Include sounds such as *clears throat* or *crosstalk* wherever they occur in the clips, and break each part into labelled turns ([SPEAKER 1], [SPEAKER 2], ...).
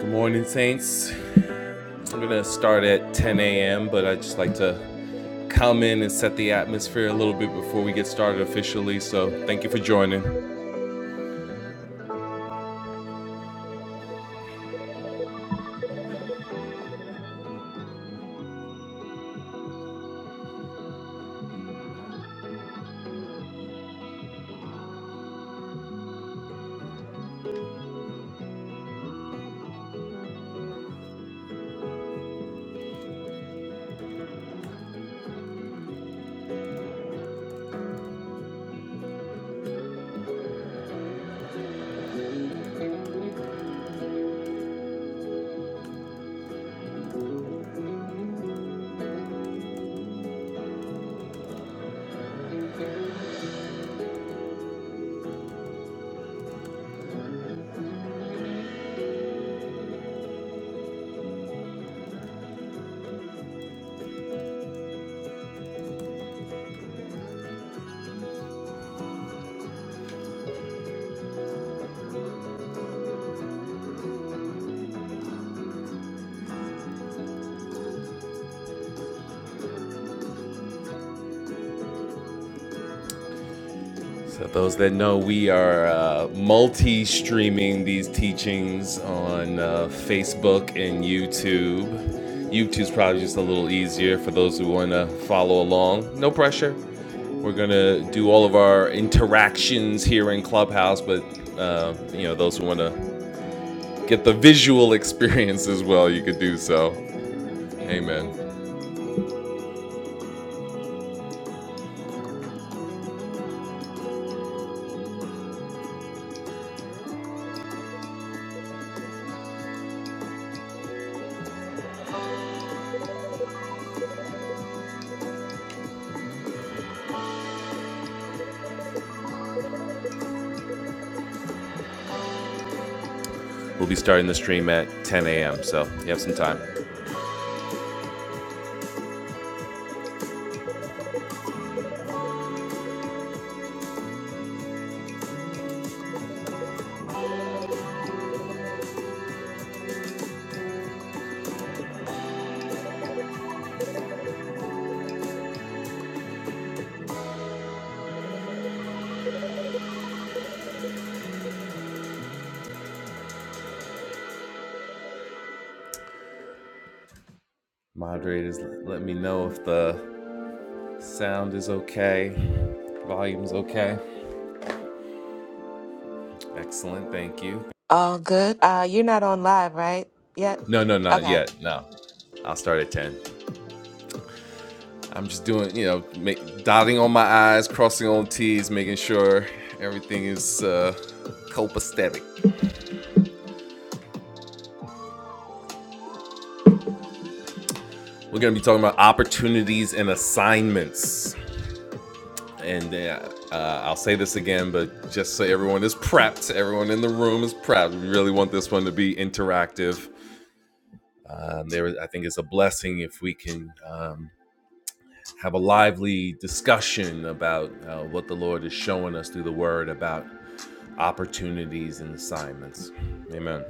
[SPEAKER 1] Good morning, Saints. I'm going to start at 10 a.m., but i just like to come in and set the atmosphere a little bit before we get started officially. So, thank you for joining. So, those that know, we are uh, multi streaming these teachings on uh, Facebook and YouTube. YouTube's probably just a little easier for those who want to follow along. No pressure. We're gonna do all of our interactions here in Clubhouse, but uh, you know those who want to get the visual experience as well, you could do so. Amen. We'll be starting the stream at 10 a.m., so you have some time. Moderators, let me know if the sound is okay, volume's okay. Excellent, thank you.
[SPEAKER 2] All good. Uh, you're not on live, right? Yet?
[SPEAKER 1] No, no, not
[SPEAKER 2] Okay.
[SPEAKER 1] yet. No, I'll start at 10. I'm just doing, you know, make, dotting on my I's, crossing on T's, making sure everything is uh, copacetic. We're going to be talking about opportunities and assignments. and uh, uh, I'll say this again, but just so everyone is prepped, everyone in the room is prepped. We really want this one to be interactive. Um, there, I think, it's a blessing if we can um, have a lively discussion about uh, what the Lord is showing us through the Word about opportunities and assignments. Amen.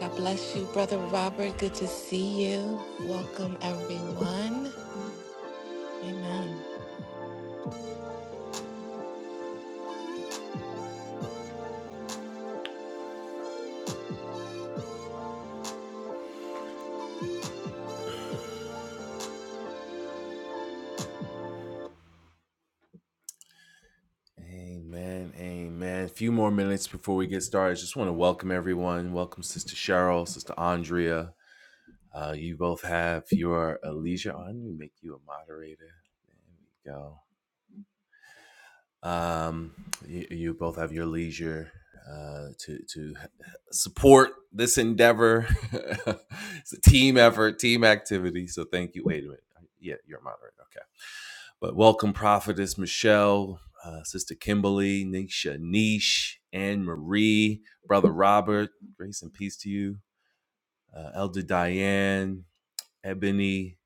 [SPEAKER 2] God bless you, Brother Robert. Good to see you. Welcome, everyone. Amen.
[SPEAKER 1] Amen. Amen. A few more minutes before we get started. Just want to welcome everyone. Welcome, Sister Cheryl, Sister Andrea, Uh, you both have your Alicia on. We make you a moderator. There we go. Um, you, you both have your leisure uh, to to support this endeavor. *laughs* it's a team effort, team activity. So thank you. Wait a minute. Yeah, you're a moderator. Okay. But welcome, Prophetess Michelle, uh, Sister Kimberly, Nisha, Nish, Anne Marie, Brother Robert. Grace and peace to you, uh, Elder Diane. Ebony,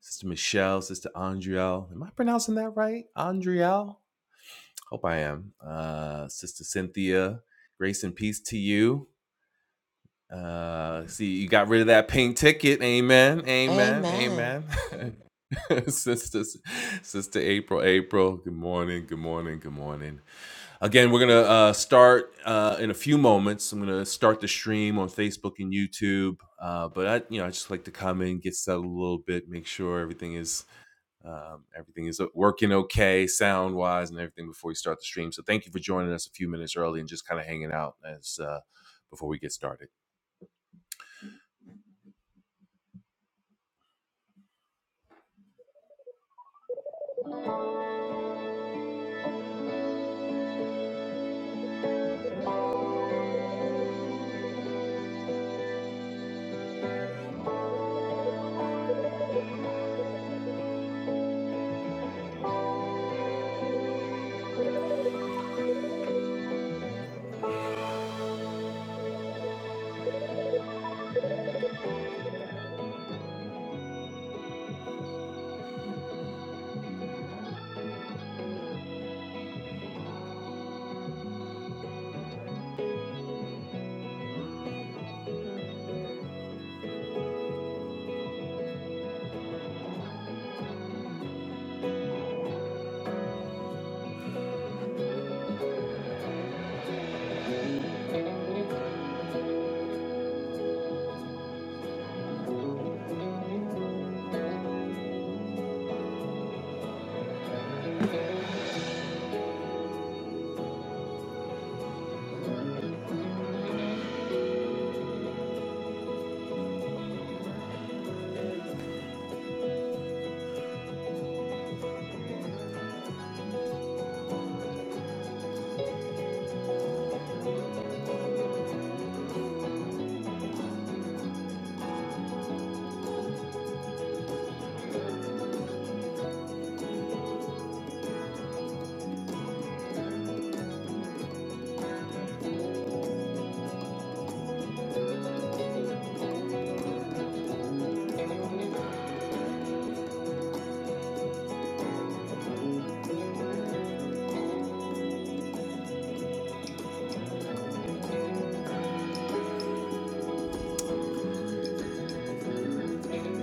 [SPEAKER 1] Sister Michelle, Sister Andriel. Am I pronouncing that right? Andriel? Hope I am. Uh, Sister Cynthia, grace and peace to you. Uh, see, you got rid of that pink ticket. Amen. Amen.
[SPEAKER 2] Amen.
[SPEAKER 1] Amen. *laughs* Sister, Sister April, April. Good morning. Good morning. Good morning. Again, we're going to uh, start uh, in a few moments. I'm going to start the stream on Facebook and YouTube. Uh, but I, you know, I just like to come in, get settled a little bit, make sure everything is um, everything is working okay, sound wise, and everything before we start the stream. So thank you for joining us a few minutes early and just kind of hanging out as uh, before we get started.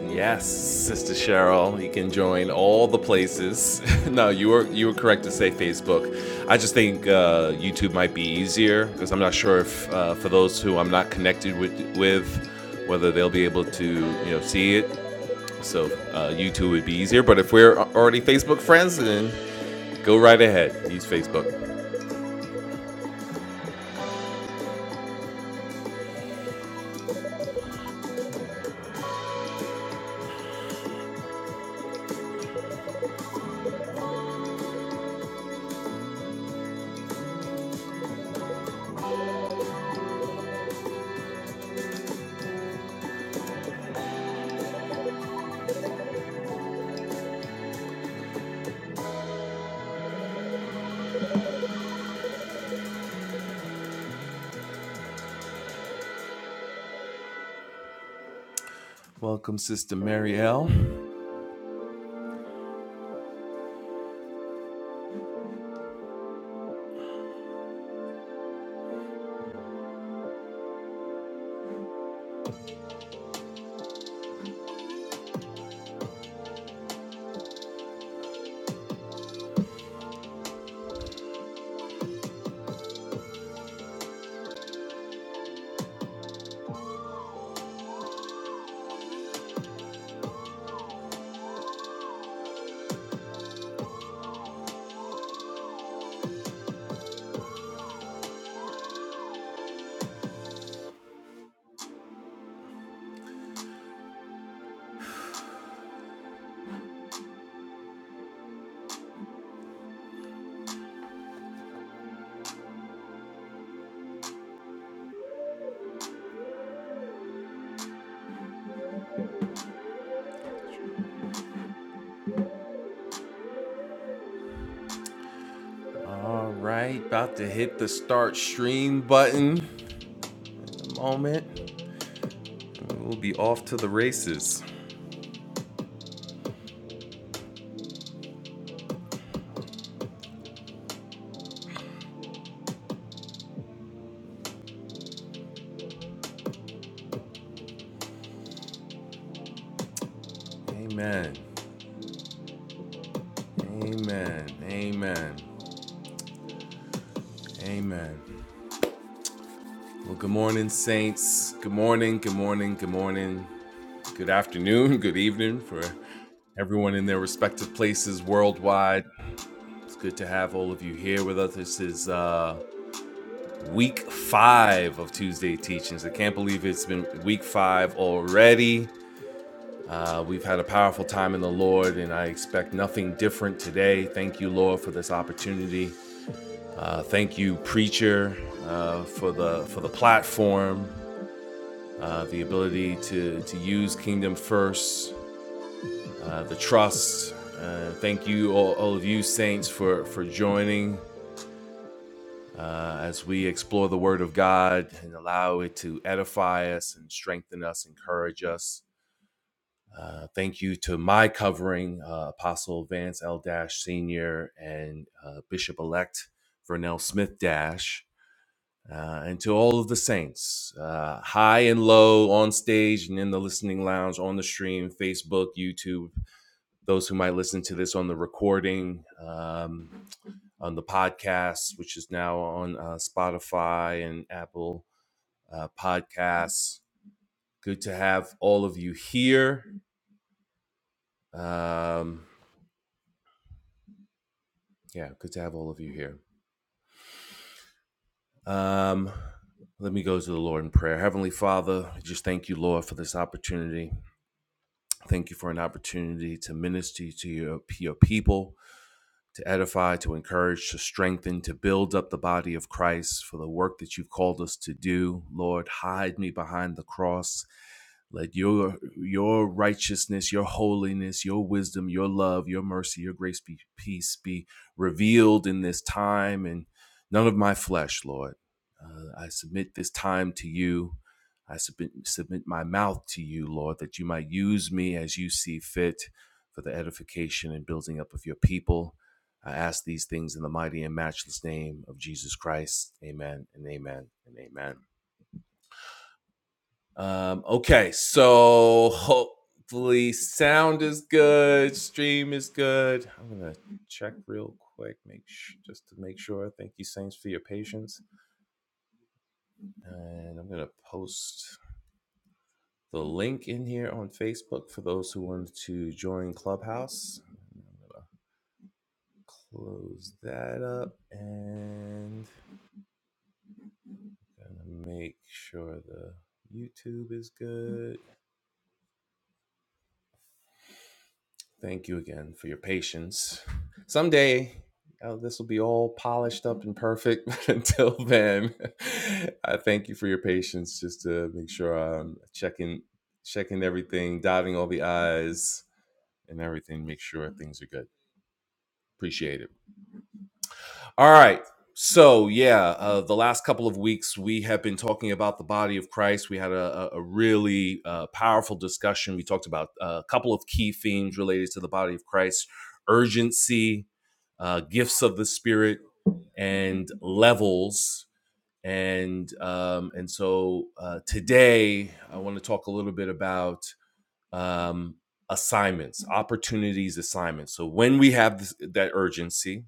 [SPEAKER 1] Yes, Sister Cheryl, you can join all the places. *laughs* no, you were you were correct to say Facebook. I just think uh, YouTube might be easier because I'm not sure if uh, for those who I'm not connected with, with whether they'll be able to you know see it. So uh, YouTube would be easier. But if we're already Facebook friends, then go right ahead. Use Facebook. Welcome, Sister Marielle. All right, about to hit the start stream button. A moment, we'll be off to the races. Amen. Amen. Amen. Amen. Well, good morning, saints. Good morning. Good morning. Good morning. Good afternoon. *laughs* Good evening for everyone in their respective places worldwide. It's good to have all of you here with us. This is uh, week five of Tuesday Teachings. I can't believe it's been week five already. Uh, we've had a powerful time in the Lord, and I expect nothing different today. Thank you, Lord, for this opportunity Uh, thank you, Preacher, uh, for the for the platform, uh, the ability to to use Kingdom First, uh, the trust. Uh, thank you, all, all of you saints, for for joining uh, as we explore the Word of God and allow it to edify us and strengthen us, encourage us. Uh, thank you to my covering, uh, Apostle Vance L. Dash Senior and uh, Bishop Elect Vernell Smith Dash. Uh, and to all of the saints, uh, high and low, on stage and in the listening lounge, on the stream, Facebook, YouTube, those who might listen to this on the recording, um, on the podcast, which is now on uh, Spotify and Apple uh, Podcasts. Good to have all of you here. Um, yeah, good to have all of you here. Um, let me go to the Lord in prayer. Heavenly Father, I just thank you, Lord, for this opportunity Thank you for an opportunity to minister to your, your people to edify, to encourage, to strengthen, to build up the body of Christ for the work that you've called us to do. Lord, hide me behind the cross. Let your your righteousness, your holiness, your wisdom, your love, your mercy, your grace be peace be revealed in this time and none of my flesh, Lord. Uh, I submit this time to you. I submit, submit my mouth to you, Lord, that you might use me as you see fit for the edification and building up of your people. I ask these things in the mighty and matchless name of Jesus Christ. Amen and amen and amen. Um, okay, so hopefully sound is good, stream is good. I'm gonna check real quick, make sh- just to make sure. Thank you, Saints, for your patience, and I'm gonna post the link in here on Facebook for those who wanted to join Clubhouse. Close that up and Gonna make sure the YouTube is good. Thank you again for your patience. Someday, oh, this will be all polished up and perfect. *laughs* But until then, *laughs* I thank you for your patience. Just to make sure I'm checking, checking everything, dotting all the i's and everything. Make sure things are good. Appreciate it. All right. So, yeah, uh, the last couple of weeks we have been talking about the body of Christ. We had a, a a really uh, powerful discussion. We talked about uh, a couple of key themes related to the body of Christ urgency, uh, gifts of the Spirit, and levels. And um, and so uh, today I want to talk a little bit about um, assignments, opportunities, assignments. So when we have this, that urgency,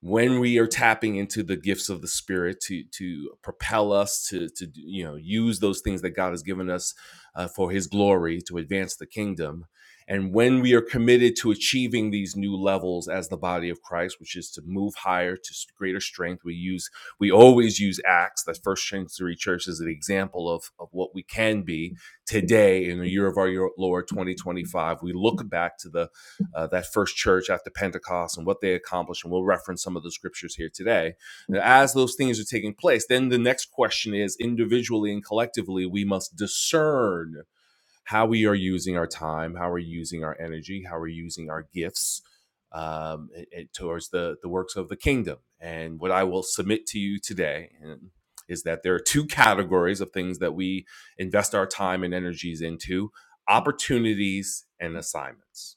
[SPEAKER 1] when we are tapping into the gifts of the spirit to to propel us to to you know use those things that God has given us uh, for his glory to advance the kingdom and when we are committed to achieving these new levels as the body of Christ which is to move higher to greater strength we use we always use acts that first century church is an example of of what we can be today in the year of our Lord 2025 we look back to the uh, that first church after Pentecost and what they accomplished. And we'll reference some of the scriptures here today. And as those things are taking place, then the next question is individually and collectively, we must discern how we are using our time, how we're using our energy, how we're using our gifts um, it- it- towards the, the works of the kingdom. And what I will submit to you today and- is that there are two categories of things that we invest our time and energies into opportunities and assignments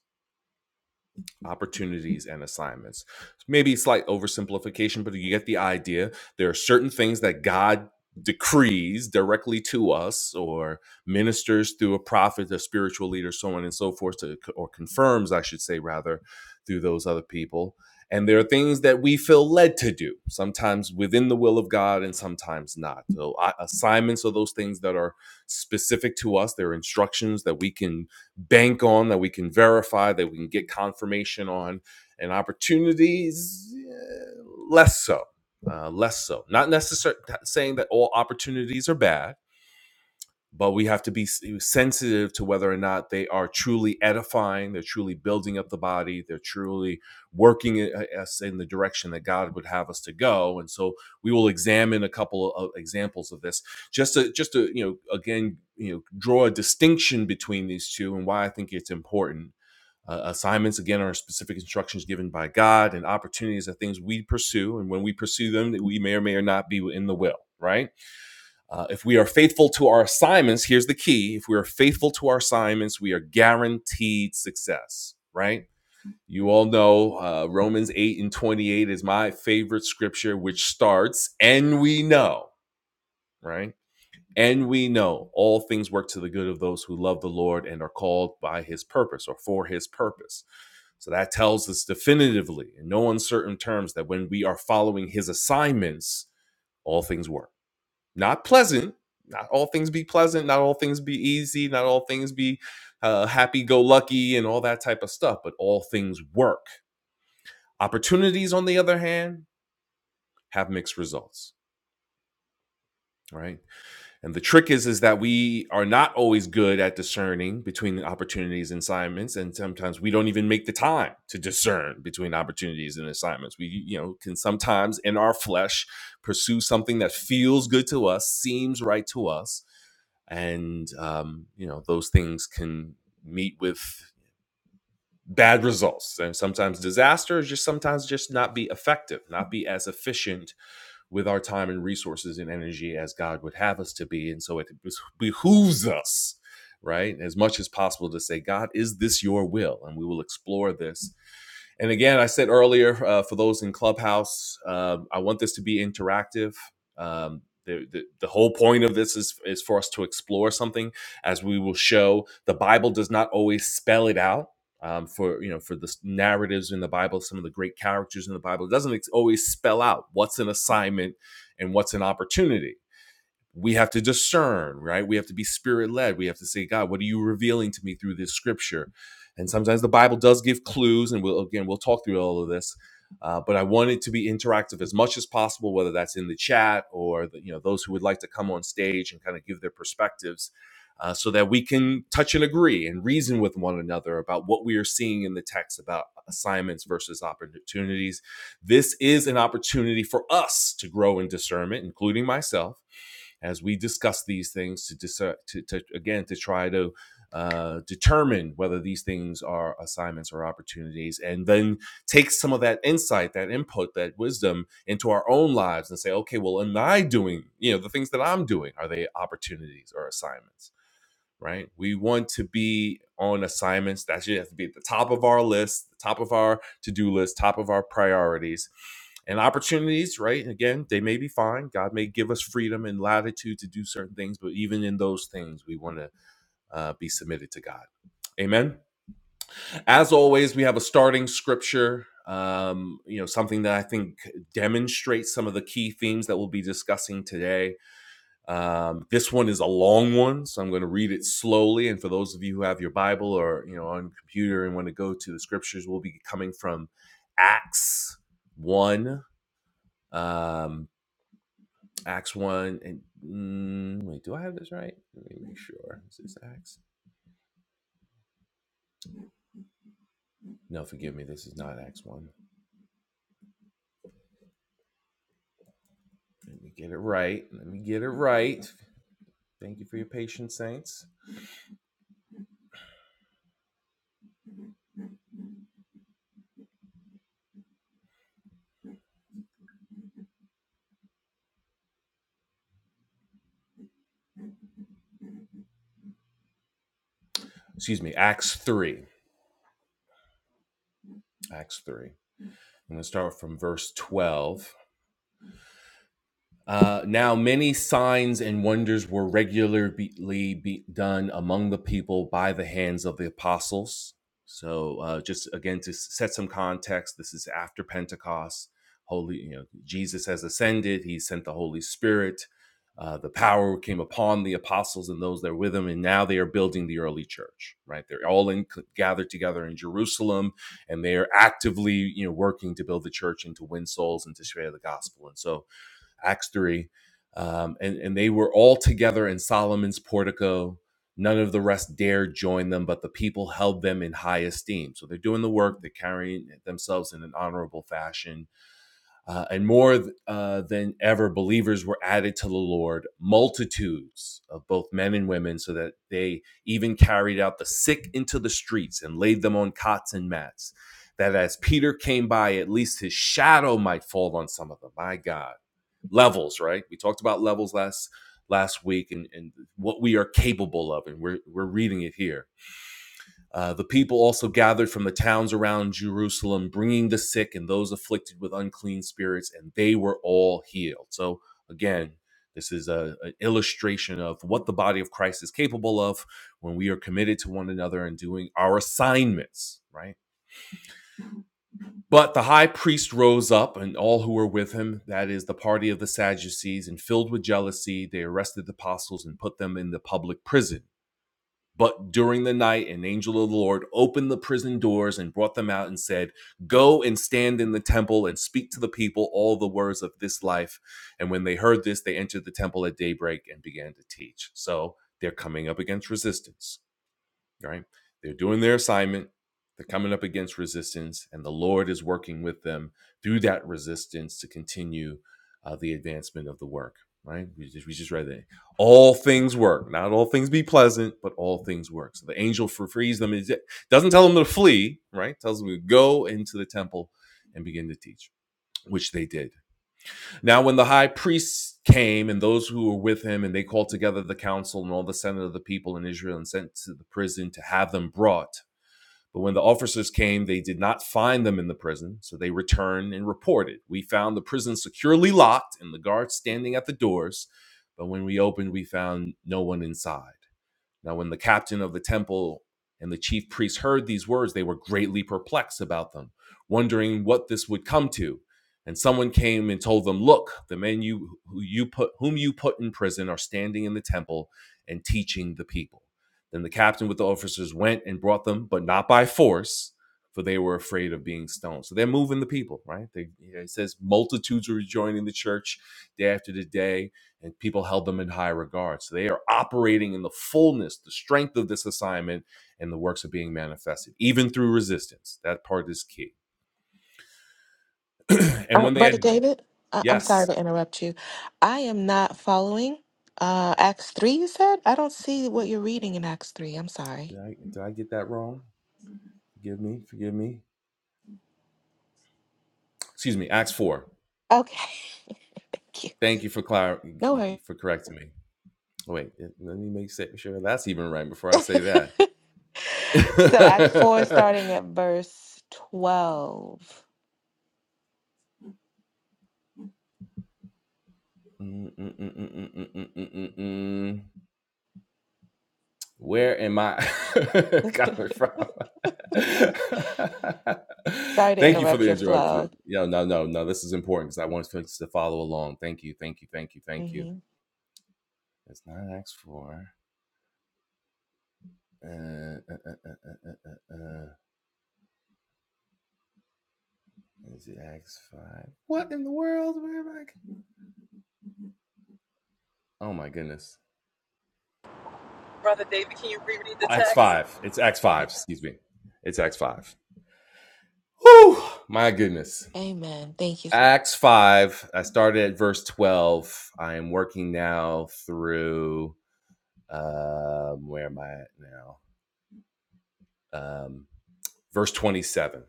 [SPEAKER 1] opportunities and assignments. Maybe slight oversimplification, but you get the idea. There are certain things that God decrees directly to us or ministers through a prophet, a spiritual leader, so on and so forth, to, or confirms, I should say, rather, through those other people. And there are things that we feel led to do, sometimes within the will of God and sometimes not. So, I- assignments are those things that are specific to us. They're instructions that we can bank on, that we can verify, that we can get confirmation on, and opportunities eh, less so, uh, less so. Not necessarily saying that all opportunities are bad but we have to be sensitive to whether or not they are truly edifying they're truly building up the body they're truly working us in the direction that god would have us to go and so we will examine a couple of examples of this just to just to you know again you know draw a distinction between these two and why i think it's important uh, assignments again are specific instructions given by god and opportunities are things we pursue and when we pursue them we may or may or not be in the will right uh, if we are faithful to our assignments, here's the key if we are faithful to our assignments, we are guaranteed success, right? You all know uh, Romans 8 and 28 is my favorite scripture, which starts, and we know, right? And we know all things work to the good of those who love the Lord and are called by his purpose or for his purpose. So that tells us definitively, in no uncertain terms, that when we are following his assignments, all things work. Not pleasant. Not all things be pleasant. Not all things be easy. Not all things be uh, happy go lucky and all that type of stuff, but all things work. Opportunities, on the other hand, have mixed results, right? And the trick is is that we are not always good at discerning between opportunities and assignments and sometimes we don't even make the time to discern between opportunities and assignments. We you know can sometimes in our flesh pursue something that feels good to us, seems right to us, and um, you know those things can meet with bad results and sometimes disasters. just sometimes just not be effective not be as efficient with our time and resources and energy as God would have us to be. And so it behooves us, right, as much as possible to say, God, is this your will? And we will explore this and again, I said earlier uh, for those in Clubhouse, um, I want this to be interactive. Um, the, the, the whole point of this is, is for us to explore something as we will show the bible does not always spell it out um, for you know for the narratives in the bible some of the great characters in the bible it doesn't ex- always spell out what's an assignment and what's an opportunity we have to discern, right? We have to be spirit led. We have to say, God, what are you revealing to me through this scripture? And sometimes the Bible does give clues, and we'll again we'll talk through all of this. Uh, but I want it to be interactive as much as possible, whether that's in the chat or the, you know those who would like to come on stage and kind of give their perspectives, uh, so that we can touch and agree and reason with one another about what we are seeing in the text about assignments versus opportunities. This is an opportunity for us to grow in discernment, including myself as we discuss these things to, dis- to, to again to try to uh, determine whether these things are assignments or opportunities, and then take some of that insight, that input, that wisdom into our own lives and say, okay, well, am I doing, you know, the things that I'm doing, are they opportunities or assignments? right? We want to be on assignments that should have to be at the top of our list, the top of our to do list, top of our priorities. And opportunities, right? And again, they may be fine. God may give us freedom and latitude to do certain things, but even in those things, we want to uh, be submitted to God. Amen. As always, we have a starting scripture, um, you know, something that I think demonstrates some of the key themes that we'll be discussing today um, this one is a long one, so I'm going to read it slowly. And for those of you who have your Bible or you know on your computer and want to go to the scriptures, we'll be coming from Acts one, um, Acts one, and mm, wait, do I have this right? Let me make sure. Is this Acts? No, forgive me. This is not Acts one. Let me get it right. Let me get it right. Thank you for your patience, saints. Excuse me. Acts three. Acts three. I'm going to start from verse 12. Uh, now, many signs and wonders were regularly be done among the people by the hands of the apostles. So, uh, just again to set some context, this is after Pentecost. Holy, you know, Jesus has ascended. He sent the Holy Spirit. Uh, the power came upon the apostles and those that were with them, and now they are building the early church. Right, they're all in, gathered together in Jerusalem, and they are actively, you know, working to build the church and to win souls and to share the gospel. And so, Acts 3. Um, and, and they were all together in Solomon's portico. None of the rest dared join them, but the people held them in high esteem. So they're doing the work, they're carrying themselves in an honorable fashion uh, and more uh, than ever, believers were added to the Lord, multitudes of both men and women, so that they even carried out the sick into the streets and laid them on cots and mats, that as Peter came by, at least his shadow might fall on some of them. My God. Levels, right? We talked about levels last last week and, and what we are capable of, and we're, we're reading it here uh, the people also gathered from the towns around Jerusalem, bringing the sick and those afflicted with unclean spirits, and they were all healed. So, again, this is a, an illustration of what the body of Christ is capable of when we are committed to one another and doing our assignments, right? But the high priest rose up, and all who were with him, that is the party of the Sadducees, and filled with jealousy, they arrested the apostles and put them in the public prison. But during the night, an angel of the Lord opened the prison doors and brought them out and said, Go and stand in the temple and speak to the people all the words of this life. And when they heard this, they entered the temple at daybreak and began to teach. So they're coming up against resistance right? They're doing their assignment, they're coming up against resistance, and the Lord is working with them through that resistance to continue uh, the advancement of the work, right? We just, we just read that. All things work, not all things be pleasant, but all things work. So the angel frees them, It doesn't tell them to flee, right? It Tells them to go into the temple and begin to teach, which they did. Now, when the high priest came and those who were with him, and they called together the council and all the senate of the people in Israel and sent to the prison to have them brought. But when the officers came, they did not find them in the prison. So they returned and reported, We found the prison securely locked and the guards standing at the doors. But when we opened, we found no one inside. Now, when the captain of the temple and the chief priests heard these words, they were greatly perplexed about them, wondering what this would come to. And someone came and told them, "Look, the men you who you put whom you put in prison are standing in the temple and teaching the people." Then the captain with the officers went and brought them, but not by force, for they were afraid of being stoned. So they're moving the people, right? They, it says multitudes were joining the church day after the day and people held them in high regard. So they are operating in the fullness, the strength of this assignment, and the works are being manifested, even through resistance. That part is key. And
[SPEAKER 2] Uh,
[SPEAKER 1] when they
[SPEAKER 2] Brother
[SPEAKER 1] had,
[SPEAKER 2] David, I- I'm sorry
[SPEAKER 1] yes,
[SPEAKER 2] to interrupt you. I am not following uh, Acts 3, you said? I don't see what you're reading in Acts 3. I'm sorry.
[SPEAKER 1] did I, did I get that wrong? Forgive me, forgive me. Excuse me, Acts 4.
[SPEAKER 2] Okay. *laughs* Thank you.
[SPEAKER 1] Thank you for clar-
[SPEAKER 2] No worries.
[SPEAKER 1] for correcting me. Oh, Wait, let me make sure sure that's even right before I say that.
[SPEAKER 2] *laughs* so, Acts 4,
[SPEAKER 1] *laughs*
[SPEAKER 2] starting at verse 12.
[SPEAKER 1] Mm, mm, mm, mm, mm, mm, mm, mm, mm. Where am I *laughs*
[SPEAKER 2] *laughs*
[SPEAKER 1] coming from? *laughs*
[SPEAKER 2] sorry to
[SPEAKER 1] thank you for
[SPEAKER 2] interrupt
[SPEAKER 1] the
[SPEAKER 2] your
[SPEAKER 1] interruption.
[SPEAKER 2] flow.
[SPEAKER 1] No, no, no, no. This is important because I want folks to follow along. Thank you, thank you, thank you, thank
[SPEAKER 2] Mm-hmm.
[SPEAKER 1] you. It's not X4. Uh, uh, uh, uh, uh, uh, uh. Is it X5? What in the world? Where am I? Oh my goodness.
[SPEAKER 3] Brother David, can you reread the text?
[SPEAKER 1] X5. It's X5. Excuse me. It's X5. Whew, my goodness.
[SPEAKER 2] Amen. Thank you.
[SPEAKER 1] Acts 5. I started at verse 12. I am working now through, um, where am I at now? Um, verse 27.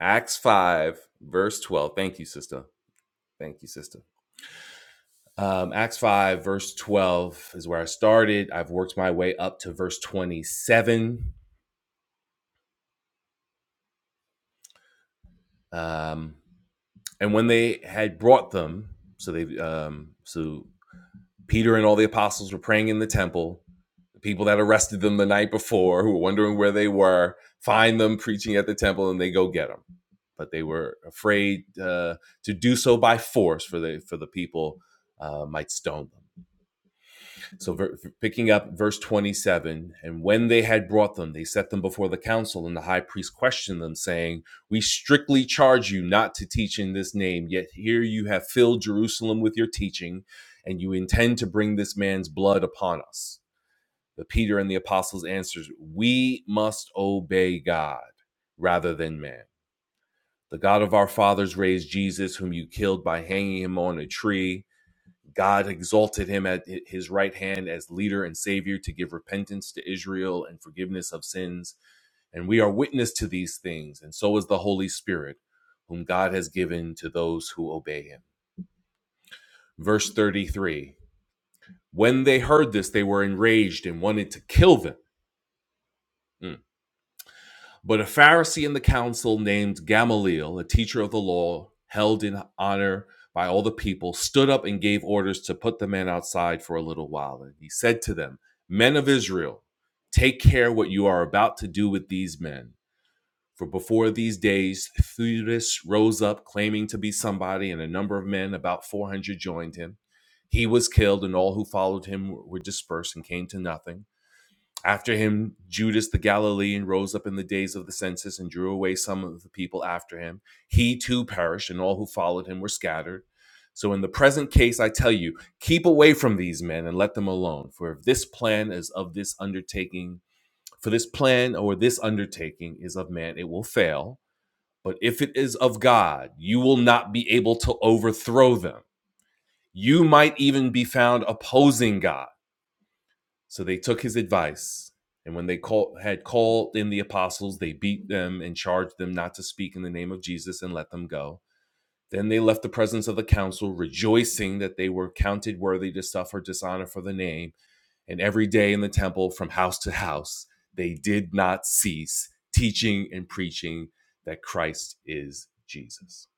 [SPEAKER 1] Acts 5, verse 12. Thank you, sister. Thank you, sister. Um, Acts 5, verse 12 is where I started. I've worked my way up to verse 27. Um, and when they had brought them, so they, um, so Peter and all the apostles were praying in the temple The people that arrested them the night before, who were wondering where they were, find them preaching at the temple, and they go get them. But they were afraid uh, to do so by force, for the for the people uh, might stone them. So, ver- picking up verse twenty-seven, and when they had brought them, they set them before the council, and the high priest questioned them, saying, "We strictly charge you not to teach in this name. Yet here you have filled Jerusalem with your teaching." and you intend to bring this man's blood upon us. But Peter and the apostles answers, we must obey God rather than man. The God of our fathers raised Jesus, whom you killed by hanging him on a tree. God exalted him at his right hand as leader and savior to give repentance to Israel and forgiveness of sins. And we are witness to these things, and so is the Holy Spirit, whom God has given to those who obey him. Verse 33 When they heard this, they were enraged and wanted to kill them. Mm. But a Pharisee in the council named Gamaliel, a teacher of the law, held in honor by all the people, stood up and gave orders to put the men outside for a little while. And he said to them, Men of Israel, take care what you are about to do with these men. For before these days, Theudas rose up claiming to be somebody, and a number of men, about 400, joined him. He was killed, and all who followed him were dispersed and came to nothing. After him, Judas the Galilean rose up in the days of the census and drew away some of the people after him. He too perished, and all who followed him were scattered. So, in the present case, I tell you, keep away from these men and let them alone. For if this plan is of this undertaking, for this plan or this undertaking is of man, it will fail. But if it is of God, you will not be able to overthrow them. You might even be found opposing God so they took his advice, and when they call, had called in the apostles, they beat them and charged them not to speak in the name of Jesus and let them go. Then they left the presence of the council, rejoicing that they were counted worthy to suffer dishonor for the name. And every day in the temple, from house to house, they did not cease teaching and preaching that Christ is Jesus.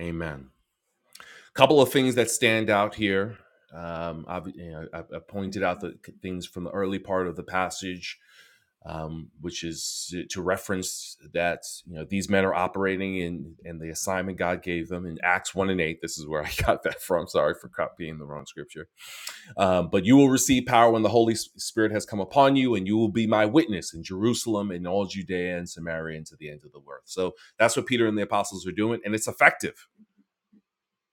[SPEAKER 1] Amen. couple of things that stand out here. Um, I've, you know, I've, i pointed out the things from the early part of the passage, um, which is to reference that you know these men are operating in and the assignment God gave them in Acts one and eight. This is where I *laughs* got that from. Sorry for copying the wrong scripture. Um, but you will receive power when the Holy Spirit has come upon you, and you will be my witness in Jerusalem and all Judea and Samaria and to the end of the earth. So that's what Peter and the apostles are doing, and it's effective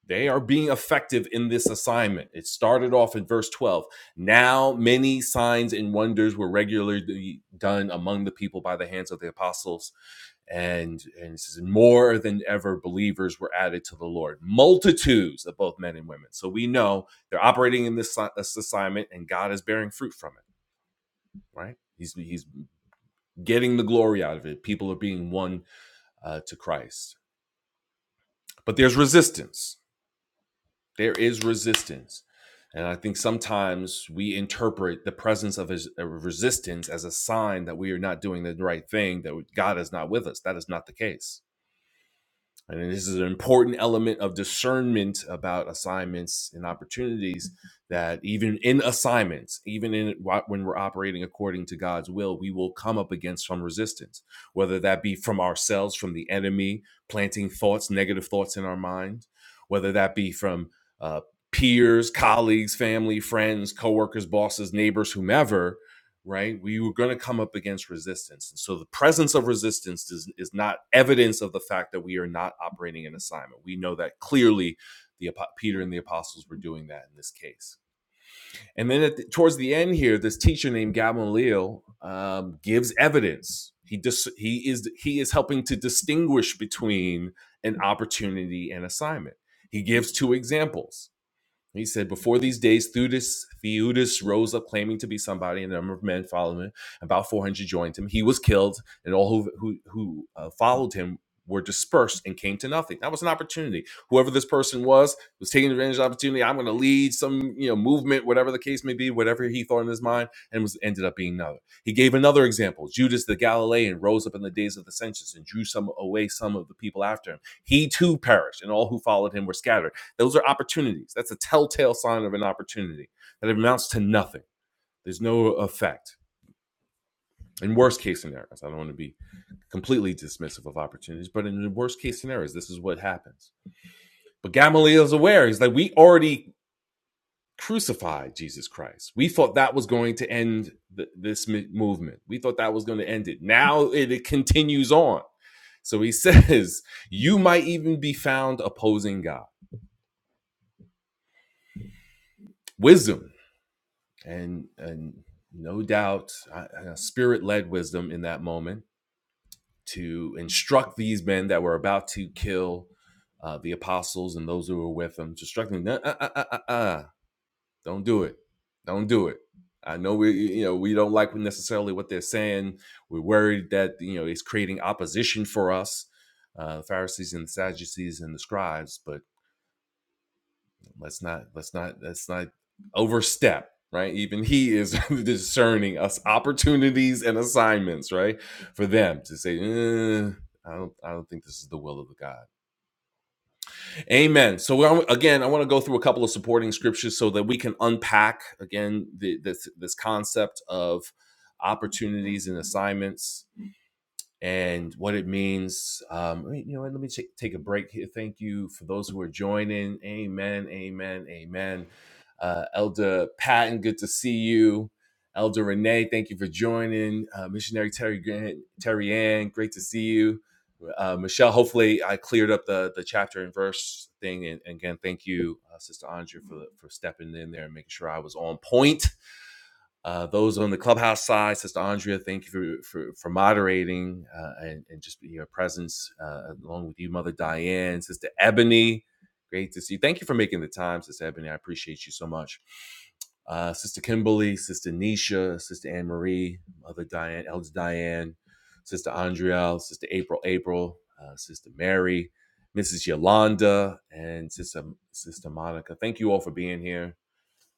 [SPEAKER 1] they are being effective in this assignment. It started off in verse 12. Now, many signs and wonders were regularly done among the people by the hands of the apostles. And, and it says, more than ever, believers were added to the Lord, multitudes of both men and women. So we know they're operating in this, si, this assignment, and God is bearing fruit from it, right? He's, he's getting the glory out of it. People are being won uh, to Christ. But there's resistance There is resistance. And I think sometimes we interpret the presence of his- a resistance as a sign that we are not doing the right thing, that God is not with us. That is not the case and this is an important element of discernment about assignments and opportunities that even in assignments, even in when we're operating according to God's will, we will come up against some resistance, whether that be from ourselves, from the enemy, planting thoughts, negative thoughts in our mind, whether that be from uh, peers, colleagues, family, friends, coworkers, bosses, neighbors, whomever right? We were going to come up against resistance. And so the presence of resistance is, is not evidence of the fact that we are not operating in assignment. We know that clearly the Peter and the apostles were doing that in this case. And then at the, towards the end here, this teacher named Gamaliel um, gives evidence. He dis- he is he is helping to distinguish between an opportunity and assignment. He gives two examples. He said, Before these days, Theudas, Theudas rose up claiming to be somebody, and a number of men followed him. About 400 joined him. He was killed, and all who, who, who uh, followed him were dispersed and came to nothing. That was an opportunity. Whoever this person was was taking advantage of the opportunity. I'm going to lead some you know movement, whatever the case may be, whatever he thought in his mind, and was ended up being another. He gave another example. Judas the Galilean rose up in the days of the census and drew some away some of the people after him. He too perished, and all who followed him were scattered. Those are opportunities. That's a telltale sign of an opportunity that amounts to nothing. There's no effect. In worst case scenarios, I don't want to be completely dismissive of opportunities, but in the worst case scenarios, this is what happens. But Gamaliel's aware. He's like, we already crucified Jesus Christ. We thought that was going to end th- this mi- movement. We thought that was going to end it. Now it, it continues on. So he *laughs* says, you might even be found opposing God. Wisdom and and no doubt I- spirit led wisdom in that moment to instruct these men that were about to kill uh, the apostles and those who were with them to instruct them "No, uh, uh, uh, uh, uh, don't do it don't do it i know we you know we don't like necessarily what they're saying we're worried that you know it's creating opposition for us uh, pharisees and sadducees and the scribes but. Let's not let's not let's not overstep, right? Even he is *laughs* discerning us opportunities and assignments, right? For them to say, "Eh, I don't I don't think this is the will of God. Amen. So we're, again, I want to go through a couple of supporting scriptures so that we can unpack again the, this this concept of opportunities and assignments and what it means. Um, you know, what, let me ch- take a break here. Thank you for those who are joining. Amen, amen, amen. Uh, Elder Patton, good to see you. Elder Renee, thank you for joining. Uh, Missionary Terry Grant, Terry Ann, great to see you. Uh, Michelle, hopefully I cleared up the, the chapter and verse thing. And, and again, thank you, uh, Sister Andrea, for, for stepping in there and making sure I was on point uh, those on the clubhouse side, Sister Andrea, thank you for for, for moderating uh, and and just your presence uh, along with you, Mother Diane, Sister Ebony. Great to see you. Thank you for making the time, Sister Ebony. I appreciate you so much. Uh, Sister Kimberly, Sister Nisha, Sister Anne Marie, Mother Diane, Elder Diane, Sister Andrea, Sister April, April, uh, Sister Mary, Mrs. Yolanda, and Sister Sister Monica. Thank you all for being here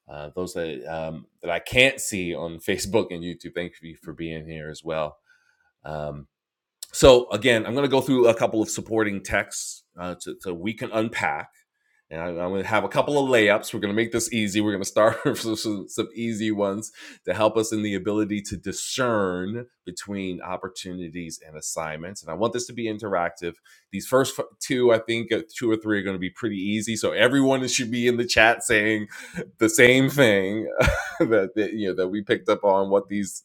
[SPEAKER 1] uh, those that um, that I can't see on *laughs* Facebook and YouTube. Thank you for being here as well. Um, so again, I'm going to go through a couple of supporting texts uh, to, to we can unpack. And I, am going to have a couple of layups. We're going to make this easy. We're going to start *laughs* with some, some easy ones to help us in the ability to discern between opportunities and assignments. And I want this to be interactive. These first two, I think, uh, two or three are going to be pretty easy. So everyone should be in the chat saying the same thing *laughs* that, that you know that we picked up on what these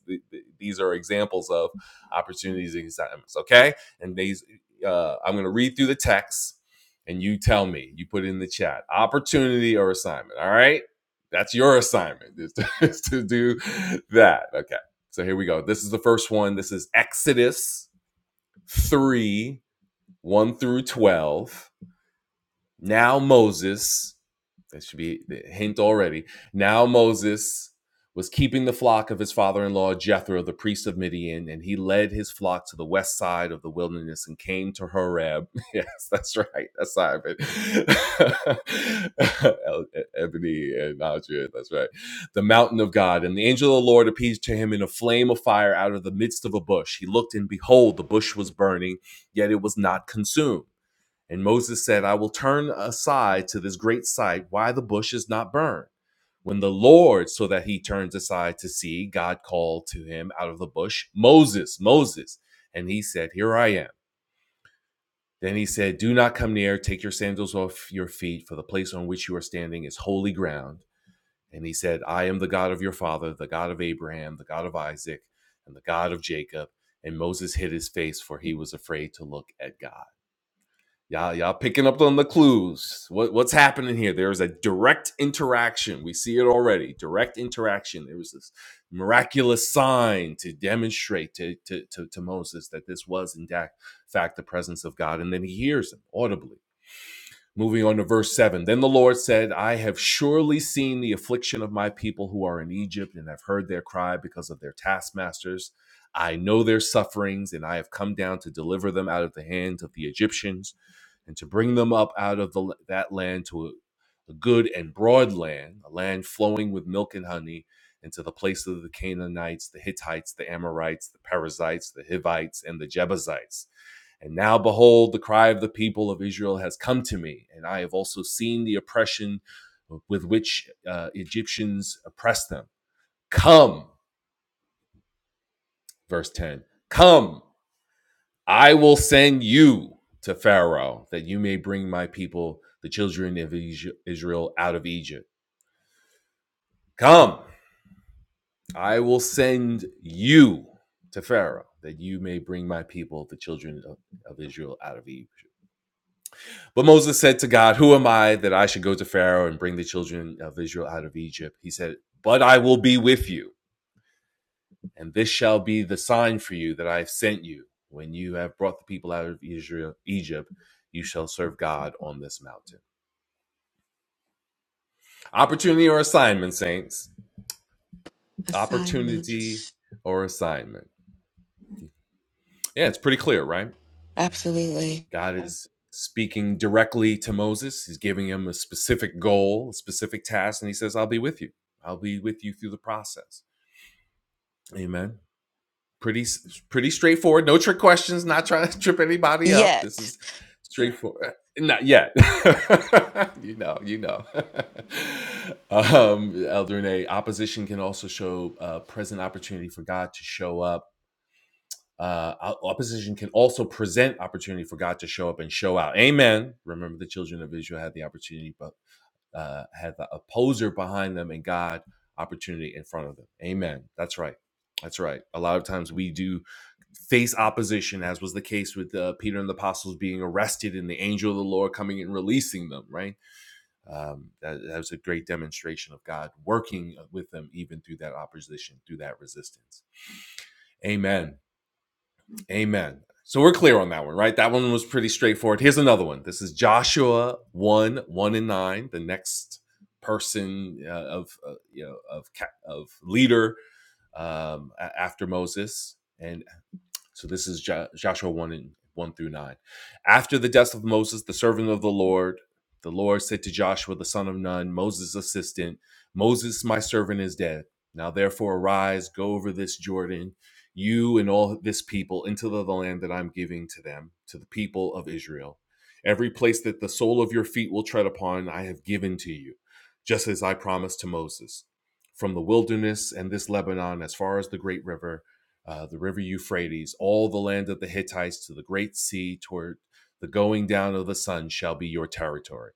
[SPEAKER 1] these are examples of opportunities and assignments. Okay, and these uh, I'm going to read through the text, and you tell me. You put it in the chat opportunity or assignment. All right, that's your assignment is to, *laughs* is to do that. Okay, so here we go. This is the first one. This is Exodus three one through twelve. Now Moses, that should be the hint already. Now Moses was keeping the flock of his father-in-law Jethro, the priest of Midian, and he led his flock to the west side of the wilderness and came to Horeb. *laughs* Yes, that's right. That's side of it. *laughs* Ebony and Andrea, that's right. The mountain of God. And the angel of the Lord appeared to him in a flame of fire out of the midst of a bush. He looked and behold, the bush was burning, yet it was not consumed. And Moses said, I will turn aside to this great sight, why the bush is not burned. When the Lord, so that he turns aside to see, God called to him out of the bush, Moses, Moses. And he said, Here I am. Then he said, Do not come near, take your sandals off your feet, for the place on which you are standing is holy ground. And he said, I am the God of your father, the God of Abraham, the God of Isaac, and the God of Jacob. And Moses hid his face, for he was afraid to look at God. Y'all, y'all picking up on the clues. What, what's happening here? There is a direct interaction. We see it already. Direct interaction. There was this miraculous sign to demonstrate to, to, to, to Moses that this was, in fact, the presence of God. And then he hears him audibly. Moving on to verse 7. Then the Lord said, I have surely seen the affliction of my people who are in Egypt, and have heard their cry because of their taskmasters. I know their sufferings, and I have come down to deliver them out of the hands of the Egyptians and to bring them up out of the, that land to a, a good and broad land, a land flowing with milk and honey, into the place of the Canaanites, the Hittites, the Amorites, the Perizzites, the Hivites, and the Jebusites. And now behold, the cry of the people of Israel has come to me, and I have also seen the oppression with which uh, Egyptians oppress them. Come, verse 10, come. I will send you to Pharaoh that you may bring my people, the children of Israel, out of Egypt. Come, I will send you to Pharaoh that you may bring my people, the children of, of Israel, out of Egypt. But Moses said to God, Who am I that I should go to Pharaoh and bring the children of Israel out of Egypt? He said, But I will be with you, and this shall be the sign for you that I have sent you. When you have brought the people out of Israel, Egypt, you shall serve God on this mountain. Opportunity or assignment, saints.
[SPEAKER 2] Assignment.
[SPEAKER 1] Opportunity or assignment. Yeah, it's pretty clear, right?
[SPEAKER 2] Absolutely.
[SPEAKER 1] God Yeah. is speaking directly to Moses. He's giving him a specific goal, a specific task, and he says, I'll be with you. I'll be with you through the process. Amen. pretty pretty straightforward. No trick questions. Not trying to *laughs* trip anybody up. This
[SPEAKER 2] Yet.
[SPEAKER 1] is straightforward. Not yet. *laughs* you know. You know. *laughs* um, Eldrine, opposition can also show uh, present opportunity for God to show up. Uh, opposition can also present opportunity for God to show up and show out. Amen. Remember, the children of Israel had the opportunity, but uh, had the opposer behind them, and God opportunity in front of them. Amen. That's right. That's right. A lot of times we do face opposition, as was the case with uh, Peter and the apostles being arrested and the angel of the Lord coming and releasing them, right? Um, that, that was a great demonstration of God working uh, with them even through that opposition, through that resistance. Amen. Amen. So we're clear on that one, right? That one was pretty straightforward. Here's another one. This is Joshua 1 1 and 9, the next person uh, of uh, you know of of leader um, after Moses and so this is Ja-, Joshua 1 and 1 through 9. After the death of Moses, the servant of the Lord, the Lord said to Joshua, the son of Nun, Moses' assistant, Moses, my servant, is dead. Now therefore arise, go over this Jordan, you and all this people, into the land that I'm giving to them, to the people of Israel. Every place that the sole of your feet will tread upon, I have given to you, just as I promised to Moses. From the wilderness and this Lebanon, as far as the great river, uh, the river Euphrates, all the land of the Hittites to the great sea, toward the going down of the sun shall be your territory.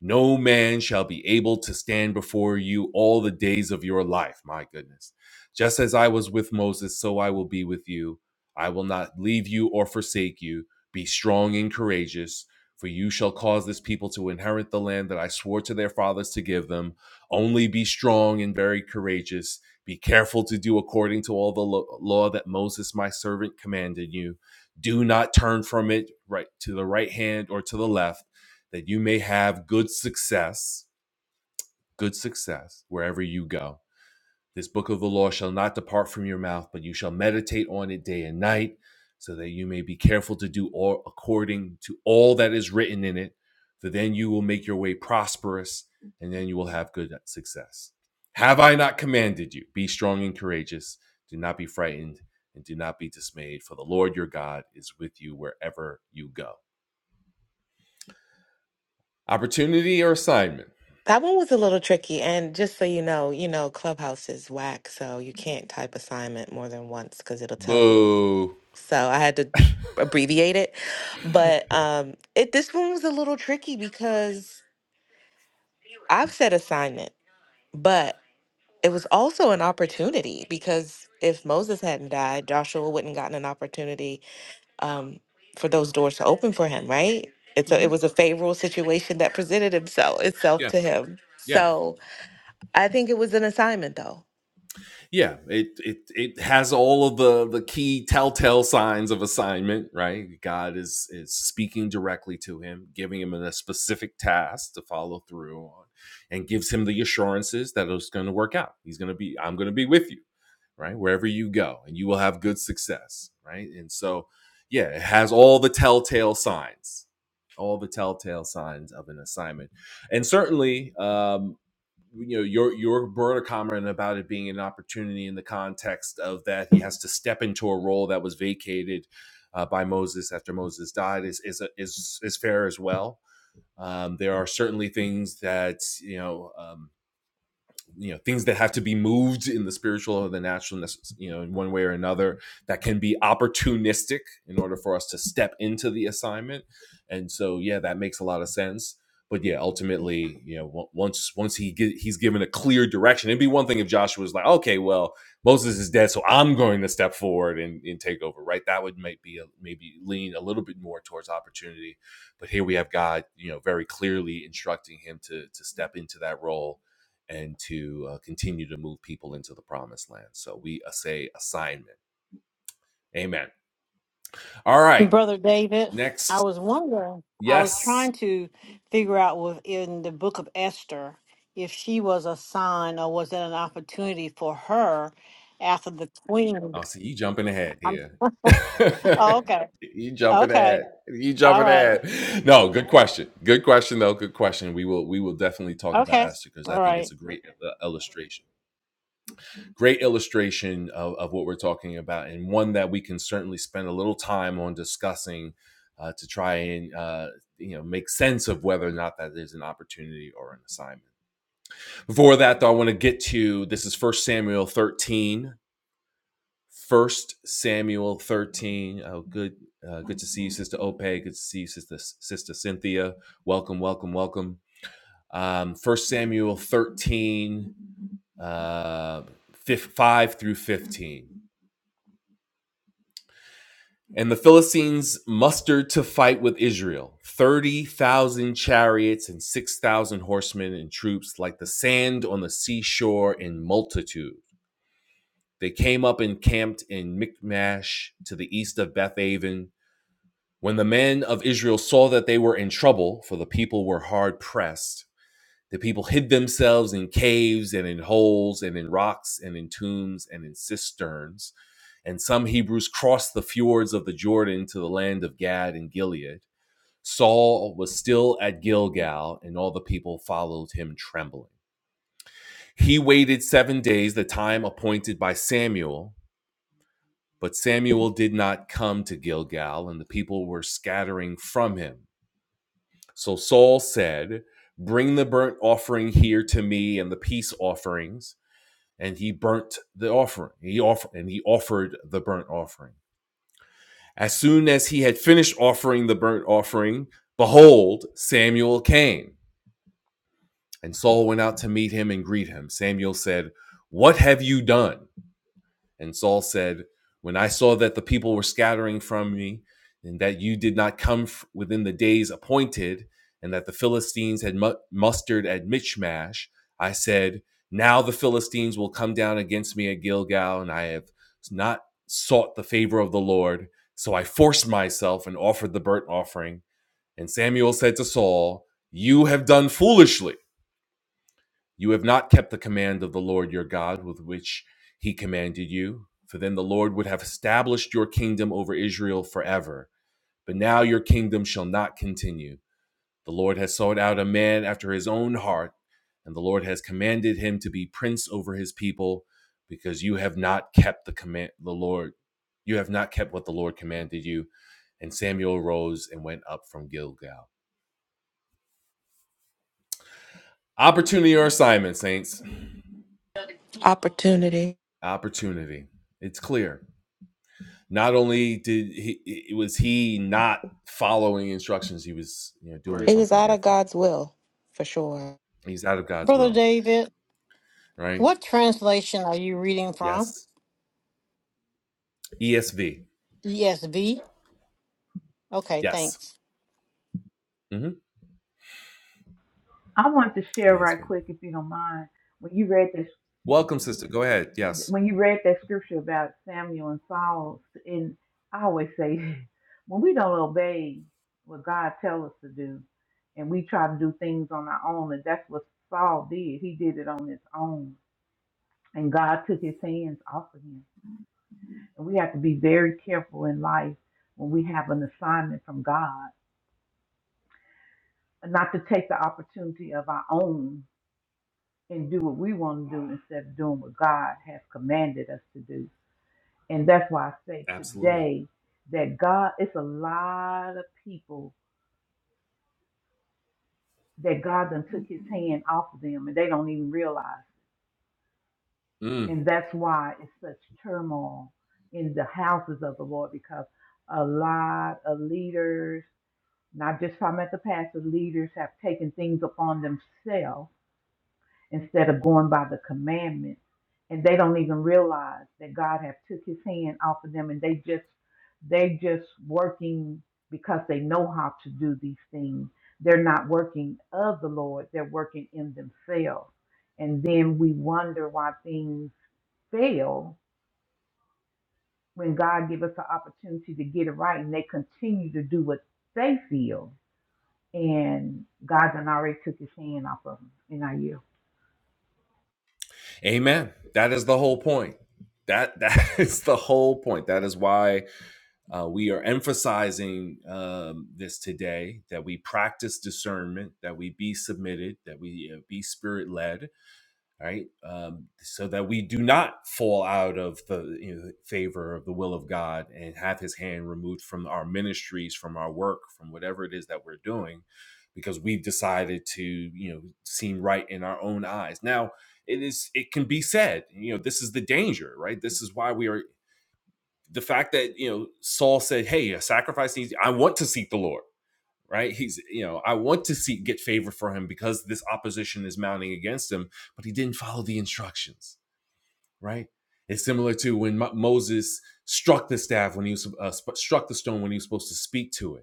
[SPEAKER 1] No man shall be able to stand before you all the days of your life. My goodness. Just as I was with Moses, so I will be with you. I will not leave you or forsake you. Be strong and courageous, for you shall cause this people to inherit the land that I swore to their fathers to give them. Only be strong and very courageous be careful to do according to all the lo- law that Moses, my servant, commanded you. Do not turn from it right to the right hand or to the left, that you may have good success, good success wherever you go. This book of the law shall not depart from your mouth, but you shall meditate on it day and night, so that you may be careful to do all according to all that is written in it. For then you will make your way prosperous, and then you will have good success. Have I not commanded you? Be strong and courageous. Do not be frightened, and do not be dismayed, for the Lord your God is with you wherever you go. Opportunity or assignment?
[SPEAKER 2] That one was a little tricky. And just so you know, you know, Clubhouse is whack, so you can't type assignment more than once because it'll tell you.
[SPEAKER 1] Boo.
[SPEAKER 2] So I had to abbreviate it.
[SPEAKER 1] *laughs*
[SPEAKER 2] But um it this one was a little tricky because I've said assignment, but it was also an opportunity because if Moses hadn't died, Joshua wouldn't gotten an opportunity um, for those doors to open for him, right? It's a, it
[SPEAKER 1] Mhm.
[SPEAKER 2] was a favorable situation that presented himself itself
[SPEAKER 1] Yeah.
[SPEAKER 2] to him.
[SPEAKER 1] yeah.
[SPEAKER 2] So I think it was an assignment, though.
[SPEAKER 1] yeah it it it has all of the the key telltale signs of assignment right god is is speaking directly to him giving him a specific task to follow through on and gives him the assurances that it's going to work out he's going to be i'm going to be with you right? Wherever you go, and you will have good success, right? And so, yeah, it has all the telltale signs, all the telltale signs of an assignment, and certainly, um, you know, your your broader comment about it being an opportunity in the context of that he has to step into a role that was vacated uh, by Moses after Moses died is is is is fair as well. Um, there are certainly things that you know. Um, you know things that have to be moved in the spiritual or the natural you know in one way or another that can be opportunistic in order for us to step into the assignment and so yeah that makes a lot of sense but yeah ultimately you know once once he get, he's given a clear direction it'd be one thing if joshua was like okay well moses is dead so i'm going to step forward and, and take over right that would might be a, maybe lean a little bit more towards opportunity but here we have god you know very clearly instructing him to to step into that role and to uh, continue to move people into the promised land. So we uh, say assignment. Amen. All right.
[SPEAKER 4] Brother David, I
[SPEAKER 1] Next.
[SPEAKER 4] was wondering, I was
[SPEAKER 1] Yes.
[SPEAKER 4] trying to figure out within the book of Esther if she was a sign or was that an opportunity for her after the queen.
[SPEAKER 1] I'll see you jumping ahead
[SPEAKER 4] I'm,
[SPEAKER 1] here.
[SPEAKER 4] oh,
[SPEAKER 1] *laughs*
[SPEAKER 4] okay.
[SPEAKER 1] you jumping
[SPEAKER 4] Okay.
[SPEAKER 1] ahead. You
[SPEAKER 4] All
[SPEAKER 1] jumping
[SPEAKER 4] right.
[SPEAKER 1] ahead. No, good question. Good question though. Good question. We will we will definitely talk about
[SPEAKER 4] Okay.
[SPEAKER 1] Esther because I
[SPEAKER 4] All
[SPEAKER 1] think it's
[SPEAKER 4] right.
[SPEAKER 1] a great uh, illustration. great illustration of, of what we're talking about and one that we can certainly spend a little time on discussing uh, to try and uh, you know make sense of whether or not that is an opportunity or an assignment before that though i want to get to this is first samuel 13 first samuel 13 oh good uh, good to see you sister ope good to see you sister sister cynthia welcome welcome welcome um, first samuel 13 uh, 5 through 15 And the Philistines mustered to fight with Israel 30,000 chariots and 6,000 horsemen and troops, like the sand on the seashore in multitude. They came up and camped in Michmash to the east of Bethaven. When the men of Israel saw that they were in trouble, for the people were hard pressed, the people hid themselves in caves and in holes and in rocks and in tombs and in cisterns. And some Hebrews crossed the fjords of the Jordan to the land of Gad and Gilead. Saul was still at Gilgal, and all the people followed him trembling. He waited seven days, the time appointed by Samuel, but Samuel did not come to Gilgal, and the people were scattering from him. So Saul said, Bring the burnt offering here to me and the peace offerings. And he burnt the offering. He offered and he offered the burnt offering. As soon as he had finished offering the burnt offering, behold, Samuel came. And Saul went out to meet him and greet him. Samuel said, What have you done? And Saul said, When I saw that the people were scattering from me, and that you did not come f- within the days appointed, and that the Philistines had mu- mustered at Michmash, I said, Now the Philistines will come down against me at Gilgal, and I have not sought the favor of the Lord. So I forced myself and offered the burnt offering. And Samuel said to Saul, You have done foolishly. You have not kept the command of the Lord your God with which he commanded you, for then the Lord would have established your kingdom over Israel forever. But now your kingdom shall not continue. The Lord has sought out a man after his own heart, and the Lord has commanded him to be prince over his people, because you have not kept the command the Lord you have not kept what the Lord commanded you. And Samuel rose and went up from Gilgal. Opportunity or assignment, saints?
[SPEAKER 2] Opportunity.
[SPEAKER 1] Opportunity. It's clear. not only did he was he not following instructions he was you know doing
[SPEAKER 2] Right. It was
[SPEAKER 1] something
[SPEAKER 2] out of
[SPEAKER 1] different
[SPEAKER 2] God's will, for sure.
[SPEAKER 1] he's out of god's
[SPEAKER 4] Brother
[SPEAKER 1] will
[SPEAKER 4] David,
[SPEAKER 1] right
[SPEAKER 4] what translation are you reading from?
[SPEAKER 1] yes esv
[SPEAKER 4] ESV? Okay,
[SPEAKER 1] yes
[SPEAKER 4] thanks.
[SPEAKER 1] hmm
[SPEAKER 5] I wanted to share right
[SPEAKER 1] esv
[SPEAKER 5] quick, if you don't mind, when you read this,
[SPEAKER 1] welcome sister go ahead yes
[SPEAKER 5] when you read that scripture about Samuel and Saul, and I always say, *laughs* when we don't obey what God tells us to do, and we try to do things on our own, and that's what Saul did. He did it on his own, and God took his hands off of him. And we have to be very careful in life when we have an assignment from God, not to take the opportunity of our own and do what we want to do instead of doing what God has commanded us to do. And that's why I say
[SPEAKER 1] absolutely
[SPEAKER 5] today that God, it's a lot of people that God done took his hand off of them and they don't even realize. it.
[SPEAKER 1] Mm.
[SPEAKER 5] And that's why it's such turmoil in the houses of the Lord because a lot of leaders, not just talking about the pastor, leaders have taken things upon themselves instead of going by the commandments and they don't even realize that god have took his hand off of them and they just they just working because they know how to do these things they're not working of the lord they're working in themselves and then we wonder why things fail when god give us the opportunity to get it right and they continue to do what they feel and god done already took his hand off of them in our year
[SPEAKER 1] amen that is the whole point that *laughs* that is the whole point that is why uh, we are emphasizing um, this today that we practice discernment that we be submitted that we uh, be spirit led right? Um, so that we do not fall out of the you know, favor of the will of God and have His hand removed from our ministries, from our work, from whatever it is that we're doing, because we've decided to you know seem right in our own eyes. Now it is it can be said, you know, this is the danger, right? This is why we are the fact that you know Saul said, "Hey, a sacrifice needs. I want to seek the Lord." right? He's, you know, I want to see get favor for him because this opposition is mounting against him, but he didn't follow the instructions, right? It's similar to when Moses struck the staff when he was uh, struck the stone when he was supposed to speak to it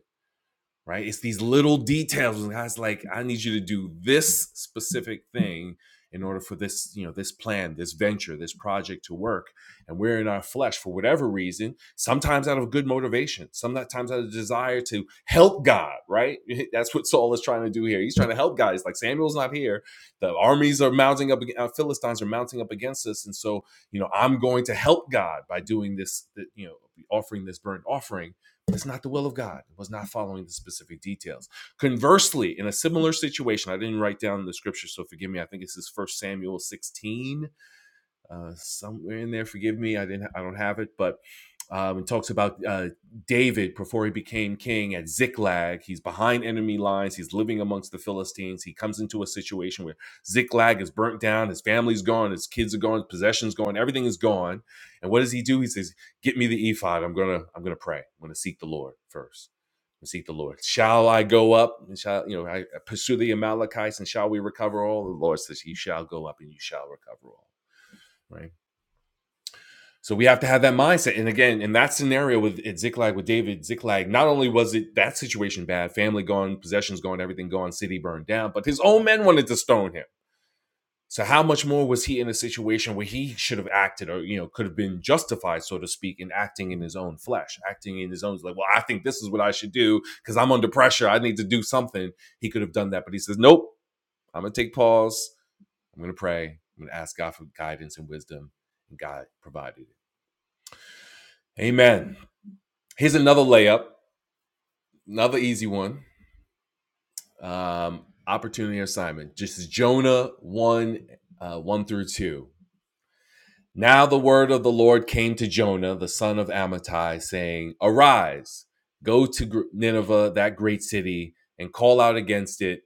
[SPEAKER 1] right? It's these little details. And God's like, I need you to do this specific thing in order for this, you know, this plan, this venture, this project to work. And we're in our flesh for whatever reason, sometimes out of good motivation, sometimes out of desire to help God, right? *laughs* That's what Saul is trying to do here. He's trying to help God. He's like, Samuel's not here. The armies are mounting up, uh, Philistines are mounting up against us. And so, you know, I'm going to help God by doing this, you know, offering this burnt offering but it's not the will of God. It was not following the specific details. Conversely, in a similar situation, I didn't write down the scripture, so forgive me. I think this is 1 Samuel 16 uh, somewhere in there. Forgive me, I didn't. I don't have it, but um, it talks about uh, David before he became king at Ziklag. He's behind enemy lines. He's living amongst the Philistines. He comes into a situation where Ziklag is burnt down. His family's gone. His kids are gone. His possessions gone. Everything is gone. And what does he do? He says, "Get me the ephod. I'm gonna. I'm gonna pray. I'm gonna seek the Lord first. Seek the Lord. Shall I go up? And shall you know? I pursue the Amalekites, and shall we recover all? The Lord says, "You shall go up, and you shall recover all." Right so we have to have that mindset. And again, in that scenario with at Ziklag with David Ziklag, not only was it that situation bad, family gone, possessions gone, everything gone, city burned down, but his own men wanted to stone him. So how much more was he in a situation where he should have acted or you know could have been justified, so to speak, in acting in his own flesh, acting in his own like, well, I think this is what I should do because I'm under pressure. I need to do something. He could have done that, but he says, nope. I'm gonna take pause. I'm gonna pray. I'm gonna ask God for guidance and wisdom. And God provided it. Amen. Here's another layup, another easy one. Um, opportunity assignment. Just Jonah one, uh, one through two. Now the word of the Lord came to Jonah, the son of Amittai, saying, "Arise, go to Nineveh, that great city, and call out against it,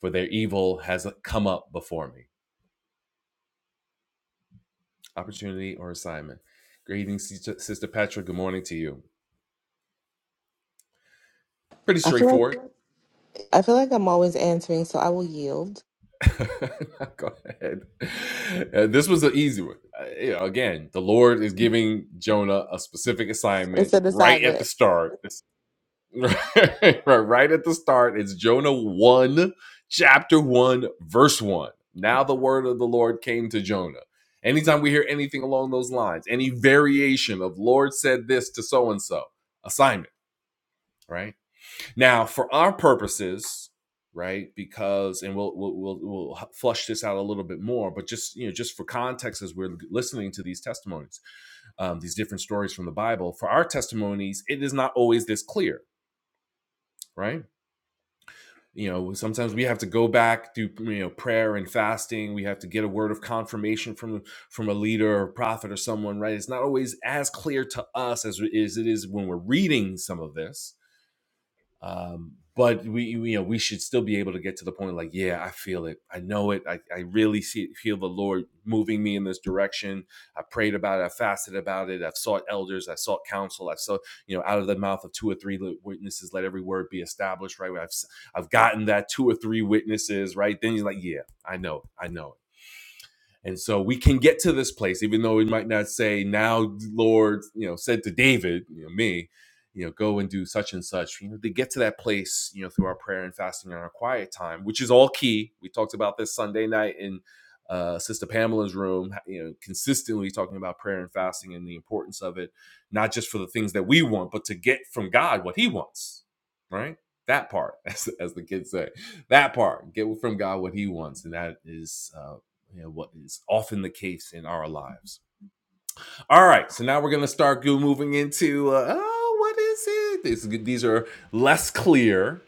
[SPEAKER 1] for their evil has come up before me." Opportunity or assignment. Good evening, Sister Petra. Good morning to you. Pretty
[SPEAKER 2] I feel like
[SPEAKER 1] straightforward.
[SPEAKER 2] I feel like I'm always answering, so I will yield.
[SPEAKER 1] *laughs* Go ahead. Uh, this was an easy one. Uh, you know, again, the Lord is giving Jonah a specific
[SPEAKER 2] It's
[SPEAKER 1] assignment
[SPEAKER 2] an
[SPEAKER 1] right at
[SPEAKER 2] assignment.
[SPEAKER 1] the start. This- *laughs* right, right at the start, it's Jonah 1, chapter 1, verse 1. Now the word of the Lord came to Jonah. Anytime we hear anything along those lines, any variation of Lord said this to so and so, assignment, right? Now, for our purposes, right? Because and we'll we'll we'll, we'll flush this out a little bit more, but just you know, just for context, as we're listening to these testimonies, um, these different stories from the Bible, for our testimonies, it is not always this clear, right? You know, sometimes we have to go back through you know prayer and fasting. We have to get a word of confirmation from from a leader or prophet or someone, right? It's not always as clear to us as it is it is when we're reading some of this Um, but we, we, you know, we should still be able to get to the point like, yeah, I feel it. I know it. I, I really see it, feel the Lord moving me in this direction. I prayed about it. I fasted about it. I've sought elders. I sought counsel. I sought, you know, out of the mouth of two or three witnesses, let every word be established, right? I've, I've gotten that two or three witnesses, right? Then you're like, yeah, I know, I know. And so we can get to this place, even though we might not say, now, Lord, you know, said to David, you know, me, you know, go and do such and such. You know, to get to that place, you know, through our prayer and fasting and our quiet time, which is all key. We talked about this Sunday night in uh, Sister Pamela's room, you know, consistently talking about prayer and fasting and the importance of it, not just for the things that we want, but to get from God what he wants, right? That part, *laughs* as, as the kids say, that part, get from God what he wants. And that is uh, you know, what is often the case in our lives. All right, so now we're gonna start moving into uh, oh, what is it? These, these are less clear,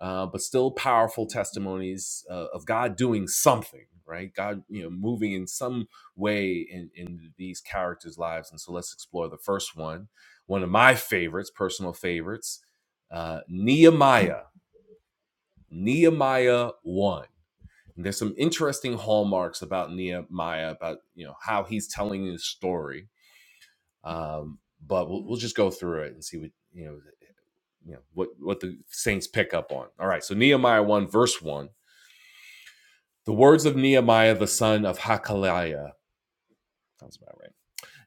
[SPEAKER 1] uh, but still powerful testimonies uh, of God doing something, right? God, you know, moving in some way in, in these characters' lives. And so let's explore the first one, one of my favorites, personal favorites, uh, Nehemiah, Nehemiah one. And there's some interesting hallmarks about Nehemiah, about you know how he's telling his story. Um, but we'll, we'll just go through it and see what you know, you know what what the saints pick up on. All right, so Nehemiah one verse one, the words of Nehemiah the son of Hakaliah. Sounds about right.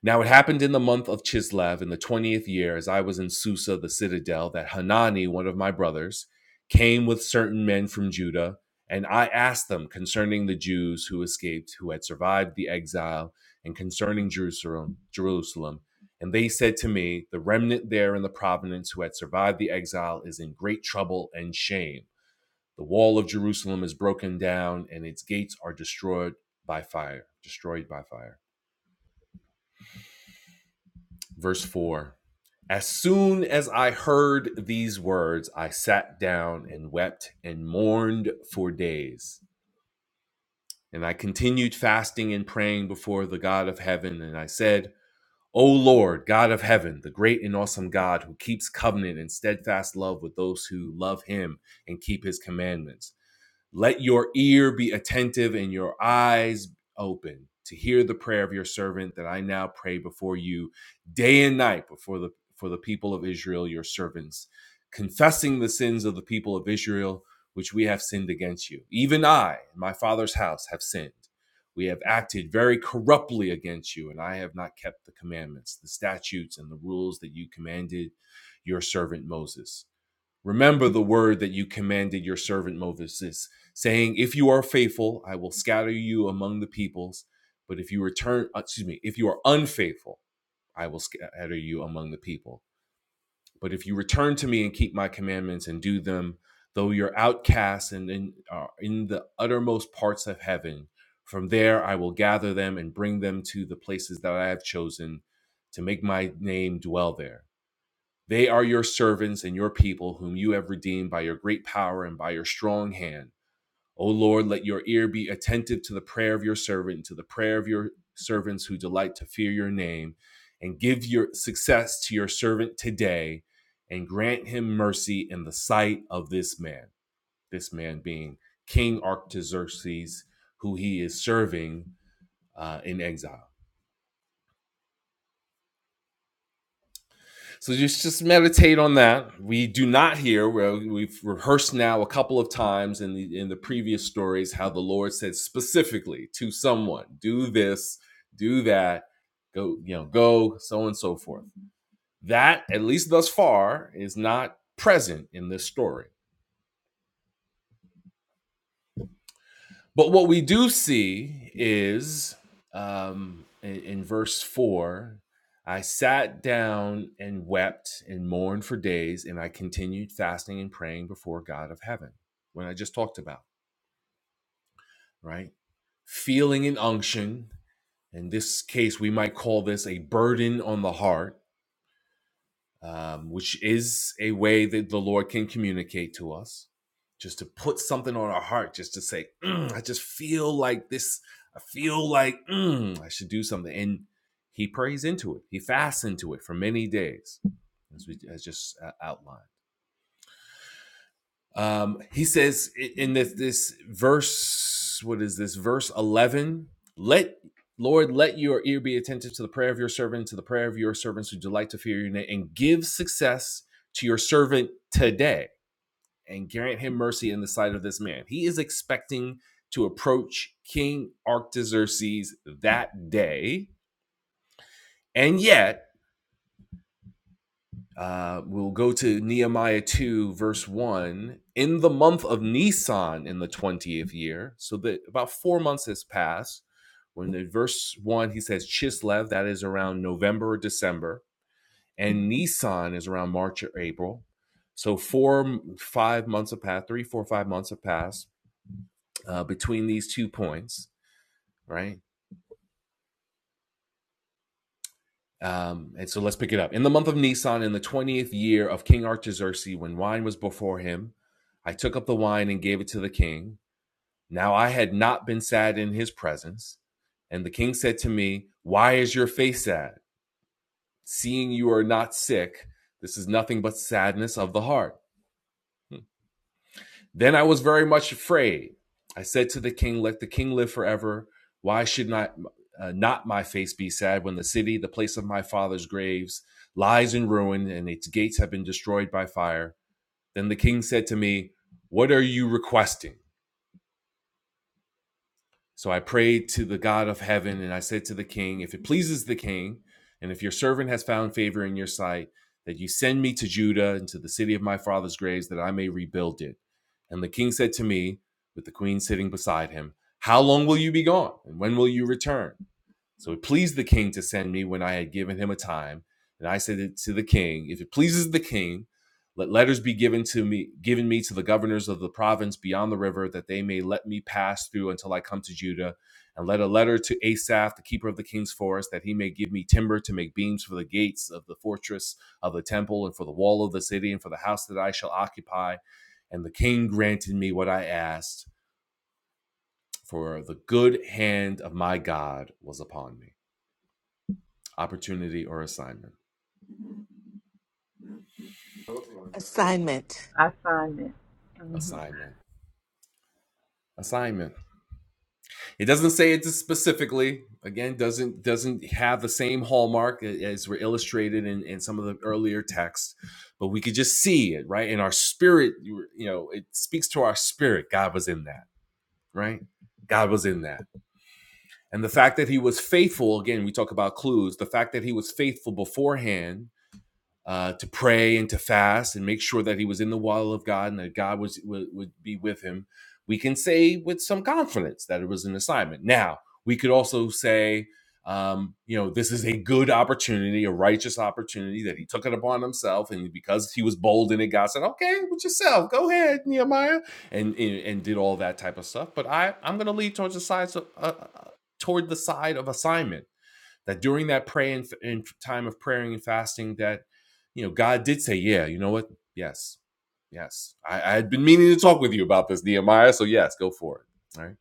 [SPEAKER 1] Now it happened in the month of Chislev in the 20th year, as I was in Susa, the citadel, that Hanani, one of my brothers, came with certain men from Judah, and I asked them concerning the Jews who escaped, who had survived the exile, and concerning Jerusalem, Jerusalem. And they said to me, The remnant there in the province who had survived the exile is in great trouble and shame. The wall of Jerusalem is broken down, and its gates are destroyed by fire, destroyed by fire. Verse 4 As soon as I heard these words, I sat down and wept and mourned for days. And I continued fasting and praying before the God of heaven. And I said, O Lord, God of heaven, the great and awesome God who keeps covenant and steadfast love with those who love him and keep his commandments. Let your ear be attentive and your eyes open to hear the prayer of your servant that I now pray before you day and night before the for the people of Israel, your servants, confessing the sins of the people of Israel, which we have sinned against you. Even I and my father's house have sinned. We have acted very corruptly against you, and I have not kept the commandments, the statutes, and the rules that you commanded your servant Moses. Remember the word that you commanded your servant Moses, saying, If you are faithful, I will scatter you among the peoples. But if you return, uh, excuse me, if you are unfaithful, I will scatter you among the people. But if you return to me and keep my commandments and do them, though you're outcast and in, are in the uttermost parts of heaven, from there I will gather them and bring them to the places that I have chosen to make my name dwell there they are your servants and your people, whom you have redeemed by your great power and by your strong hand. O Lord, let your ear be attentive to the prayer of your servant, and to the prayer of your servants who delight to fear your name, and give your success to your servant today, and grant him mercy in the sight of this man. This man being King Artaxerxes, who he is serving uh, in exile. So just just meditate on that. We do not hear. well, We've rehearsed now a couple of times in the in the previous stories how the Lord said specifically to someone, "Do this, do that, go, you know, go, so on and so forth." That at least thus far is not present in this story. But what we do see is um, in, in verse 4 I sat down and wept and mourned for days, and I continued fasting and praying before God of heaven, when I just talked about, right? Feeling an unction. In this case, we might call this a burden on the heart um, which is a way that the Lord can communicate to us, just to put something on our heart, just to say, "Mm, I just feel like this, I feel like mm, I should do something. And he prays into it, he fasts into it for many days, as we as just uh, outlined. Um, he says in this this verse, what is this verse eleven? Let Lord, let your ear be attentive to the prayer of your servant, to the prayer of your servants who delight to fear your name, and give success to your servant today, and grant him mercy in the sight of this man. He is expecting to approach King Artaxerxes that day, and yet Uh, we'll go to Nehemiah 2, verse 1. In the month of Nisan in the 20th year, so that about four months has passed. When in verse 1, he says Chislev, that is around November or December, and Nisan is around March or April. So four, five months have passed, three, four, five months have passed uh, between these two points, right? Um, and so let's pick it up. In the month of Nisan, in the 20th year of King Artaxerxes, when wine was before him, I took up the wine and gave it to the king. Now I had not been sad in his presence. And the king said to me, Why is your face sad? Seeing you are not sick, this is nothing but sadness of the heart. Then I was very much afraid. I said to the king, Let the king live forever. Why should not, uh, not my face be sad when the city, the place of my father's graves, lies in ruin and its gates have been destroyed by fire? Then the king said to me, What are you requesting? So I prayed to the God of heaven, and I said to the king, If it pleases the king, and if your servant has found favor in your sight, that you send me to Judah and to the city of my father's graves, that I may rebuild it. And the king said to me, with the queen sitting beside him, How long will you be gone, and when will you return? So it pleased the king to send me when I had given him a time. And I said to the king, If it pleases the king, let letters be given to me, given me to the governors of the province beyond the river, that they may let me pass through until I come to Judah. And let a letter to Asaph, the keeper of the king's forest, that he may give me timber to make beams for the gates of the fortress of the temple, and for the wall of the city, and for the house that I shall occupy. And the king granted me what I asked, for the good hand of my God was upon me opportunity or assignment
[SPEAKER 2] Assignment.
[SPEAKER 5] I find it. hmm
[SPEAKER 1] assignment assignment it doesn't say it specifically again doesn't doesn't have the same hallmark a- as were illustrated in, in some of the earlier texts but we could just see it right in our spirit you you know it speaks to our spirit god was in that right god was in that and the fact that he was faithful again we talk about clues the fact that he was faithful beforehand uh, to pray and to fast and make sure that he was in the will of God and that God was would, would be with him, we can say with some confidence that it was an assignment. Now we could also say, um, you know, this is a good opportunity, a righteous opportunity that he took it upon himself, and because he was bold in it, God said, "Okay, with yourself, go ahead, Nehemiah," and and, and did all that type of stuff. But I I'm going to lead towards the side so, uh, uh, toward the side of assignment that during that pray and, and time of praying and fasting that you know god did say yeah you know what yes yes i, I had been meaning to talk with you about this nehemiah so yes go for it all right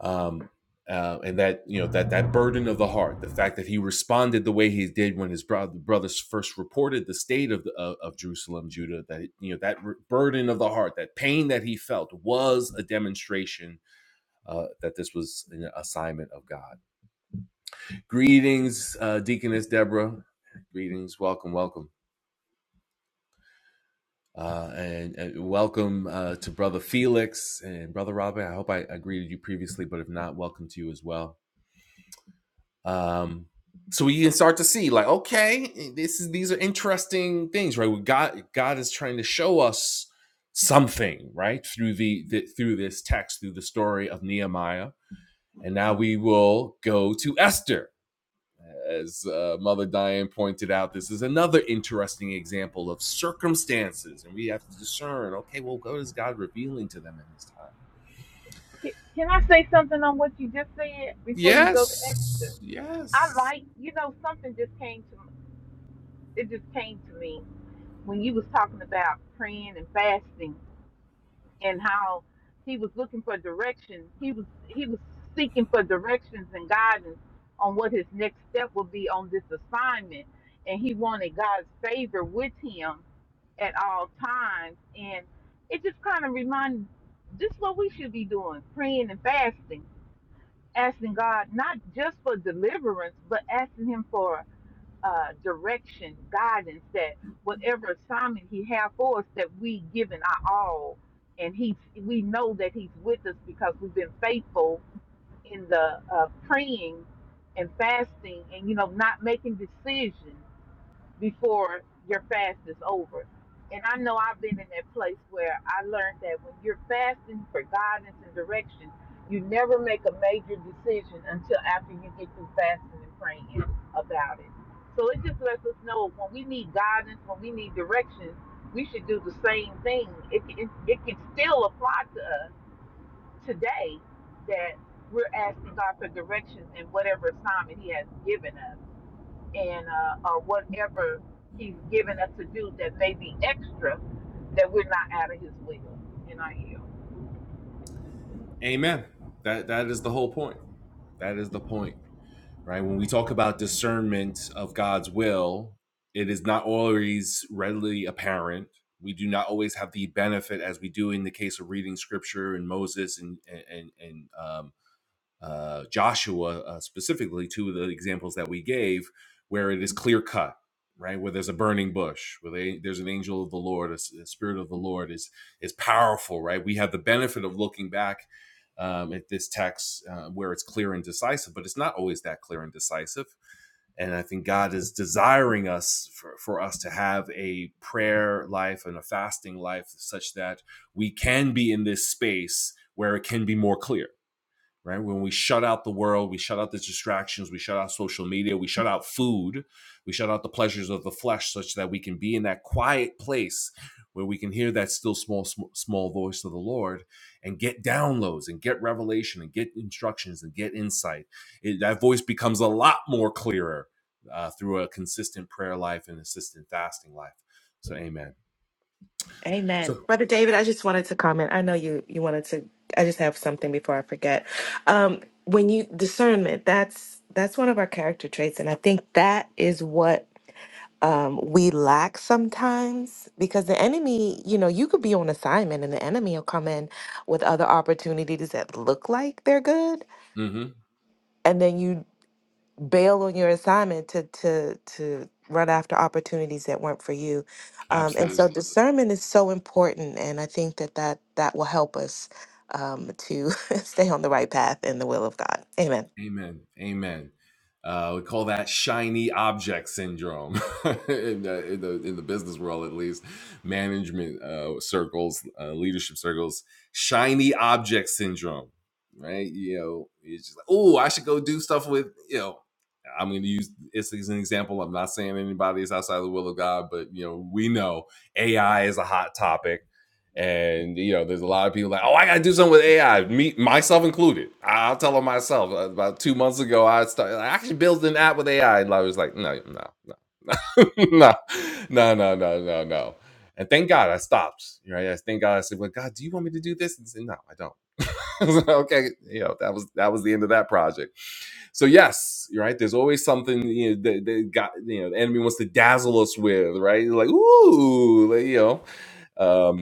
[SPEAKER 1] um uh, and that you know that that burden of the heart, the fact that he responded the way he did when his bro- brothers first reported the state of, the, of of Jerusalem, Judah, that you know that re- burden of the heart, that pain that he felt, was a demonstration uh, that this was an assignment of God. Greetings, uh, Deaconess Deborah. Greetings, welcome, welcome, uh, and, and welcome uh, to Brother Felix and Brother Robin. I hope I, I greeted you previously, but if not, welcome to you as well. Um, so we can start to see, like, okay, this is these are interesting things, right? We God, God is trying to show us something, right, through the, the through this text, through the story of Nehemiah, and now we will go to Esther As uh, Mother Diane pointed out, this is another interesting example of circumstances, and we have to discern okay, well, what is God revealing to them in this time?
[SPEAKER 5] Can, can I say something on what you just said before you go to Exodus?
[SPEAKER 1] Yes,
[SPEAKER 5] I
[SPEAKER 1] yes.
[SPEAKER 5] like, you know, something just came to it just came to me when you was talking about praying and fasting and how he was looking for direction. He was he was seeking for directions and guidance on what his next step would be on this assignment, and he wanted God's favor with him at all times. And it just kind of reminded, this is what we should be doing: praying and fasting asking God not just for deliverance, but asking Him for uh, direction, guidance, that whatever assignment He have for us, that we given our all, and He we know that He's with us because we've been faithful in the uh, praying and fasting, and you know not making decisions before your fast is over. And I know I've been in that place where I learned that when you're fasting for guidance and direction, you never make a major decision until after you get through fasting and praying about it. So it just lets us know when we need guidance, when we need direction, we should do the same thing. It can, it can still apply to us today that we're asking God for direction in whatever assignment He has given us and uh, or whatever he's given us to do that may be extra that we're not out of his will. And I am.
[SPEAKER 1] Amen. That That is the whole point. That is the point, right? When we talk about discernment of God's will, it is not always readily apparent. We do not always have the benefit, as we do in the case of reading scripture and Moses and, and, and um, uh, Joshua, uh, specifically, two of the examples that we gave, where it is clear cut, right? Where there's a burning bush, where they, there's an angel of the Lord, a the spirit of the Lord is is powerful, right? We have the benefit of looking back um, at this text uh, where it's clear and decisive, but it's not always that clear and decisive. And I think God is desiring us for, for us to have a prayer life and a fasting life such that we can be in this space where it can be more clear right? When we shut out the world, we shut out the distractions, we shut out social media, we shut out food, we shut out the pleasures of the flesh, such that we can be in that quiet place where we can hear that still small small voice of the Lord and get downloads and get revelation and get instructions and get insight. It, that voice becomes a lot more clearer uh, through a consistent prayer life and consistent fasting life. So, Amen.
[SPEAKER 2] Amen.
[SPEAKER 1] So,
[SPEAKER 2] Brother David, I just wanted to comment. I know you you wanted to I just have something before I forget. Um when you discernment, that's that's one of our character traits and I think that is what um, we lack sometimes because the enemy, you know, you could be on assignment and the enemy will come in with other opportunities that look like they're good.
[SPEAKER 1] hmm
[SPEAKER 2] And then you bail on your assignment to to to run after opportunities that weren't for you um, and so
[SPEAKER 1] absolutely.
[SPEAKER 2] Absolutely. discernment is so important and i think that that that will help us um, to *laughs* stay on the right path in the will of god amen
[SPEAKER 1] Amen. Amen. Uh, we call that shiny object syndrome *laughs* in, the, in the in the business world, at least management uh, circles, uh, leadership circles. Shiny object syndrome, right? You know, it's just like, oh, I should go do stuff with you know. I'm going to use this as an example. I'm not saying anybody is outside of the will of God, but you know, we know AI is a hot topic and you know, there's a lot of people like, oh, I gotta do something with AI, me myself included. I'll tell them myself. Uh, About two months ago, I started. I actually built an app with AI, and I was like, no, no, no, *laughs* no, no, no, no, no. And thank God I stopped. Right? I thank God I said, well, God, do you want me to do this? And he said, no, I don't. *laughs* I was like, okay, you know, that was that was the end of that project. So yes, you're right. There's always something you know, that, that got you know the enemy wants to dazzle us with, right? Like ooh, like, you know. um,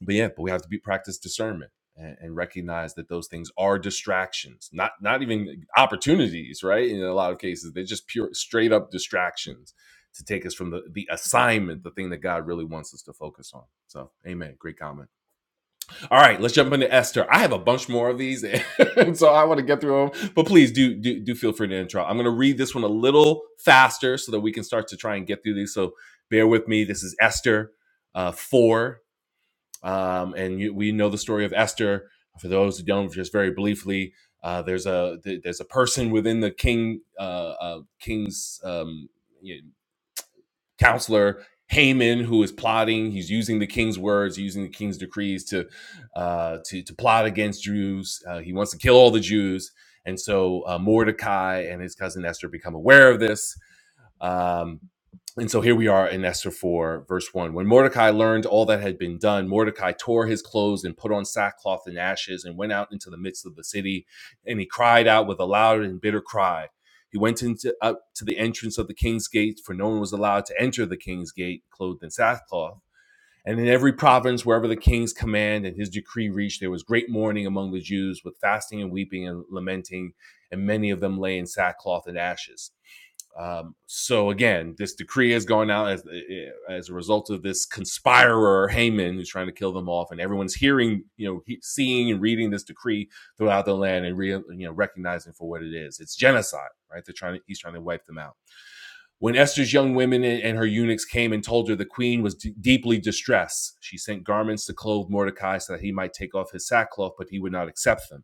[SPEAKER 1] but yeah, but we have to be practice discernment and, and recognize that those things are distractions, not not even opportunities, right? In a lot of cases, they're just pure, straight up distractions to take us from the the assignment, the thing that God really wants us to focus on. So, Amen. Great comment. All right, let's jump into Esther. I have a bunch more of these, and *laughs* so I want to get through them. But please do do do feel free to intro. I'm going to read this one a little faster so that we can start to try and get through these. So, bear with me. This is Esther uh, four. Um, and you, we know the story of Esther. For those who don't, just very briefly, uh, there's a th- there's a person within the king uh, uh, king's um, you know, counselor Haman who is plotting. He's using the king's words, using the king's decrees to uh, to to plot against Jews. Uh, he wants to kill all the Jews. And so uh, Mordecai and his cousin Esther become aware of this um, and so here we are in Esther 4, verse 1. When Mordecai learned all that had been done, Mordecai tore his clothes and put on sackcloth and ashes and went out into the midst of the city. And he cried out with a loud and bitter cry. He went into up to the entrance of the king's gate, for no one was allowed to enter the king's gate clothed in sackcloth. And in every province, wherever the king's command and his decree reached, there was great mourning among the Jews with fasting and weeping and lamenting, and many of them lay in sackcloth and ashes. Um, so again, this decree is going out as eh, eh, as a result of this conspirer Haman who's trying to kill them off, and everyone's hearing, you know, he, seeing and reading this decree throughout the land and re, you know recognizing for what it is. It's genocide, right? They're trying to he's trying to wipe them out. When Esther's young women and her eunuchs came and told her the queen was d- deeply distressed, she sent garments to clothe Mordecai so that he might take off his sackcloth, but he would not accept them.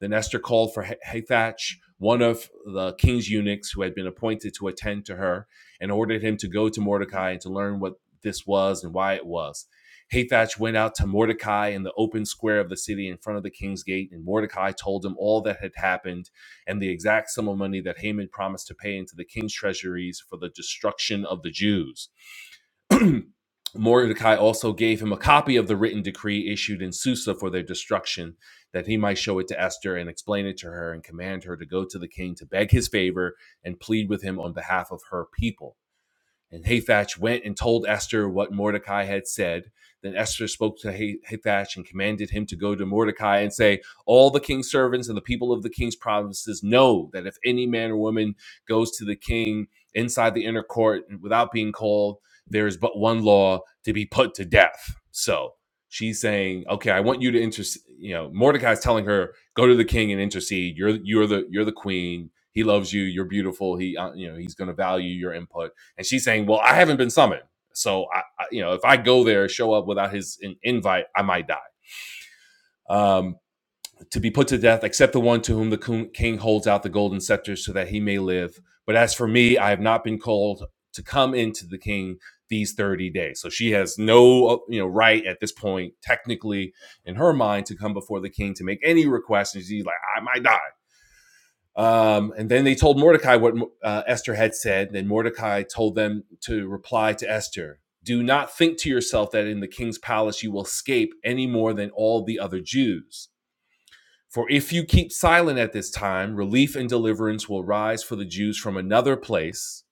[SPEAKER 1] Then Esther called for Hathach, one of the king's eunuchs who had been appointed to attend to her, and ordered him to go to Mordecai and to learn what this was and why it was. Hathach went out to Mordecai in the open square of the city in front of the king's gate, and Mordecai told him all that had happened and the exact sum of money that Haman promised to pay into the king's treasuries for the destruction of the Jews. *clears throat* Mordecai also gave him a copy of the written decree issued in Susa for their destruction, that he might show it to Esther and explain it to her and command her to go to the king to beg his favor and plead with him on behalf of her people. And Hathach went and told Esther what Mordecai had said. Then Esther spoke to Hathach and commanded him to go to Mordecai and say, All the king's servants and the people of the king's provinces know that if any man or woman goes to the king inside the inner court without being called, there is but one law to be put to death. So she's saying, Okay, I want you to intercede. You know, Mordecai's telling her, Go to the king and intercede. You're you're the you're the queen. He loves you. You're beautiful. He uh, you know he's going to value your input and she's saying, "Well, I haven't been summoned, so I, I you know, if I go there, show up without his in- invite, I might die." Um, to be put to death, except the one to whom the king holds out the golden scepter, so that he may live. But as for me, I have not been called to come into the king these thirty days. So she has no, uh, you know, right at this point, technically, in her mind, to come before the king to make any requests. And she's like, "I might die," Um, and then they told Mordecai what uh, Esther had said. And then Mordecai told them to reply to Esther Do not think to yourself that in the king's palace you will escape any more than all the other Jews. For if you keep silent at this time, relief and deliverance will rise for the Jews from another place,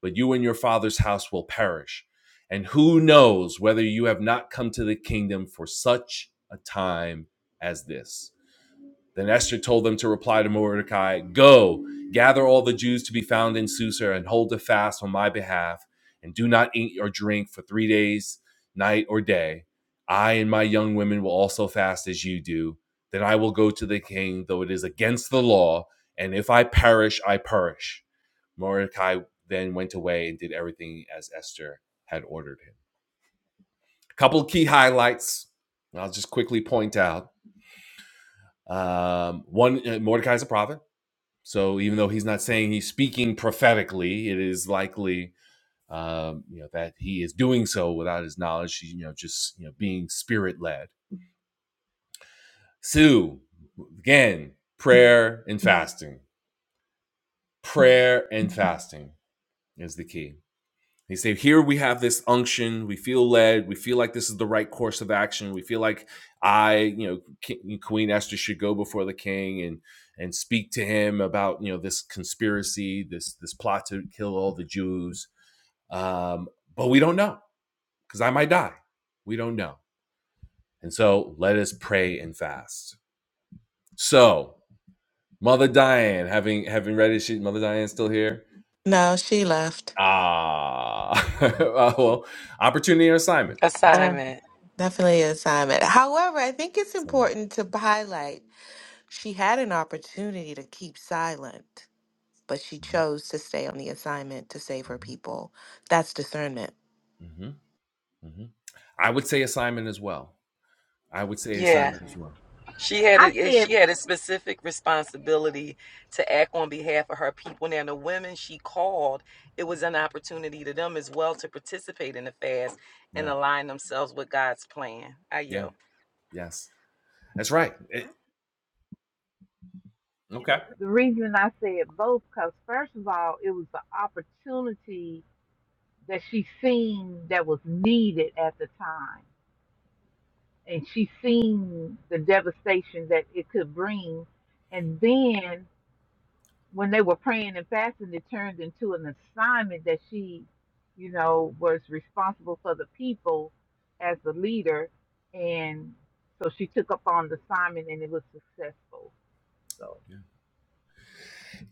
[SPEAKER 1] but you and your father's house will perish. And who knows whether you have not come to the kingdom for such a time as this? Then Esther told them to reply to Mordecai, Go, gather all the Jews to be found in Susa and hold a fast on my behalf, and do not eat or drink for three days, night or day. I and my young women will also fast as you do. Then I will go to the king, though it is against the law, and if I perish, I perish. Mordecai then went away and did everything as Esther had ordered him. A Couple of key highlights. I'll just quickly point out. Um, one, uh, Mordecai is a prophet. So even though he's not saying he's speaking prophetically, it is likely um, you know that he is doing so without his knowledge. You know, just you know being spirit led. So again, prayer and fasting. Prayer and fasting is the key. He say, here we have this unction. We feel led. We feel like this is the right course of action. We feel like I, you know, Queen Esther should go before the king and and speak to him about you know this conspiracy, this this plot to kill all the Jews Um, but we don't know because I might die. We don't know. And so let us pray and fast. So, Mother Diane, having having read it, she Mother Diane's still here.
[SPEAKER 2] no she left
[SPEAKER 1] Ah, *laughs* uh, well, opportunity or assignment?
[SPEAKER 2] uh,
[SPEAKER 3] assignment.
[SPEAKER 2] definitely an assignment however i think it's
[SPEAKER 1] Assignment.
[SPEAKER 2] important to highlight She had an opportunity to keep silent, but she
[SPEAKER 1] Mhm,
[SPEAKER 2] chose to stay on the assignment to save her
[SPEAKER 1] mhm,
[SPEAKER 2] people. That's discernment.
[SPEAKER 1] mhm, mhm. I would say assignment as well. I would say
[SPEAKER 3] Yeah,
[SPEAKER 1] assignment yeah. as well.
[SPEAKER 3] she had a
[SPEAKER 5] I
[SPEAKER 3] eh,
[SPEAKER 5] said
[SPEAKER 3] she had a specific responsibility to act on behalf of her people. Now the women she called, it was an opportunity to them as well to participate in the fast and
[SPEAKER 1] Yeah,
[SPEAKER 3] align themselves with God's plan. I
[SPEAKER 1] yeah,
[SPEAKER 3] yield.
[SPEAKER 1] yes, that's right. It- okay.
[SPEAKER 5] the reason I said both because first of all, it was the opportunity that she seen that was needed at the time, and she seen the devastation that it could bring, and then when they were praying and fasting, it turned into an assignment that she, you know, was responsible for the people as the leader. And so she took up on the assignment and it was successful. So
[SPEAKER 1] Yeah,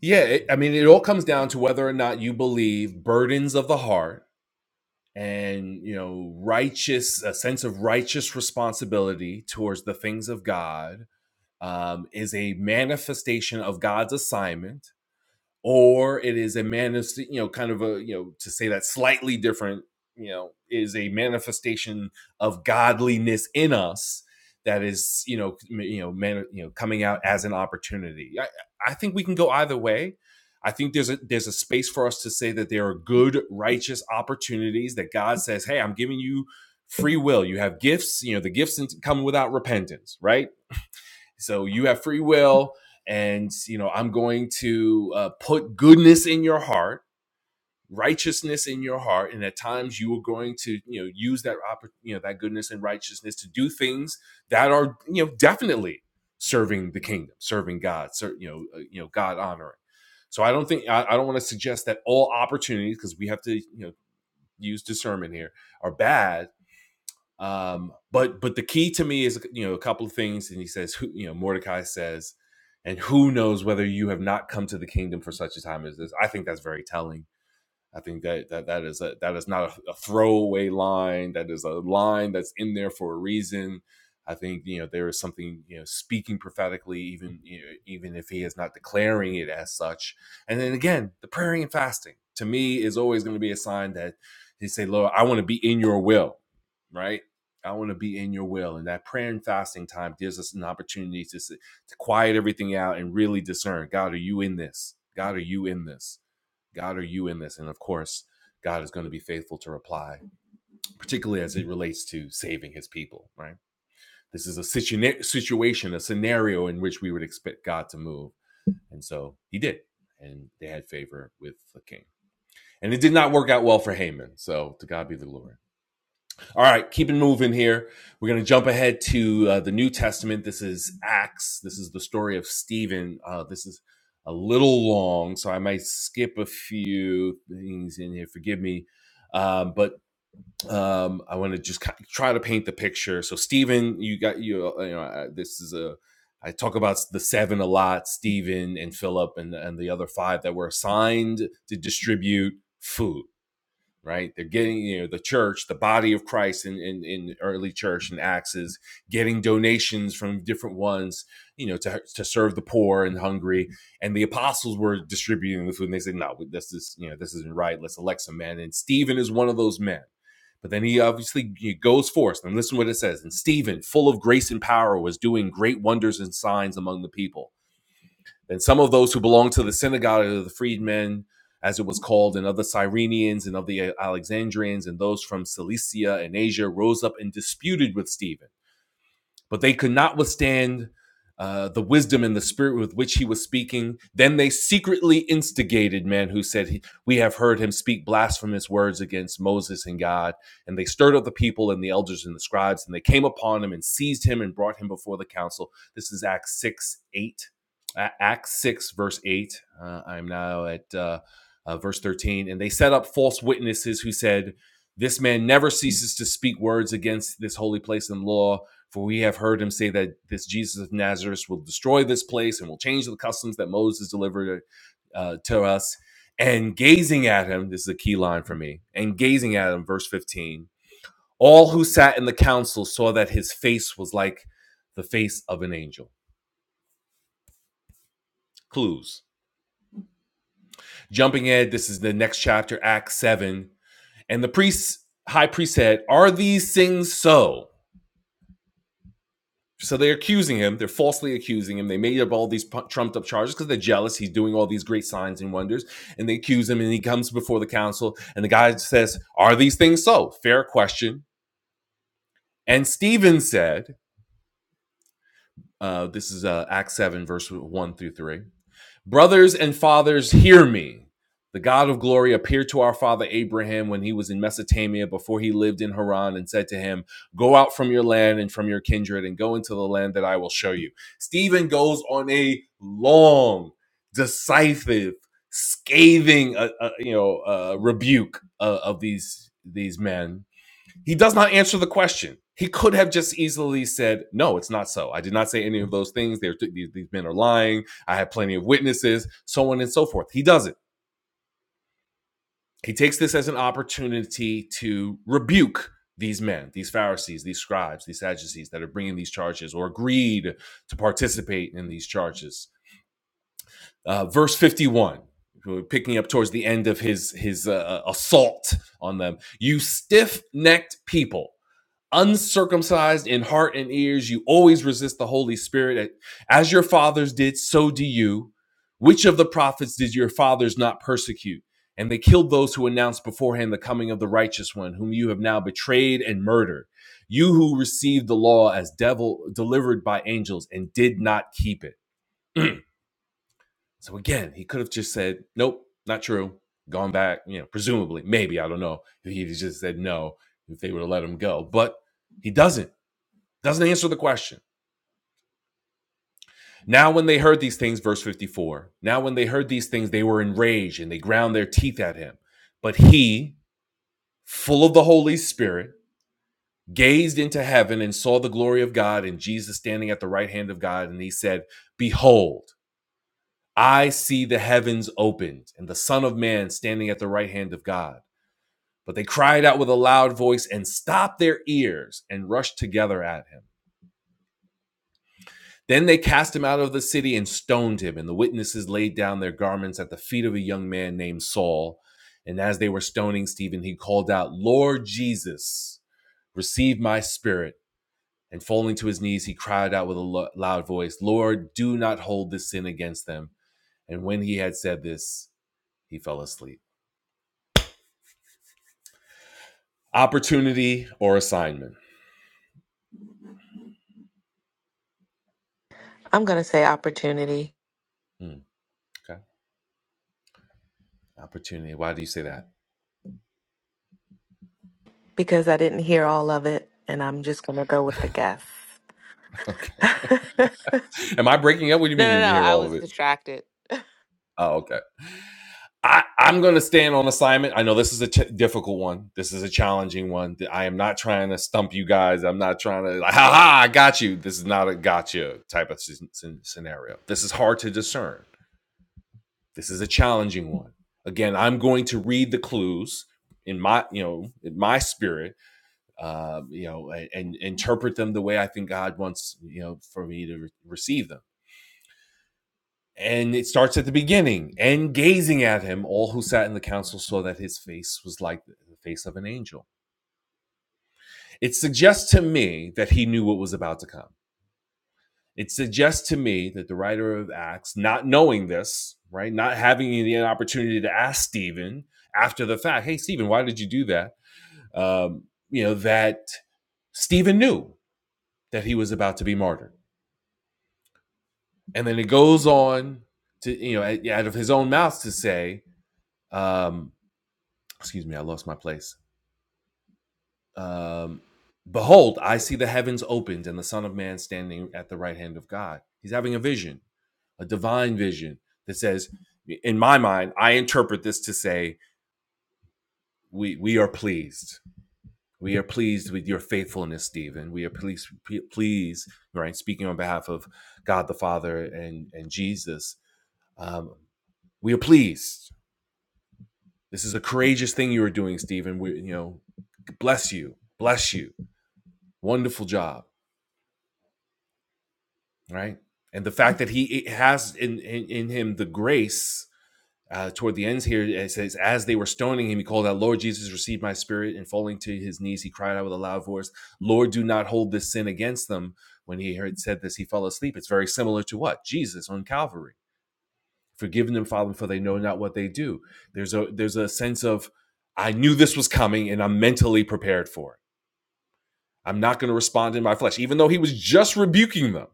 [SPEAKER 1] yeah it, I mean, it all comes down to whether or not you believe burdens of the heart and you know righteous a sense of righteous responsibility towards the things of god um, is a manifestation of god's assignment or it is a manifest, you know, kind of a, you know, to say that slightly different, you know, is a manifestation of godliness in us that is, you know, you know, man, you know, coming out as an opportunity. I, I think we can go either way. I think there's a there's a space for us to say that there are good, righteous opportunities that God says, "Hey, I'm giving you free will. You have gifts. You know, the gifts come without repentance, right? So you have free will, and you know I'm going to uh, put goodness in your heart, righteousness in your heart, and at times you are going to you know use that oppor- you know that goodness and righteousness to do things that are you know definitely serving the kingdom, serving God, you know uh, you know God honoring. So I don't think I, I don't want to suggest that all opportunities because we have to you know use discernment here are bad um, but but the key to me is you know a couple of things, and he says who you know Mordecai says, and who knows whether you have not come to the kingdom for such a time as this. I think that's very telling I think that that that is a, that is not a, a throwaway line. That is a line that's in there for a reason. I think you know there is something you know speaking prophetically, even you know, even if he is not declaring it as such. And then again, the praying and fasting to me is always going to be a sign that he say, "Lord, I want to be in Your will," right? I want to be in Your will, and that prayer and fasting time gives us an opportunity to s- to quiet everything out and really discern. God, are You in this? God, are You in this? God, are you in this? And of course, God is going to be faithful to reply, particularly as it relates to saving his people, right? This is a situ- situation, a scenario in which we would expect God to move. And so he did. And they had favor with the king. And it did not work out well for Haman. So to God be the glory. All right, keep it moving here. We're going to jump ahead to uh, the New Testament. This is Acts. This is the story of Stephen. Uh, this is a little long, so I might skip a few things in here. Forgive me. Um, but um, I want to just ki- try to paint the picture. So Stephen, you got you. uh, You know, uh, this is a. I talk about the seven a lot. Stephen and Philip and and the other five that were assigned to distribute food right? They're getting, you know, the church, the body of Christ in, in, in early church and Acts is getting donations from different ones, you know, to, to serve the poor and hungry. And the apostles were distributing the food and they said, no, this is, you know, this isn't right. Let's elect some men. And Stephen is one of those men. But then he obviously he goes forth and listen to what it says. And Stephen, full of grace and power, was doing great wonders and signs among the people. And some of those who belonged to the synagogue of the freedmen, as it was called, and of the Cyrenians and of the Alexandrians, and those from Cilicia and Asia rose up and disputed with Stephen but they could not withstand uh, the wisdom and the spirit with which he was speaking. Then they secretly instigated men who said, he- We have heard him speak blasphemous words against Moses and God. And they stirred up the people and the elders and the scribes, and they came upon him and seized him and brought him before the council. This is Acts 6 8. Acts 6, verse 8. Uh, I'm now at uh, uh, verse 13. And they set up false witnesses who said, This man never ceases to speak words against this holy place and law for we have heard him say that this Jesus of Nazareth will destroy this place and will change the customs that Moses delivered uh, to us. And gazing at him, this is a key line for me, and gazing at him, verse 15, all who sat in the council saw that his face was like the face of an angel. Clues. Jumping ahead, this is the next chapter, Acts 7. And the priests, high priest said, Are these things so? so they're accusing him. They're falsely accusing him. They made up all these trumped up charges because they're jealous. He's doing all these great signs and wonders, and they accuse him. And he comes before the council, and the guy says, "Are these things so?" Fair question. And Stephen said, uh, "This is uh, Acts seven, verse one through three. Brothers and fathers, hear me. The God of glory appeared to our father Abraham when he was in Mesopotamia before he lived in Haran and said to him, Go out from your land and from your kindred and go into the land that I will show you. Stephen goes on a long, decisive, scathing, uh, uh, you know, uh, rebuke uh, of these these men he does not answer the question. He could have just easily said, "No, it's not so. I did not say any of those things. They're, these, these men are lying. I have plenty of witnesses, so on and so forth." He doesn't. He takes this as an opportunity to rebuke these men, these Pharisees, these scribes, these Sadducees that are bringing these charges or agreed to participate in these charges. Uh, verse 51, picking up towards the end of his, his uh, assault on them. You stiff necked people. uncircumcised in heart and ears, you always resist the Holy Spirit. As your fathers did, so do you. Which of the prophets did your fathers not persecute? And they killed those who announced beforehand the coming of the righteous one, whom you have now betrayed and murdered. You who received the law as devil delivered by angels and did not keep it. *clears throat* so again, he could have just said, Nope, not true. Gone back, you know, presumably, maybe, I don't know. he just said no, if they would have let him go. But he doesn't. Doesn't answer the question. Now, when they heard these things, verse 54, now when they heard these things, they were enraged and they ground their teeth at him. But he, full of the Holy Spirit, gazed into heaven and saw the glory of God and Jesus standing at the right hand of God. And he said, Behold, I see the heavens opened and the Son of Man standing at the right hand of God. But they cried out with a loud voice and stopped their ears and rushed together at him. Then they cast him out of the city and stoned him, and the witnesses laid down their garments at the feet of a young man named Saul. And as they were stoning Stephen, he called out, Lord Jesus, receive my spirit. And falling to his knees, he cried out with a lo- loud voice, Lord, do not hold this sin against them. And when he had said this, he fell asleep. Opportunity or assignment?
[SPEAKER 2] I'm going to say opportunity
[SPEAKER 1] Hmm, okay. Opportunity. Why do you say that?
[SPEAKER 2] because I didn't hear all of it, and I'm just going to go with the guess.
[SPEAKER 1] *laughs* Okay.
[SPEAKER 2] *laughs* no, no,
[SPEAKER 1] Am I breaking up? What do you mean you didn't
[SPEAKER 2] no.
[SPEAKER 1] hear
[SPEAKER 2] I
[SPEAKER 1] all of
[SPEAKER 2] was
[SPEAKER 1] it?
[SPEAKER 2] distracted.
[SPEAKER 1] Oh, okay. I, I'm going to stand on assignment. I know this is a ch- difficult one. This is a challenging one. I am not trying to stump you guys. I'm not trying to, like, ha ha, I got you. This is not a gotcha type of scenario. This is hard to discern. This is a challenging one. Again, I'm going to read the clues in my, you know, in my spirit, uh, you know, and, and interpret them the way I think God wants, you know, for me to re- receive them. And it starts at the beginning. And gazing at him, all who sat in the council saw that his face was like the face of an angel. It suggests to me that he knew what was about to come. It suggests to me that the writer of Acts, not knowing this, right, not having the opportunity to ask Stephen after the fact, hey, Stephen, why did you do that? Um, you know, that Stephen knew that he was about to be martyred. And then it goes on to, you know, out of his own mouth to say, um, excuse me, I lost my place. Um, Behold, I see the heavens opened and the Son of Man standing at the right hand of God. He's having a vision, a divine vision that says, in my mind, I interpret this to say, we, we are pleased. We are pleased with your faithfulness, Stephen. We are pleased, pleased, right? Speaking on behalf of God the Father and, and Jesus, um, we are pleased. This is a courageous thing you are doing, Stephen. We, you know, bless you, bless you. Wonderful job right? And the fact that he has in, in, in him the grace uh, toward the ends here, it says, As they were stoning him, he called out, Lord Jesus, receive my spirit. And falling to his knees, he cried out with a loud voice, Lord, do not hold this sin against them. When he heard said this, he fell asleep. It's very similar to what? Jesus on Calvary. Forgive them, Father, for they know not what they do. There's a there's a sense of I knew this was coming and I'm mentally prepared for it. I'm not going to respond in my flesh, even though he was just rebuking them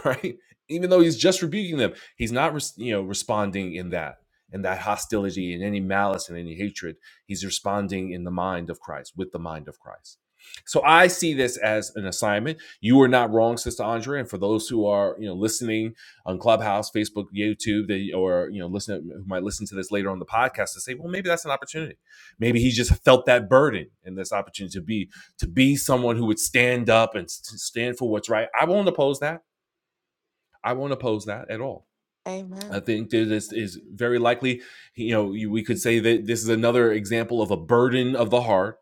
[SPEAKER 1] *laughs* right? Even though he's just rebuking them, he's not you know responding in that in that hostility and any malice and any hatred. He's responding in the mind of Christ with the mind of Christ. So I see this as an assignment. You are not wrong, Sister Andrea. And for those who are you know listening on Clubhouse, Facebook, YouTube, they, or you know listen who might listen to this later on the podcast to say, well, maybe that's an opportunity. Maybe he just felt that burden and this opportunity to be to be someone who would stand up and stand for what's right. I won't oppose that. I won't oppose that at all. I
[SPEAKER 2] Amen.
[SPEAKER 1] think that this is very likely. You know, we could say that this is another example of a burden of the heart,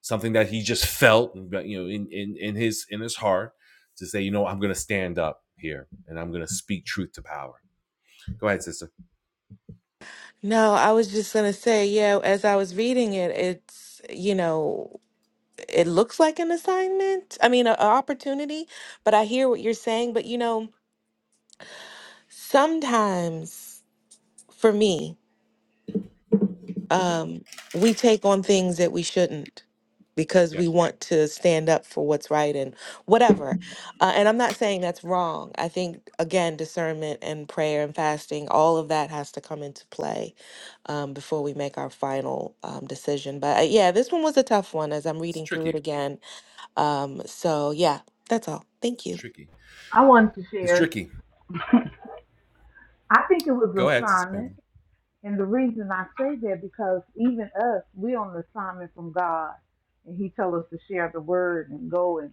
[SPEAKER 1] something that he just felt, you know, in in, in his in his heart, to say, you know, I'm going to stand up here and I'm going to speak truth to power. Go ahead, sister.
[SPEAKER 2] No, I was just going to say, yeah, as I was reading it, it's, you know, it looks like an assignment. I mean, an opportunity, but I hear what you're saying. But, you know, sometimes. for me, um, we take on things that we shouldn't because
[SPEAKER 1] Yeah,
[SPEAKER 2] we want to stand up for what's right and whatever. Uh, and I'm not saying that's wrong. I think, again, discernment and prayer and fasting, all of that has to come into play um, before we make our final um, decision. But uh, yeah, this one was a tough one as I'm
[SPEAKER 1] it's
[SPEAKER 2] reading through it
[SPEAKER 1] tricky.
[SPEAKER 2] again. Um, so yeah, that's all. Thank
[SPEAKER 1] It's
[SPEAKER 2] you.
[SPEAKER 1] tricky.
[SPEAKER 5] I wanted to
[SPEAKER 1] It's
[SPEAKER 5] share.
[SPEAKER 1] tricky.
[SPEAKER 5] I think it was an
[SPEAKER 1] Go ahead, sister.
[SPEAKER 5] assignment. And the reason I say that because even us, we're on an assignment from God. And He told us to share the word and go and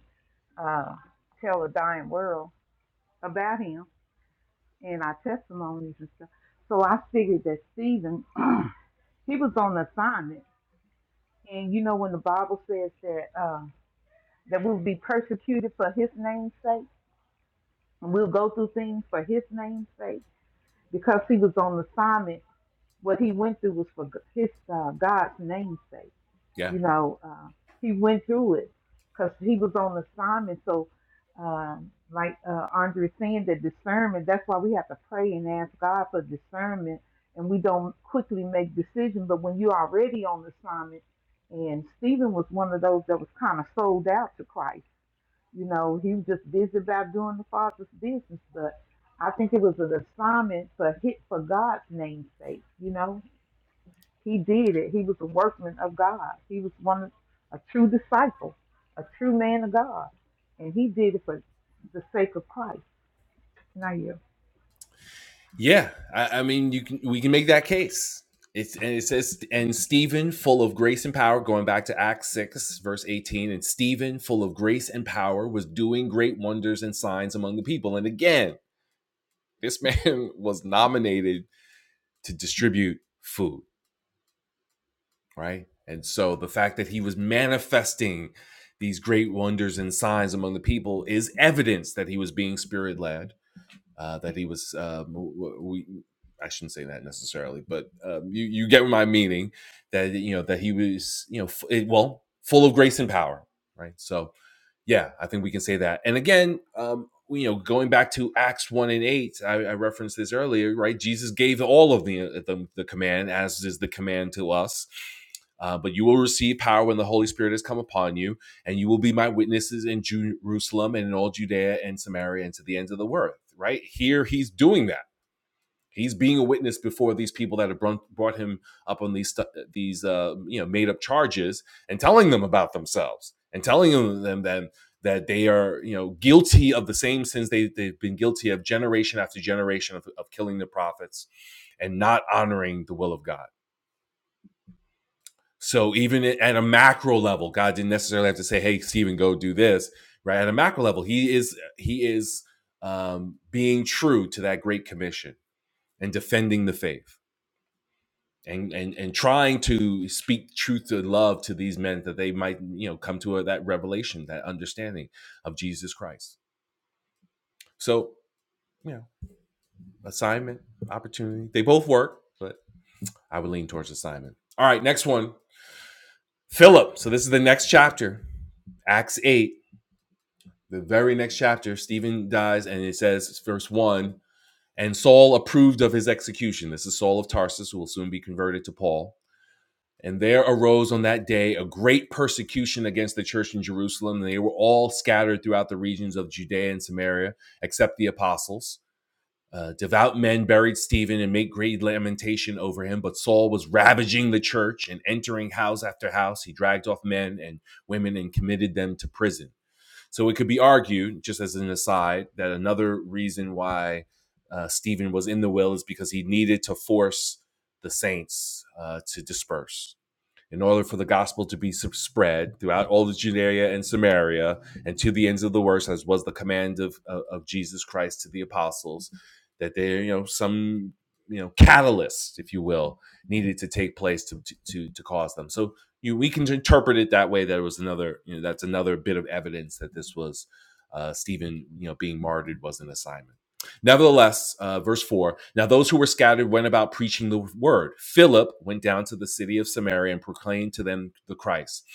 [SPEAKER 5] uh, tell a dying world about Him and our testimonies and stuff. So I figured that Stephen, *clears throat* he was on assignment. And you know when the Bible says that uh, that we'll be persecuted for His name's sake, and we'll go through things for His name's sake, because he was on assignment. What he went through was for His uh, God's name's sake.
[SPEAKER 1] Yeah.
[SPEAKER 5] You know, uh, he went through it because he was on assignment. So, um, like uh, Andre saying, the discernment. That's why we have to pray and ask God for discernment, and we don't quickly make decisions. But when you're already on assignment, and Stephen was one of those that was kind of sold out to Christ. You know, he was just busy about doing the Father's business, but I think it was an assignment for hit for God's name's sake, you know he did it. He was a workman of God. He was one a true disciple, a true man of God, and he did it for the sake of Christ. Now you,
[SPEAKER 1] Yeah, I, I mean, you can we can make that case. It's and it says and Stephen, full of grace and power, going back to Acts six verse eighteen, and Stephen, full of grace and power, was doing great wonders and signs among the people. And again, this *laughs* man was nominated to distribute food, right? And so the fact that he was manifesting these great wonders and signs among the people is evidence that he was being spirit led uh, that he was. Um, we I shouldn't say that necessarily, but um, you you get my meaning that you know that he was you know f- eh, well full of grace and power, right? So yeah, I think we can say that. And again, um, you know, going back to Acts one and eight, I, I referenced this earlier, right? Jesus gave all of the uh, the, the command, as is the command to us. Uh, but you will receive power when the Holy Spirit has come upon you, and you will be my witnesses in Jerusalem and in all Judea and Samaria and to the ends of the earth. Right here, he's doing that He's being a witness before these people that have brought him up on these these uh, you know made up charges and telling them about themselves and telling them them that, that they are you know guilty of the same sins they they've been guilty of generation after generation of, of killing the prophets and not honoring the will of God. So even at a macro level, God didn't necessarily have to say, "Hey, Stephen, go do this." Right at a macro level, he is he is um, being true to that great commission and defending the faith. and and and trying to speak truth to love to these men that they might you know come to a, that revelation that understanding of jesus christ so you know assignment opportunity they both work but i would lean towards assignment all right next one philip so this is the next chapter acts 8 the very next chapter stephen dies and it says verse 1 and saul approved of his execution this is saul of tarsus who will soon be converted to paul And there arose on that day a great persecution against the church in Jerusalem. They were all scattered throughout the regions of Judea and Samaria, except the apostles. Uh, devout men buried Stephen and made great lamentation over him. But Saul was ravaging the church and entering house after house. He dragged off men and women and committed them to prison. So it could be argued, just as an aside, that another reason why uh, Stephen was in the will is because he needed to force the saints uh, to disperse in order for the gospel to be spread throughout all of Judea and Samaria and to the ends of the world, as was the command of, of, of Jesus Christ to the apostles, that there, you know, some, you know, catalyst, if you will, needed to take place to, to, to, to cause them. So you, we can interpret it that way. That it was another, you know, that's another bit of evidence that this was uh, Stephen, you know, being martyred was an assignment. Nevertheless, uh, verse 4 Now those who were scattered went about preaching the word. Philip went down to the city of Samaria and proclaimed to them the Christ.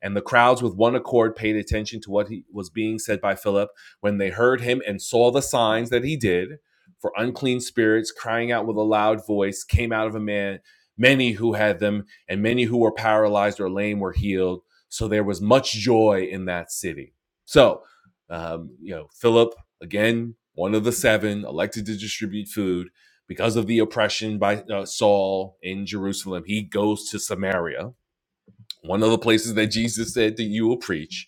[SPEAKER 1] And the crowds with one accord paid attention to what he was being said by Philip when they heard him and saw the signs that he did. For unclean spirits, crying out with a loud voice, came out of a man. Many who had them and many who were paralyzed or lame were healed. So there was much joy in that city. So, um, you know, Philip again, one of the seven elected to distribute food because of the oppression by uh, Saul in Jerusalem. He goes to Samaria, one of the places that Jesus said that you will preach,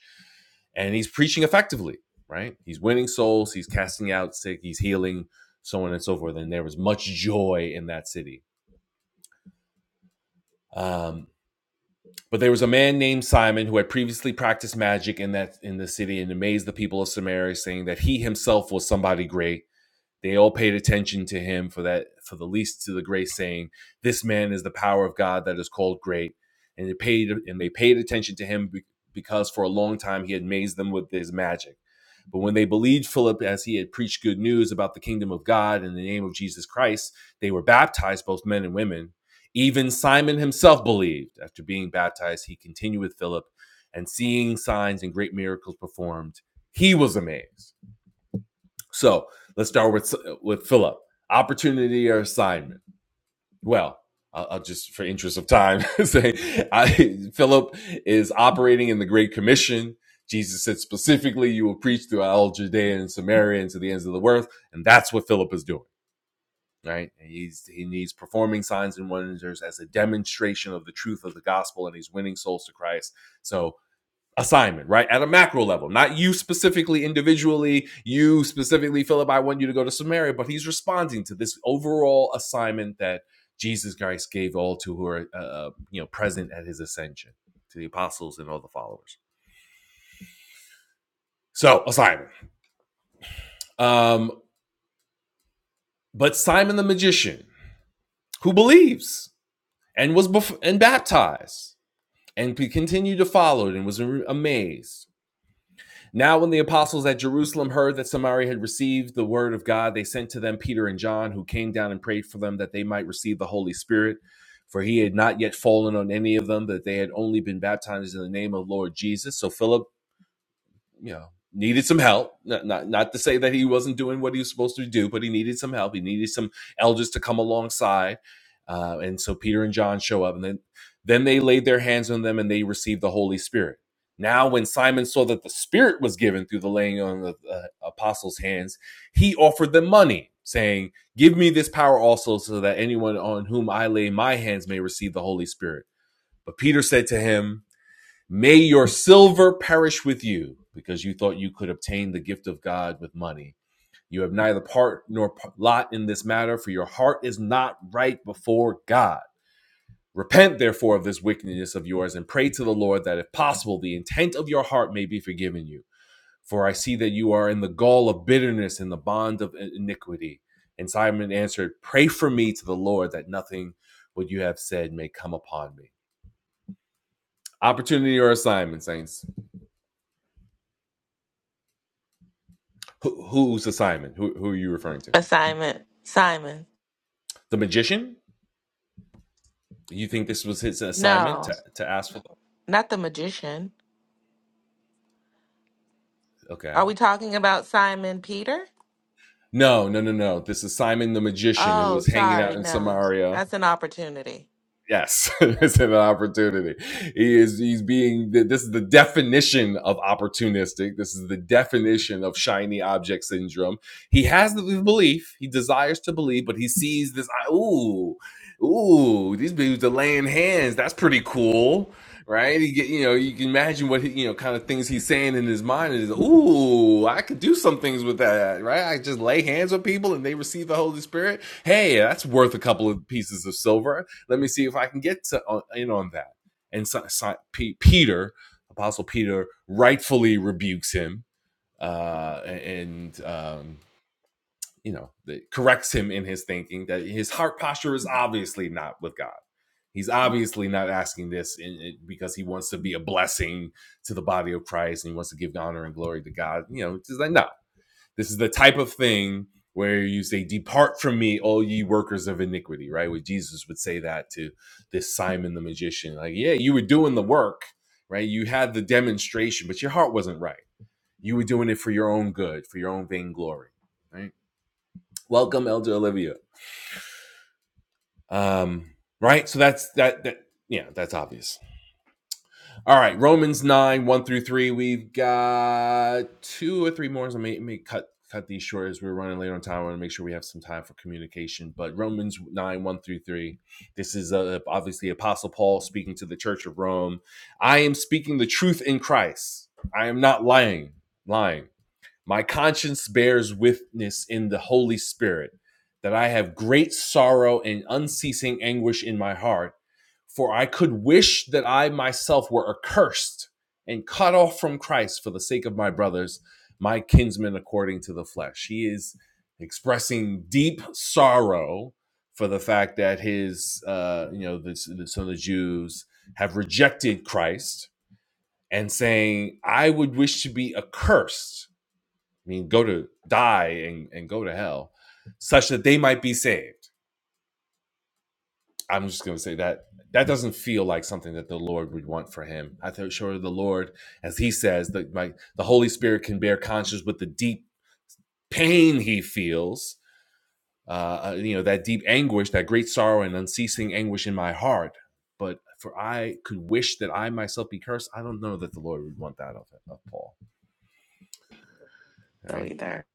[SPEAKER 1] and he's preaching effectively, right? He's winning souls, he's casting out sick, he's healing, so on and so forth. And there was much joy in that city. Um, but there was a man named Simon who had previously practiced magic in that in the city and amazed the people of Samaria, saying that he himself was somebody great. They all paid attention to him for that, for the least to the grace, saying, "This man is the power of God that is called great." And they paid, and they paid attention to him because for a long time he had amazed them with his magic. But when they believed Philip as he had preached good news about the kingdom of God in the name of Jesus Christ, they were baptized, both men and women. Even Simon himself believed. After being baptized, he continued with Philip and seeing signs and great miracles performed, he was amazed. So let's start with with Philip. Opportunity or assignment? Well, I'll, I'll just for interest of time *laughs* say I, Philip is operating in the Great Commission. Jesus said specifically, "You will preach throughout all Judea and Samaria and to the ends of the earth," and that's what Philip is doing. Right? And he's he needs performing signs and wonders as a demonstration of the truth of the gospel, and he's winning souls to Christ. So assignment, right? At a macro level, not you specifically individually, you specifically, Philip, I want you to go to Samaria, but he's responding to this overall assignment that Jesus Christ gave all to who are, uh, uh, you know, present at his ascension to the apostles and all the followers. So, assignment. Um, but Simon the magician, who believes and was bef- and baptized and pe- continued to follow it and was amazed Now, when the apostles at Jerusalem heard that Samaria had received the word of God, they sent to them Peter and John, who came down and prayed for them that they might receive the Holy Spirit. For he had not yet fallen on any of them, that they had only been baptized in the name of Lord Jesus. So Philip you know needed some help not, not not to say that he wasn't doing what he was supposed to do but he needed some help he needed some elders to come alongside uh, and so peter and john show up and then then they laid their hands on them and they received the holy spirit now when simon saw that the spirit was given through the laying on of the uh, apostles hands he offered them money saying give me this power also so that anyone on whom i lay my hands may receive the holy spirit but peter said to him May your silver perish with you because you thought you could obtain the gift of God with money. You have neither part nor lot in this matter, for your heart is not right before God. Repent, therefore, of this wickedness of yours and pray to the Lord that, if possible, the intent of your heart may be forgiven you. For I see that you are in the gall of bitterness and the bond of iniquity. And Simon answered, Pray for me to the Lord that nothing what you have said may come upon me. Opportunity or assignment, saints. Who, whose assignment? Who, who are you referring to?
[SPEAKER 2] Assignment. Simon.
[SPEAKER 1] The magician? You think this was his assignment
[SPEAKER 2] No,
[SPEAKER 1] to, to ask for?
[SPEAKER 2] not the magician.
[SPEAKER 1] Okay.
[SPEAKER 2] Are we talking about Simon Peter?
[SPEAKER 1] No, no, no, no. This is Simon the magician who
[SPEAKER 2] Oh,
[SPEAKER 1] was hanging out
[SPEAKER 2] sorry.
[SPEAKER 1] in
[SPEAKER 2] No,
[SPEAKER 1] Samaria
[SPEAKER 2] that's an opportunity.
[SPEAKER 1] Yes, *laughs* it's an opportunity. He is he's being this is the definition of opportunistic. This is the definition of shiny object syndrome. He has the belief, he desires to believe, but he sees this "Ah, ooh, ooh, these dudes are laying hands. That's pretty cool. Right? He get, you know, you can imagine what he, you know, kind of things he's saying in his mind is, "Ooh, I could do some things with that." Right? I just lay hands on people and they receive the Holy Spirit. Hey, that's worth a couple of pieces of silver let me see if I can get to, uh, in on that. And so, so- P- Peter, Apostle Peter, rightfully rebukes him uh, and, um, you know, corrects him in his thinking that his heart posture is obviously not with God. He's obviously not asking this in, in- because he wants to be a blessing to the body of Christ and he wants to give honor and glory to God. You know, it's just like, no, this is the type of thing where you say, Depart from me, all ye workers of iniquity, right? Where Jesus would say that to this Simon the magician. Like, yeah, you were doing the work, right? You had the demonstration, but your heart wasn't right. You were doing it for your own good, for your own vainglory, right? Welcome, Elder Olivia. Um, right? So that's that, that, yeah, that's obvious. All right, Romans nine one through three. We've got two or three more. So I may may cut cut these short as we're running late on time. I want to make sure we have some time for communication. But Romans nine one through three. This is uh, obviously Apostle Paul speaking to the Church of Rome. I am speaking the truth in Christ. I am not lying. Lying. My conscience bears witness in the Holy Spirit that I have great sorrow and unceasing anguish in my heart, for I could wish that I myself were accursed and cut off from Christ for the sake of my brothers, my kinsmen according to the flesh. He is expressing deep sorrow for the fact that his, uh, you know, this, some of the Jews have rejected Christ and saying, I would wish to be accursed I mean, go to die and, and go to hell, such that they might be saved. I'm just going to say that that doesn't feel like something that the Lord would want for him. I am sure the Lord, as he says, that my, the Holy Spirit can bear conscience with the deep pain he feels, uh, uh, you know, that deep anguish, that great sorrow and unceasing anguish in my heart. But for I could wish that I myself be cursed. I don't know that the Lord would want that of, of Paul. All
[SPEAKER 2] So
[SPEAKER 1] right.
[SPEAKER 2] either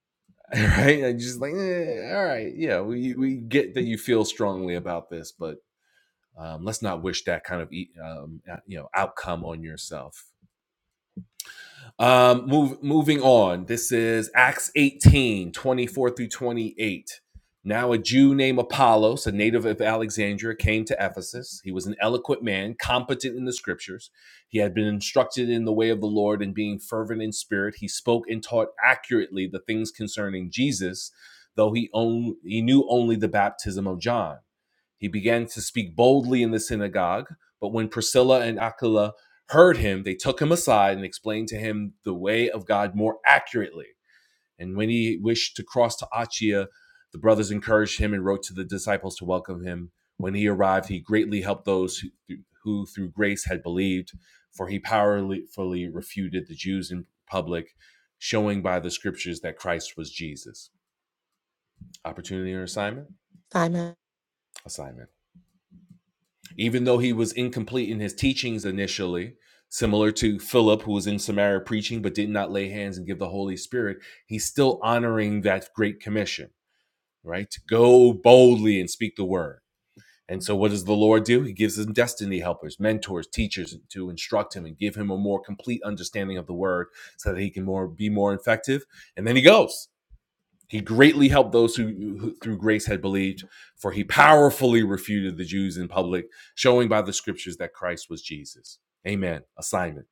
[SPEAKER 1] *laughs* right? And just like, eh, all right, yeah, we we get that you feel strongly about this, but um, let's not wish that kind of e- um, uh, you know outcome on yourself. Um, move, moving on. This is Acts 18 24 through 28. Now, a Jew named Apollos, a native of Alexandria, came to Ephesus. He was an eloquent man, competent in the scriptures. He had been instructed in the way of the Lord, and being fervent in spirit, he spoke and taught accurately the things concerning Jesus, though he, own, he knew only the baptism of John. He began to speak boldly in the synagogue, but when Priscilla and Aquila heard him, they took him aside and explained to him the way of God more accurately. And when he wished to cross to Achaia, the brothers encouraged him and wrote to the disciples to welcome him. When he arrived, he greatly helped those who, who through grace had believed, for he powerfully refuted the Jews in public, showing by the scriptures that Christ was Jesus. Opportunity or assignment?
[SPEAKER 2] Simon,
[SPEAKER 1] Assignment. even though he was incomplete in his teachings initially, similar to Philip, who was in Samaria preaching but did not lay hands and give the Holy Spirit, he's still honoring that great commission, right? To go boldly and speak the word. And so, what does the Lord do? He gives him destiny helpers, mentors, teachers to instruct him and give him a more complete understanding of the word so that he can more be more effective. And then he goes he greatly helped those who, who through grace had believed, for he powerfully refuted the Jews in public, showing by the scriptures that Christ was Jesus. Amen. Assignment.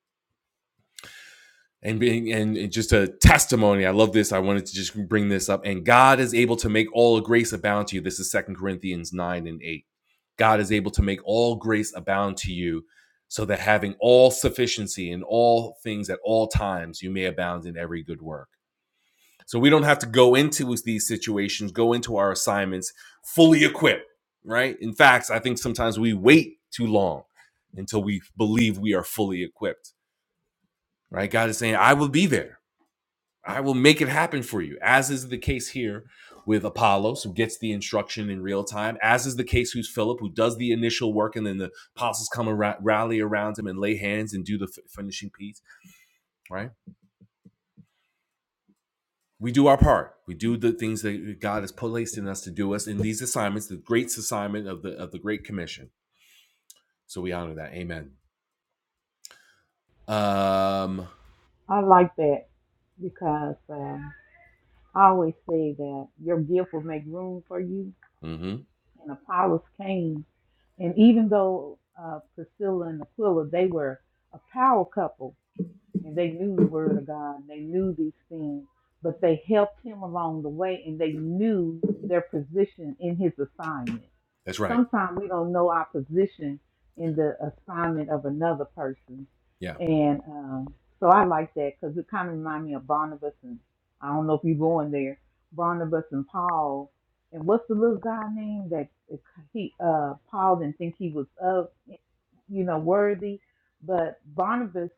[SPEAKER 1] And being and, and just a testimony. I love this. I wanted to just bring this up. And God is able to make all grace abound to you. This is Second Corinthians 9 and 8. God is able to make all grace abound to you, so that having all sufficiency in all things at all times, you may abound in every good work. So we don't have to go into these situations, go into our assignments fully equipped, right? In fact, I think sometimes we wait too long until we believe we are fully equipped, right? God is saying, I will be there. I will make it happen for you, as is the case here with Apollos, who gets the instruction in real time, as is the case with Philip, who does the initial work, and then the apostles come and ra- rally around him and lay hands and do the f- finishing piece, right? we do our part. We do the things that God has placed in us to do us in these assignments, the great assignment of the of the Great Commission. So we honor that. Amen. Um,
[SPEAKER 5] I like that because um, I always say that your gift will make room for you.
[SPEAKER 1] hmm
[SPEAKER 5] And Apollos came, and even though uh, Priscilla and Aquila they were a power couple, and they knew the word of God, and they knew these things, but they helped him along the way and they knew their position in his assignment.
[SPEAKER 1] that's right.
[SPEAKER 5] Sometimes we don't know our position in the assignment of another person.
[SPEAKER 1] Yeah,
[SPEAKER 5] And um, so I like that because it kind of reminds me of Barnabas and I don't know if you're going there, Barnabas and Paul. And what's the little guy name that he uh, Paul didn't think he was of, you know, worthy, but Barnabas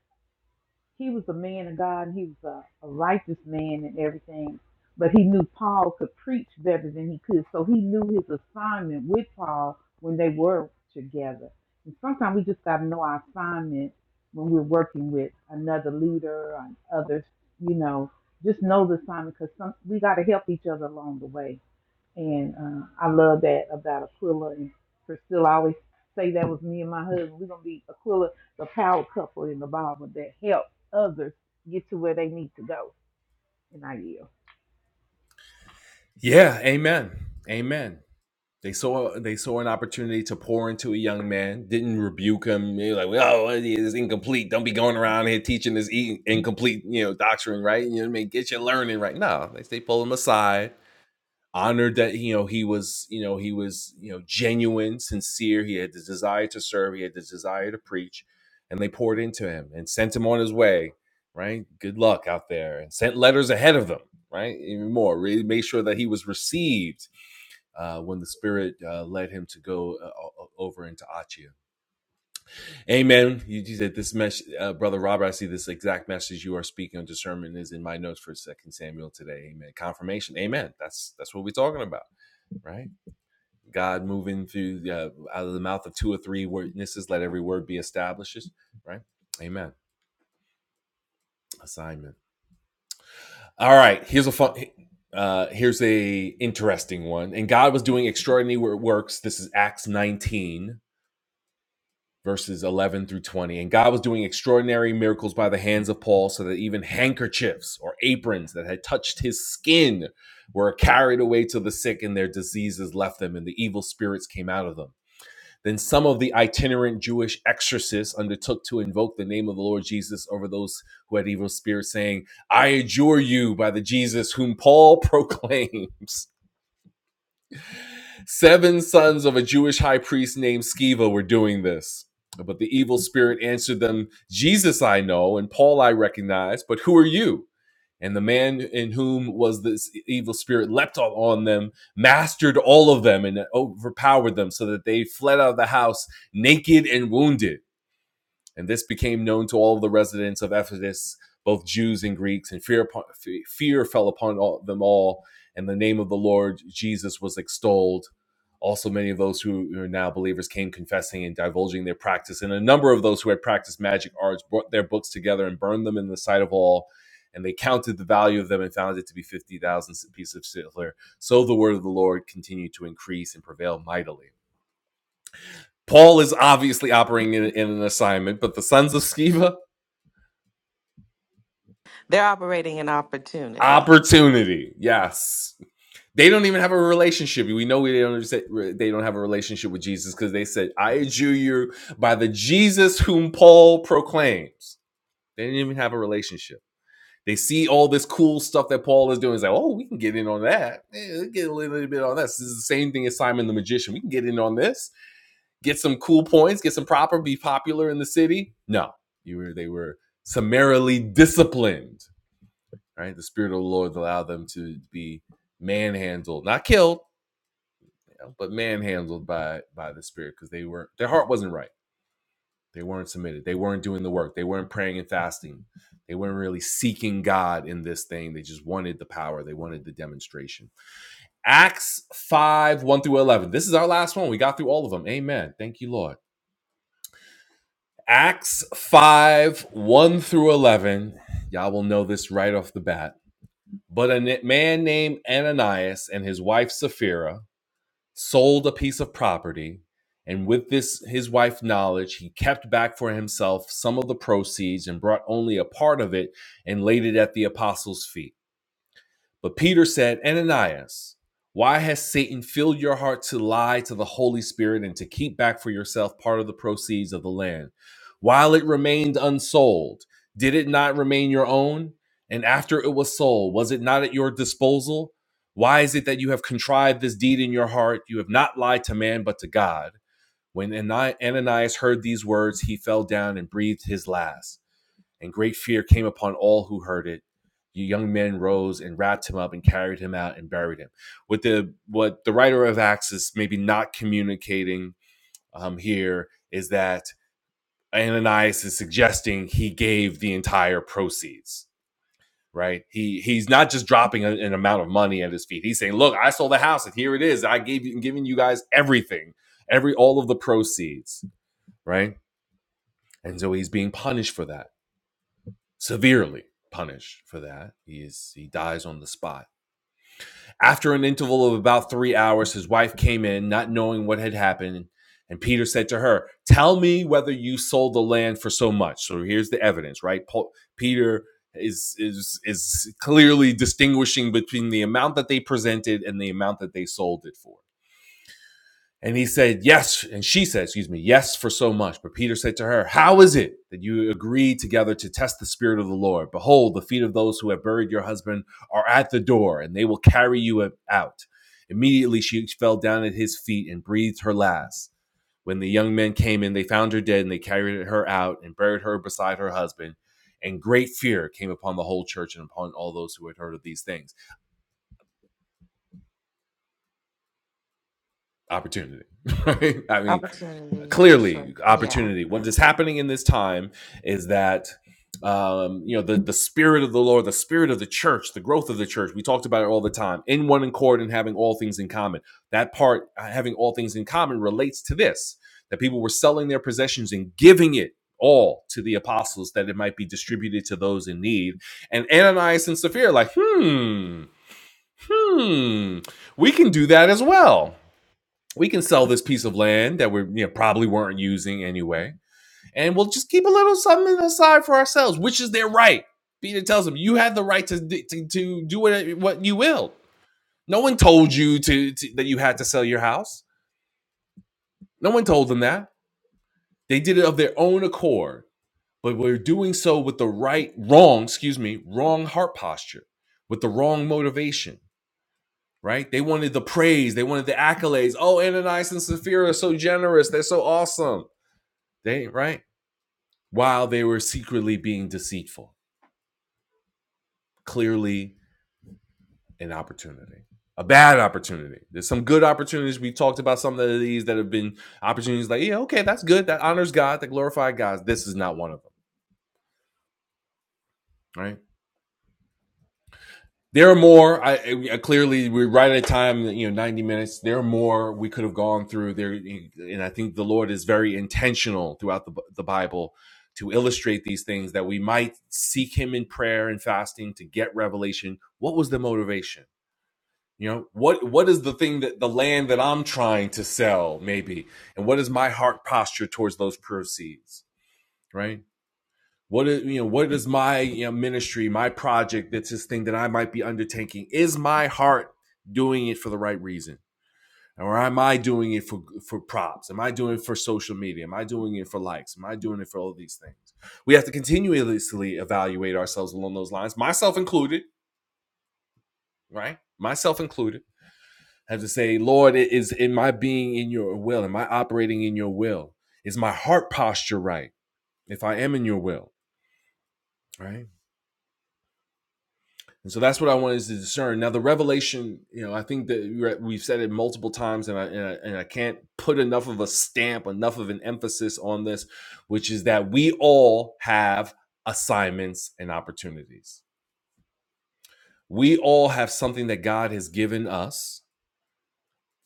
[SPEAKER 5] he was a man of God and he was a, a righteous man and everything. But he knew Paul could preach better than he could. So he knew his assignment with Paul when they were together. And sometimes we just got to know our assignment when we're working with another leader or others, you know, just know the assignment because we got to help each other along the way and uh, I love that about Aquila and Priscilla. I always say that was me and my husband. We're going to be Aquila, the power couple in the Bible that help others get to where they need to go. And I yield.
[SPEAKER 1] yeah. Amen. Amen. They saw they saw an opportunity to pour into a young man. Didn't rebuke him. They were like, "Oh, it's incomplete. Don't be going around here teaching this e- incomplete, you know, doctrine, right? You know what I mean? Get your learning right." No, they they pull him aside honored that you know he was you know he was you know genuine sincere he had the desire to serve he had the desire to preach and they poured into him and sent him on his way right good luck out there and sent letters ahead of them right even more really made sure that he was received uh, when the spirit uh, led him to go uh, over into Achia. Amen. You, you said this message, uh, brother Robert. I see this exact message you are speaking on discernment is in my notes for Second Samuel today. Amen. Confirmation. Amen. That's that's what we're talking about, right? God moving through the, uh, out of the mouth of two or three witnesses, let every word be established. Right? Amen. Assignment. All right. Here's a fun. Uh, here's a interesting one. And God was doing extraordinary works. This is Acts 19 verses 11 through 20. And God was doing extraordinary miracles by the hands of Paul, so that even handkerchiefs or aprons that had touched his skin were carried away to the sick, and their diseases left them, and the evil spirits came out of them. Then some of the itinerant Jewish exorcists undertook to invoke the name of the Lord Jesus over those who had evil spirits, saying, I adjure you by the Jesus whom Paul proclaims. *laughs* Seven sons of a Jewish high priest named Sceva were doing this. But the evil spirit answered them, Jesus I know, and Paul I recognize, but who are you? And the man in whom was this e-, evil spirit leapt on them, mastered all of them, and overpowered them, so that they fled out of the house naked and wounded. And this became known to all the residents of Ephesus, both Jews and Greeks, and fear, upon, fear fell upon all, them all, and the name of the Lord Jesus was extolled. Also, many of those who are now believers came confessing and divulging their practice. And a number of those who had practiced magic arts brought their books together and burned them in the sight of all. And they counted the value of them and found it to be 50,000 pieces of silver. So the word of the Lord continued to increase and prevail mightily. Paul is obviously operating in, in an assignment, but the sons of Sceva,
[SPEAKER 2] they're operating an opportunity.
[SPEAKER 1] opportunity yes they don't even have a relationship we know they don't they don't have a relationship with jesus because they said i adjure you by the jesus whom paul proclaims they didn't even have a relationship they see all this cool stuff that paul is doing it's like oh we can get in on that Eh, get a little bit on this this is the same thing as simon the magician we can get in on this get some cool points get some proper be popular in the city no you were they were summarily disciplined Right? The Spirit of the Lord allowed them to be manhandled, not killed, you know, but manhandled by by the Spirit because they weren't their heart wasn't right. They weren't submitted. They weren't doing the work. They weren't praying and fasting. They weren't really seeking God in this thing. They just wanted the power. They wanted the demonstration. Acts 5, 1 through 11. This is our last one. We got through all of them. Amen. Thank you, Lord. Acts 5, 1 through 11. Y'all will know this right off the bat But a man named Ananias and his wife Sapphira sold a piece of property, and with this his wife's knowledge, he kept back for himself some of the proceeds and brought only a part of it and laid it at the apostles' feet. But Peter said, Ananias, why has Satan filled your heart to lie to the Holy Spirit and to keep back for yourself part of the proceeds of the land? While it remained unsold, did it not remain your own? And after it was sold, was it not at your disposal? Why is it that you have contrived this deed in your heart? You have not lied to man, but to God. When Ananias heard these words, he fell down and breathed his last and great fear came upon all who heard it. The young men rose and wrapped him up and carried him out and buried him. What the what the writer of Acts is maybe not communicating um, here is that Ananias is suggesting he gave the entire proceeds. Right? He he's not just dropping a- an amount of money at his feet. He's saying, "Look, I sold the house, and here it is. I gave you, giving you guys everything, every all of the proceeds." Right? And so he's being punished for that. severely punished for that. He is he dies on the spot. After an interval of about 3 hours his wife came in not knowing what had happened and Peter said to her, "Tell me whether you sold the land for so much." So here's the evidence, right? Paul, Peter is is is clearly distinguishing between the amount that they presented and the amount that they sold it for. And he said, Yes. And she said, Excuse me, yes for so much. But Peter said to her, How is it that you agree together to test the Spirit of the Lord? Behold, the feet of those who have buried your husband are at the door, and they will carry you out. Immediately she fell down at his feet and breathed her last. When the young men came in, they found her dead, and they carried her out and buried her beside her husband. And great fear came upon the whole church and upon all those who had heard of these things. Opportunity. *laughs* Right? I mean,
[SPEAKER 2] Opportunity for sure.
[SPEAKER 1] clearly
[SPEAKER 2] Yeah.
[SPEAKER 1] opportunity. What is happening in this time is that um, you know the the spirit of the Lord, the spirit of the church, the growth of the church. We talked about it all the time. In one accord and having all things in common. That part, uh, having all things in common, relates to this that people were selling their possessions and giving it all to the apostles that it might be distributed to those in need. And Ananias and Sapphira, like, hmm, hmm, we can do that as well we can sell this piece of land that we you know, probably weren't using anyway, and we'll just keep a little something aside for ourselves, which is their right. Peter tells them, "You have the right to to, to do what what you will. No one told you to, to that you had to sell your house. No one told them that. They did it of their own accord. But we're doing so with the right wrong, excuse me, wrong heart posture, with the wrong motivation." Right? They wanted the praise. They wanted the accolades. Oh, Ananias and Sapphira are so generous. They're so awesome. They right? while they were secretly being deceitful. Clearly, an opportunity, a bad opportunity. There's some good opportunities. We talked about some of these that have been opportunities like, yeah, okay, that's good. That honors God, that glorifies God. This is not one of them, right? There are more. I, I- clearly we're right at a time. You know, ninety minutes. There are more we could have gone through. There, and I think the Lord is very intentional throughout the the Bible to illustrate these things that we might seek Him in prayer and fasting to get revelation. What was the motivation? You know, what what is the thing that the land that I'm trying to sell, maybe? And what is my heart posture towards those proceeds? Right? What is you know, what is my you know, ministry, my project that's this thing that I might be undertaking? Is my heart doing it for the right reason? Or am I doing it for for props? Am I doing it for social media? Am I doing it for likes? Am I doing it for all of these things? We have to continuously evaluate ourselves along those lines, myself included, right? Myself included I have to say, Lord, is am I being in your will? Am I operating in your will? Is my heart posture right? If I am in your will, right? And so that's what I wanted to discern. Now, the revelation, you know, I think that we we've said it multiple times, and I, and I and I can't put enough of a stamp, enough of an emphasis on this, which is that we all have assignments and opportunities. We all have something that God has given us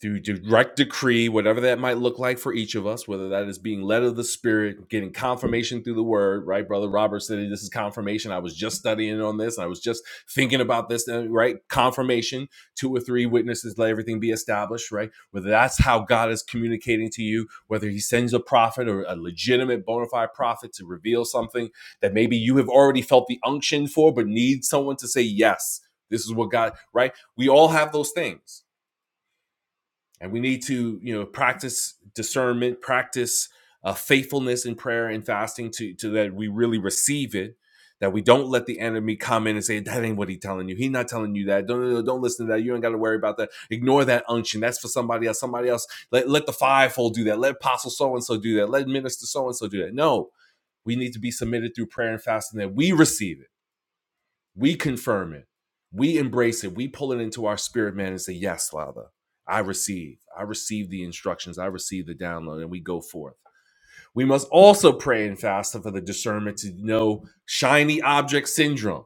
[SPEAKER 1] through direct decree, whatever that might look like for each of us, whether that is being led of the Spirit, getting confirmation through the Word, right? Brother Robert said, This is confirmation. I was just studying on this and I was just thinking about this, uh, right? Confirmation, two or three witnesses, let everything be established, right? Whether that's how God is communicating to you, whether He sends a prophet or a legitimate bona fide prophet to reveal something that maybe you have already felt the unction for, but need someone to say, Yes, this is what God, right? We all have those things and we need to you know practice discernment practice uh, faithfulness in prayer and fasting to, to that we really receive it that we don't let the enemy come in and say that ain't what he's telling you He's not telling you that don't no, no, don't listen to that you ain't got to worry about that ignore that unction that's for somebody else somebody else let, let the fivefold do that let apostle so and so do that let minister so and so do that no we need to be submitted through prayer and fasting that we receive it we confirm it. We embrace it. We pull it into our spirit, man, and say, Yes, Father, I receive. I receive the instructions. I receive the download, and we go forth. We must also pray and fast for the discernment to know shiny object syndrome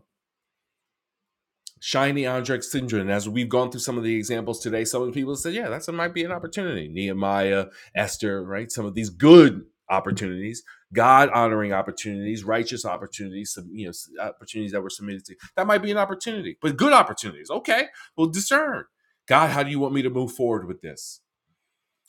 [SPEAKER 1] shiny Andrei syndrome. And as we've gone through some of the examples today, some of the people said, yeah, that might be an opportunity. Nehemiah, Esther, right? Some of these good opportunities, God honoring opportunities, righteous opportunities, some, you know, opportunities that were submitted to. That might be an opportunity, but good opportunities. Okay, we'll discern. God, how do you want me to move forward with this?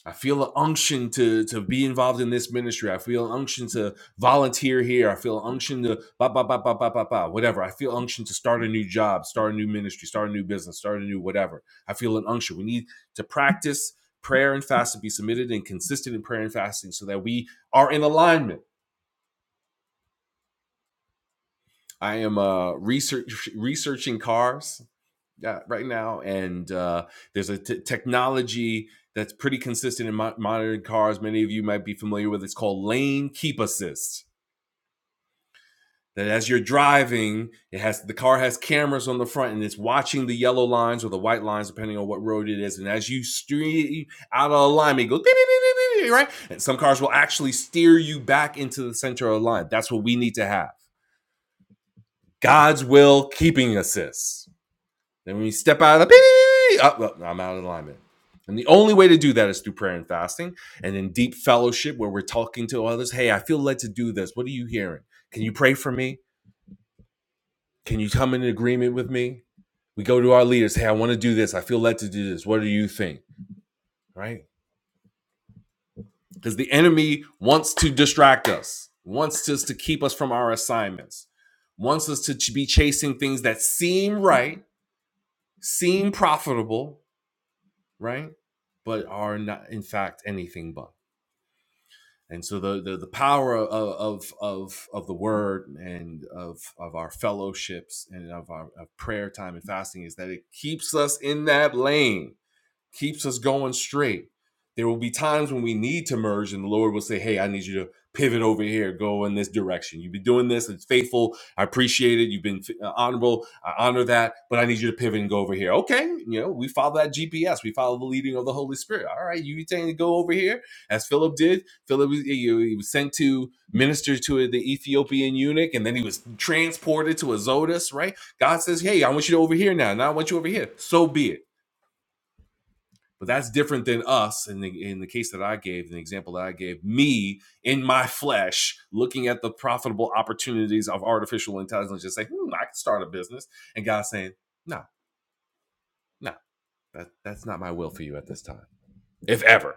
[SPEAKER 1] I feel an unction to to be involved in this ministry. I feel an unction to volunteer here. I feel an unction to ba ba ba ba ba ba ba whatever. I feel unction to start a new job, start a new ministry, start a new business, start a new whatever. I feel an unction. We need to practice prayer and fasting, be submitted and consistent in prayer and fasting, so that we are in alignment. I am uh, research researching cars. uh, right now, and uh, there's a t- technology that's pretty consistent in mo- modern cars. Many of you might be familiar with. It's called lane keep assist. That as you're driving, it has the car has cameras on the front and it's watching the yellow lines or the white lines, depending on what road it is. And as you steer out of alignment, it goes beep, beep, beep, beep, beep, right. And some cars will actually steer you back into the center of the line. That's what we need to have. God's will keeping assist Then when you step out of the up, up, I'm out of alignment. And the only way to do that is through prayer and fasting and in deep fellowship where we're talking to others. Hey, I feel led to do this. What are you hearing? Can you pray for me? Can you come in agreement with me? We go to our leaders. Hey, I want to do this. I feel led to do this. What do you think? Right? Because the enemy wants to distract us, wants us to keep us from our assignments, wants us to be chasing things that seem right, seem profitable, right? But are not in fact anything but. And so the the, the power of, of of of the word and of of our fellowships and of our of prayer time and fasting is that it keeps us in that lane keeps us going straight. There will be times when we need to merge, and the Lord will say, Hey, I need you to pivot over here, go in this direction. You've been doing this, it's faithful. I appreciate it. You've been uh, honorable. I honor that, but I need you to pivot and go over here. Okay, you know, we follow that GPS, we follow the leading of the Holy Spirit. All right, you saying to go over here, as Philip did. Philip was, he was sent to minister to the Ethiopian eunuch, and then he was transported to Azotus, right? God says, Hey, I want you to over here now. Now I want you over here. So be it but that's different than us in the in the case that I gave, the example that I gave, me in my flesh looking at the profitable opportunities of artificial intelligence just saying, hmm, I can start a business. And God saying, No, no, that, that's not my will for you at this time, if ever.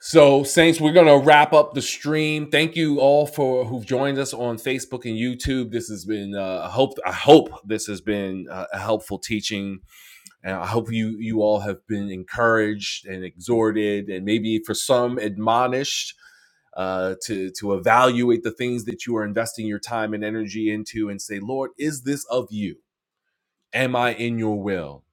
[SPEAKER 1] So, Saints, we're going to wrap up the stream. Thank you all for who've joined us on Facebook and YouTube. This has been, uh, I hope, I hope this has been uh, a helpful teaching And I hope you you all have been encouraged and exhorted, and maybe for some admonished uh, to to evaluate the things that you are investing your time and energy into, and say, Lord, is this of you? Am I in your will?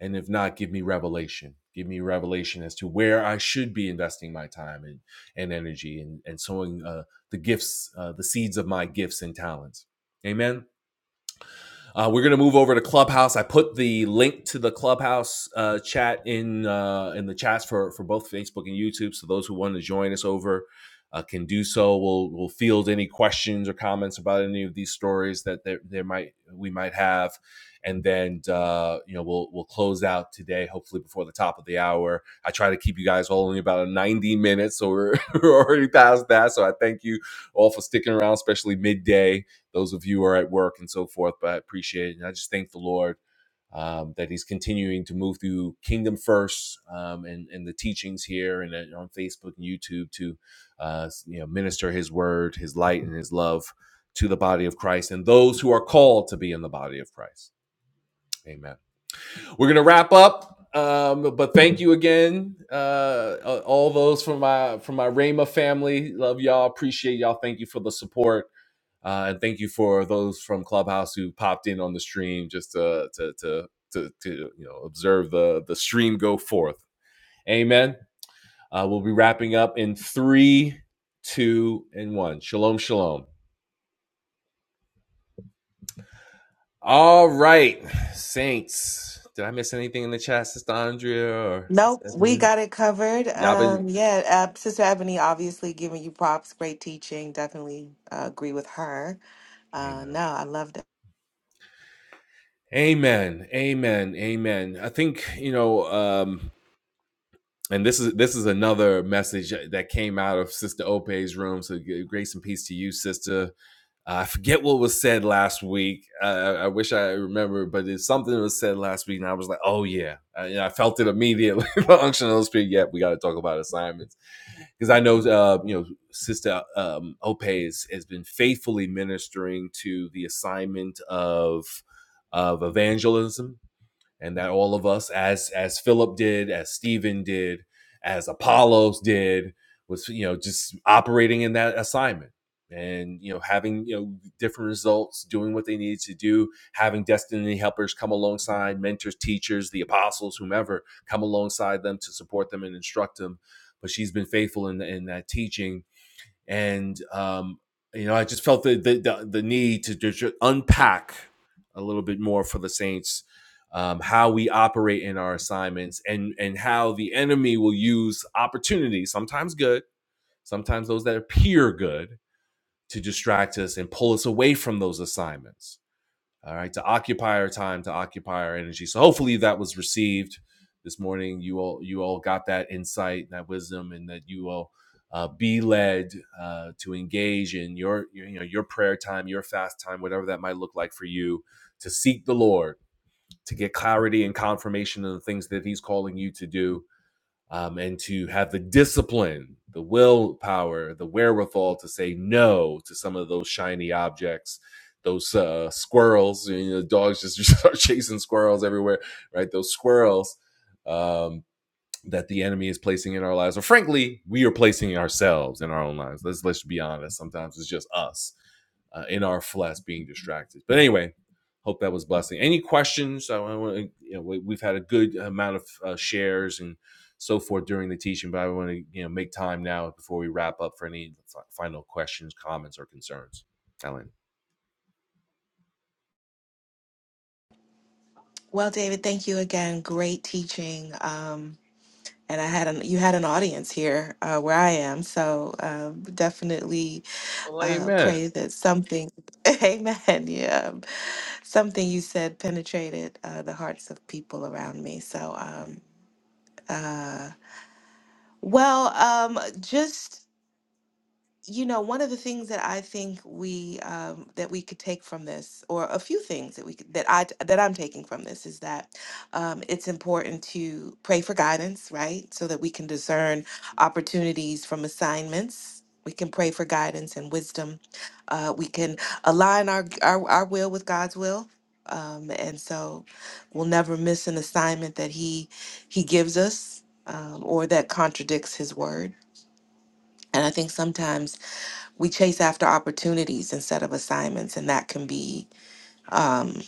[SPEAKER 1] And if not, give me revelation. Give me revelation as to where I should be investing my time and, and energy and, and sowing uh, the gifts, uh, the seeds of my gifts and talents. Amen. Uh, we're gonna move over to Clubhouse. I put the link to the Clubhouse uh, chat in uh, in the chats for for both Facebook and YouTube. So those who want to join us over uh, can do so. We'll we'll field any questions or comments about any of these stories that there, there might we might have, and then uh, you know we'll we'll close out today. Hopefully before the top of the hour. I try to keep you guys all only about ninety minutes, so we're *laughs* we're already past that. So I thank you all for sticking around, especially midday those of you who are at work and so forth. But I appreciate it. And I just thank the Lord um, that He's continuing to move through Kingdom First um, and, and the teachings here and then on Facebook and YouTube to uh, you know minister His word, His light, and His love to the body of Christ and those who are called to be in the body of Christ. Amen. We're gonna wrap up. Um, but thank you again, uh, all those from my from my Rama family. Love y'all. Appreciate y'all. Thank you for the support uh, and thank you for those from Clubhouse who popped in on the stream just to to to to, to you know observe the the stream go forth. Amen. Uh, we'll be wrapping up in three, two, and one. Shalom, shalom. All right, saints. Did I miss anything in the chat, Sister Andrea or
[SPEAKER 2] Nope,
[SPEAKER 1] Sister
[SPEAKER 2] we
[SPEAKER 1] Ebony?
[SPEAKER 2] got it covered.
[SPEAKER 1] Y'all been.
[SPEAKER 2] Um, yeah, uh, Sister Ebony, obviously giving you props. Great teaching. Definitely uh, agree with her. Uh,
[SPEAKER 1] Amen.
[SPEAKER 2] no, I loved it.
[SPEAKER 1] Amen. Amen. Amen. I think you know. Um, and this is this is another message that came out of Sister Ope's room. So grace and peace to you, Sister. Uh, I forget what was said last week. Uh, I wish I remember, but it's something that was said last week, and I was like, "Oh yeah," I, you know, I felt it immediately. *laughs* the unction of the Spirit. Yep, we got to talk about assignments because I know uh, you know Sister um, Ope has, has been faithfully ministering to the assignment of of evangelism and that all of us as as philip did as stephen did as apollos did was you know just operating in that assignment and you know having you know different results doing what they needed to do having destiny helpers come alongside mentors teachers the apostles whomever come alongside them to support them and instruct them but she's been faithful in, in that teaching and um, you know, I just felt the the, the, the need to just unpack a little bit more for the Saints um, how we operate in our assignments and and how the enemy will use opportunities, sometimes good, sometimes those that appear good, to distract us and pull us away from those assignments all right to occupy our time to occupy our energy so hopefully that was received this morning you all you all got that insight and that wisdom and that you all uh, be led uh, to engage in your, your you know your prayer time your fast time whatever that might look like for you to seek the lord to get clarity and confirmation of the things that he's calling you to do um, and to have the discipline, the willpower, the wherewithal to say no to some of those shiny objects, those uh, squirrels. You know, dogs just, *laughs* just start chasing squirrels everywhere, right? Those squirrels. Um, that the enemy is placing in our lives, or frankly, we are placing ourselves in our own lives. Let's let's be honest. Sometimes it's just us uh, in our flesh being distracted. But anyway, hope that was blessing. Any questions? I want to, you know, we- have had a good amount of uh, shares and so forth during the teaching, but I want to you know make time now before we wrap up for any final questions, comments, or concerns. Ellen.
[SPEAKER 2] Well, David, thank you again. Great teaching. Um, and I had an you had an audience here uh, where I am, so uh, definitely
[SPEAKER 1] Well,
[SPEAKER 2] uh,
[SPEAKER 1] amen.
[SPEAKER 2] pray that something, *laughs* amen, yeah, um, something you said penetrated uh, the hearts of people around me. So, um, uh, well, um, just you know, one of the things that I think we um, that we could take from this, or a few things that we could, that I that I'm taking from this, is that um, it's important to pray for guidance, right? So that we can discern opportunities from assignments. We can pray for guidance and wisdom. Uh, we can align our, our our will with God's will, um, and so we'll never miss an assignment that He He gives us um, or that contradicts His word. And I think sometimes we chase after opportunities instead of assignments, and that can be, um,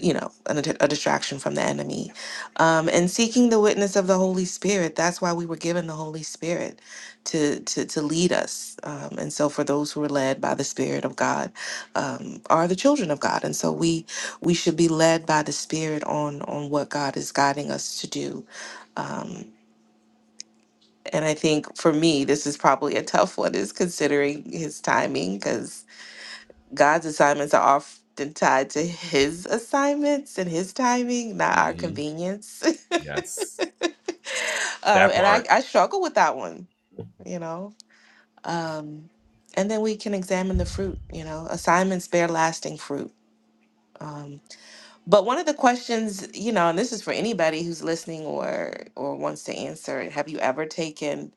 [SPEAKER 2] you know, an, a distraction from the enemy. Um, and seeking the witness of the Holy Spirit. That's why we were given the Holy Spirit to to, to lead us. Um, and so, for those who are led by the Spirit of God, um, are the children of God. And so, we we should be led by the Spirit on on what God is guiding us to do. Um, and I think for me, this is probably a tough one, is considering his timing, because God's assignments are often tied to his assignments and his timing, not our
[SPEAKER 1] hmm
[SPEAKER 2] convenience. *laughs*
[SPEAKER 1] Yes,
[SPEAKER 2] um,
[SPEAKER 1] that
[SPEAKER 2] and I,
[SPEAKER 1] part.
[SPEAKER 2] I struggle with that one, you know. Um, and then we can examine the fruit, you know. Assignments bear lasting fruit. Um, but one of the questions, you know, and this is for anybody who's listening or or wants to answer, it, have you ever taken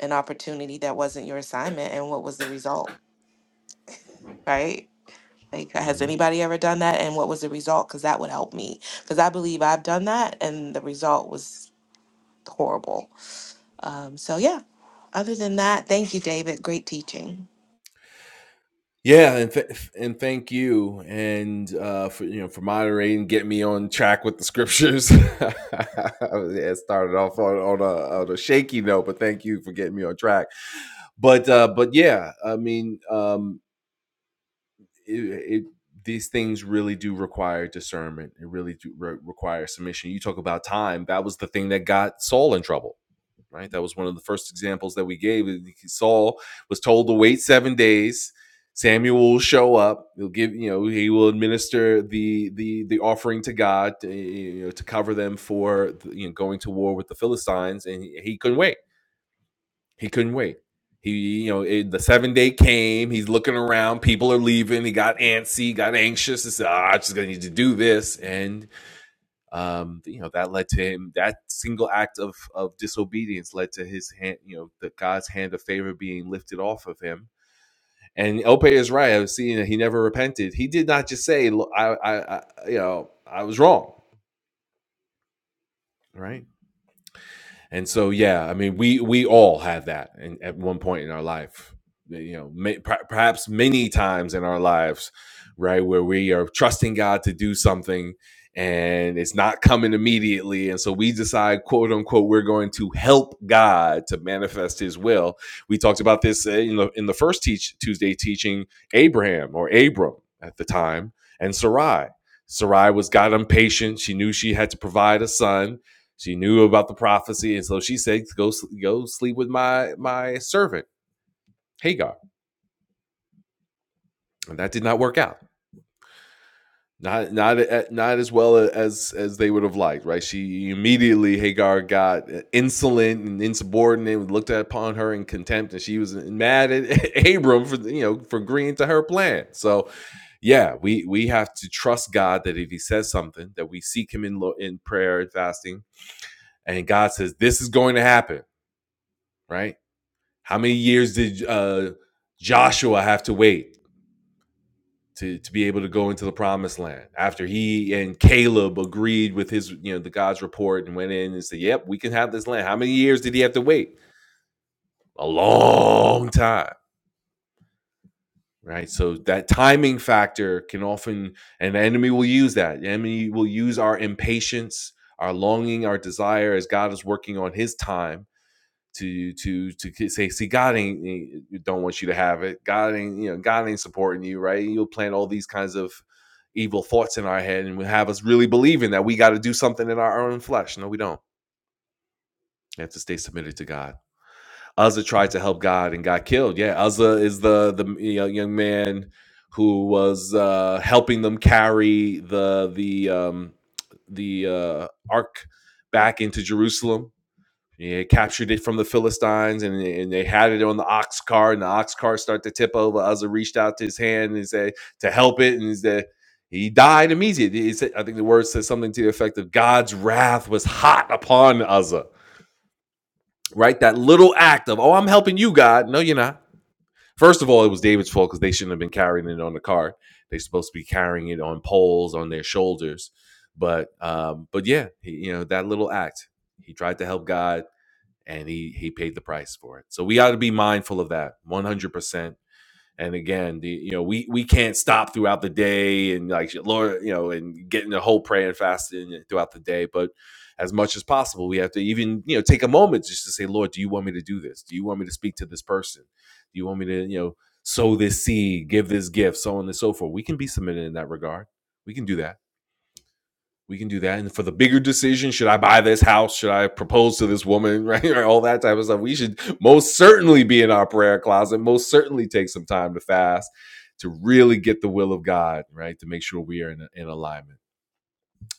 [SPEAKER 2] an opportunity that wasn't your assignment and what was the result? Right? Like, has
[SPEAKER 1] Mm-hmm.
[SPEAKER 2] anybody ever done that? And what was the result? Because that would help me. Because I believe I've done that, and the result was horrible. Um, so, yeah, other than that, thank you, David. Great teaching.
[SPEAKER 1] Yeah, and th- and thank you, and uh, for you know for moderating, get me on track with the scriptures. *laughs* yeah, it started off on on a, on a shaky note, but thank you for getting me on track. But uh, but yeah, I mean, um, it, it, these things really do require discernment. It really do re- require submission. You talk about time; that was the thing that got Saul in trouble right? That was one of the first examples that we gave. Saul was told to wait seven days. Samuel will show up. He'll give, you know, he will administer the the the offering to God, eh, you know, to cover them for you know going to war with the Philistines, and he, he couldn't wait. He couldn't wait. He, you know, it, the seven day came. He's looking around. People are leaving. He got antsy, got anxious. He said, "Ah, I just gonna need to do this," and um, you know that led to him that single act of of disobedience led to his hand you know the god's hand of favor being lifted off of him and ope is right i was seeing that he never repented he did not just say i i, I you know i was wrong right And so, yeah, I mean, we we all have that in, at one point in our life, you know, may, per- perhaps many times in our lives, right, where we are trusting God to do something and it's not coming immediately and so we decide quote unquote we're going to help god to manifest his will we talked about this uh, in the, in the first teach tuesday teaching abraham or abram at the time and sarai sarai was god impatient she knew she had to provide a son she knew about the prophecy, and so she said, "Go, go sleep with my my servant Hagar." And that did not work out. Not not not as well as as they would have liked, right? She immediately Hagar got uh, insolent and insubordinate, and looked upon her in contempt, and she was mad at *laughs* Abram for you know for agreeing to her plan. So yeah, we we have to trust God that if He says something, that we seek Him in in prayer and fasting, and God says this is going to happen, right? How many years did uh, Joshua have to wait to, to be able to go into the promised land after he and Caleb agreed with his, you know, the God's report and went in and said, yep, we can have this land? How many years did he have to wait? A long time, right? So that timing factor can often, and the enemy will use that. The enemy will use our impatience, our longing, our desire as God is working on his time to to to say, see, God ain't don't want you to have it. God ain't you know God ain't supporting you, right? You'll plant all these kinds of evil thoughts in our head and will have us really believing that we got to do something in our own flesh. No, we don't. We have to stay submitted to God. Uzzah tried to help God and got killed. Yeah, Uzzah is the the you know, young man who was uh, helping them carry the the um, the uh, ark back into Jerusalem he captured it from the Philistines, and, and they had it on the ox cart, and the ox cart started to tip over. Uzzah reached out to his hand and said to help it, and he said he died immediately. He said, I think the word says something to the effect of God's wrath was hot upon Uzzah. Right, that little act of oh, I'm helping you, God. No, you're not. First of all, it was David's fault because they shouldn't have been carrying it on the cart. They're supposed to be carrying it on poles on their shoulders. But um, but yeah, he, you know that little act. He tried to help God and he he paid the price for it. So we ought to be mindful of that 100%. And again, the, you know, we we can't stop throughout the day and like Lord, you know, and getting the whole prayer and fasting uh, throughout the day, but as much as possible, we have to even, you know, take a moment just to say, Lord, do you want me to do this? Do you want me to speak to this person? Do you want me to, you know, sow this seed, give this gift, so on and so forth? We can be submitted in that regard. We can do that we can do that. And for the bigger decision, should I buy this house? Should I propose to this woman? Right? *laughs* all that type of stuff. We should most certainly be in our prayer closet, most certainly take some time to fast to really get the will of God, right? To make sure we are in, in alignment.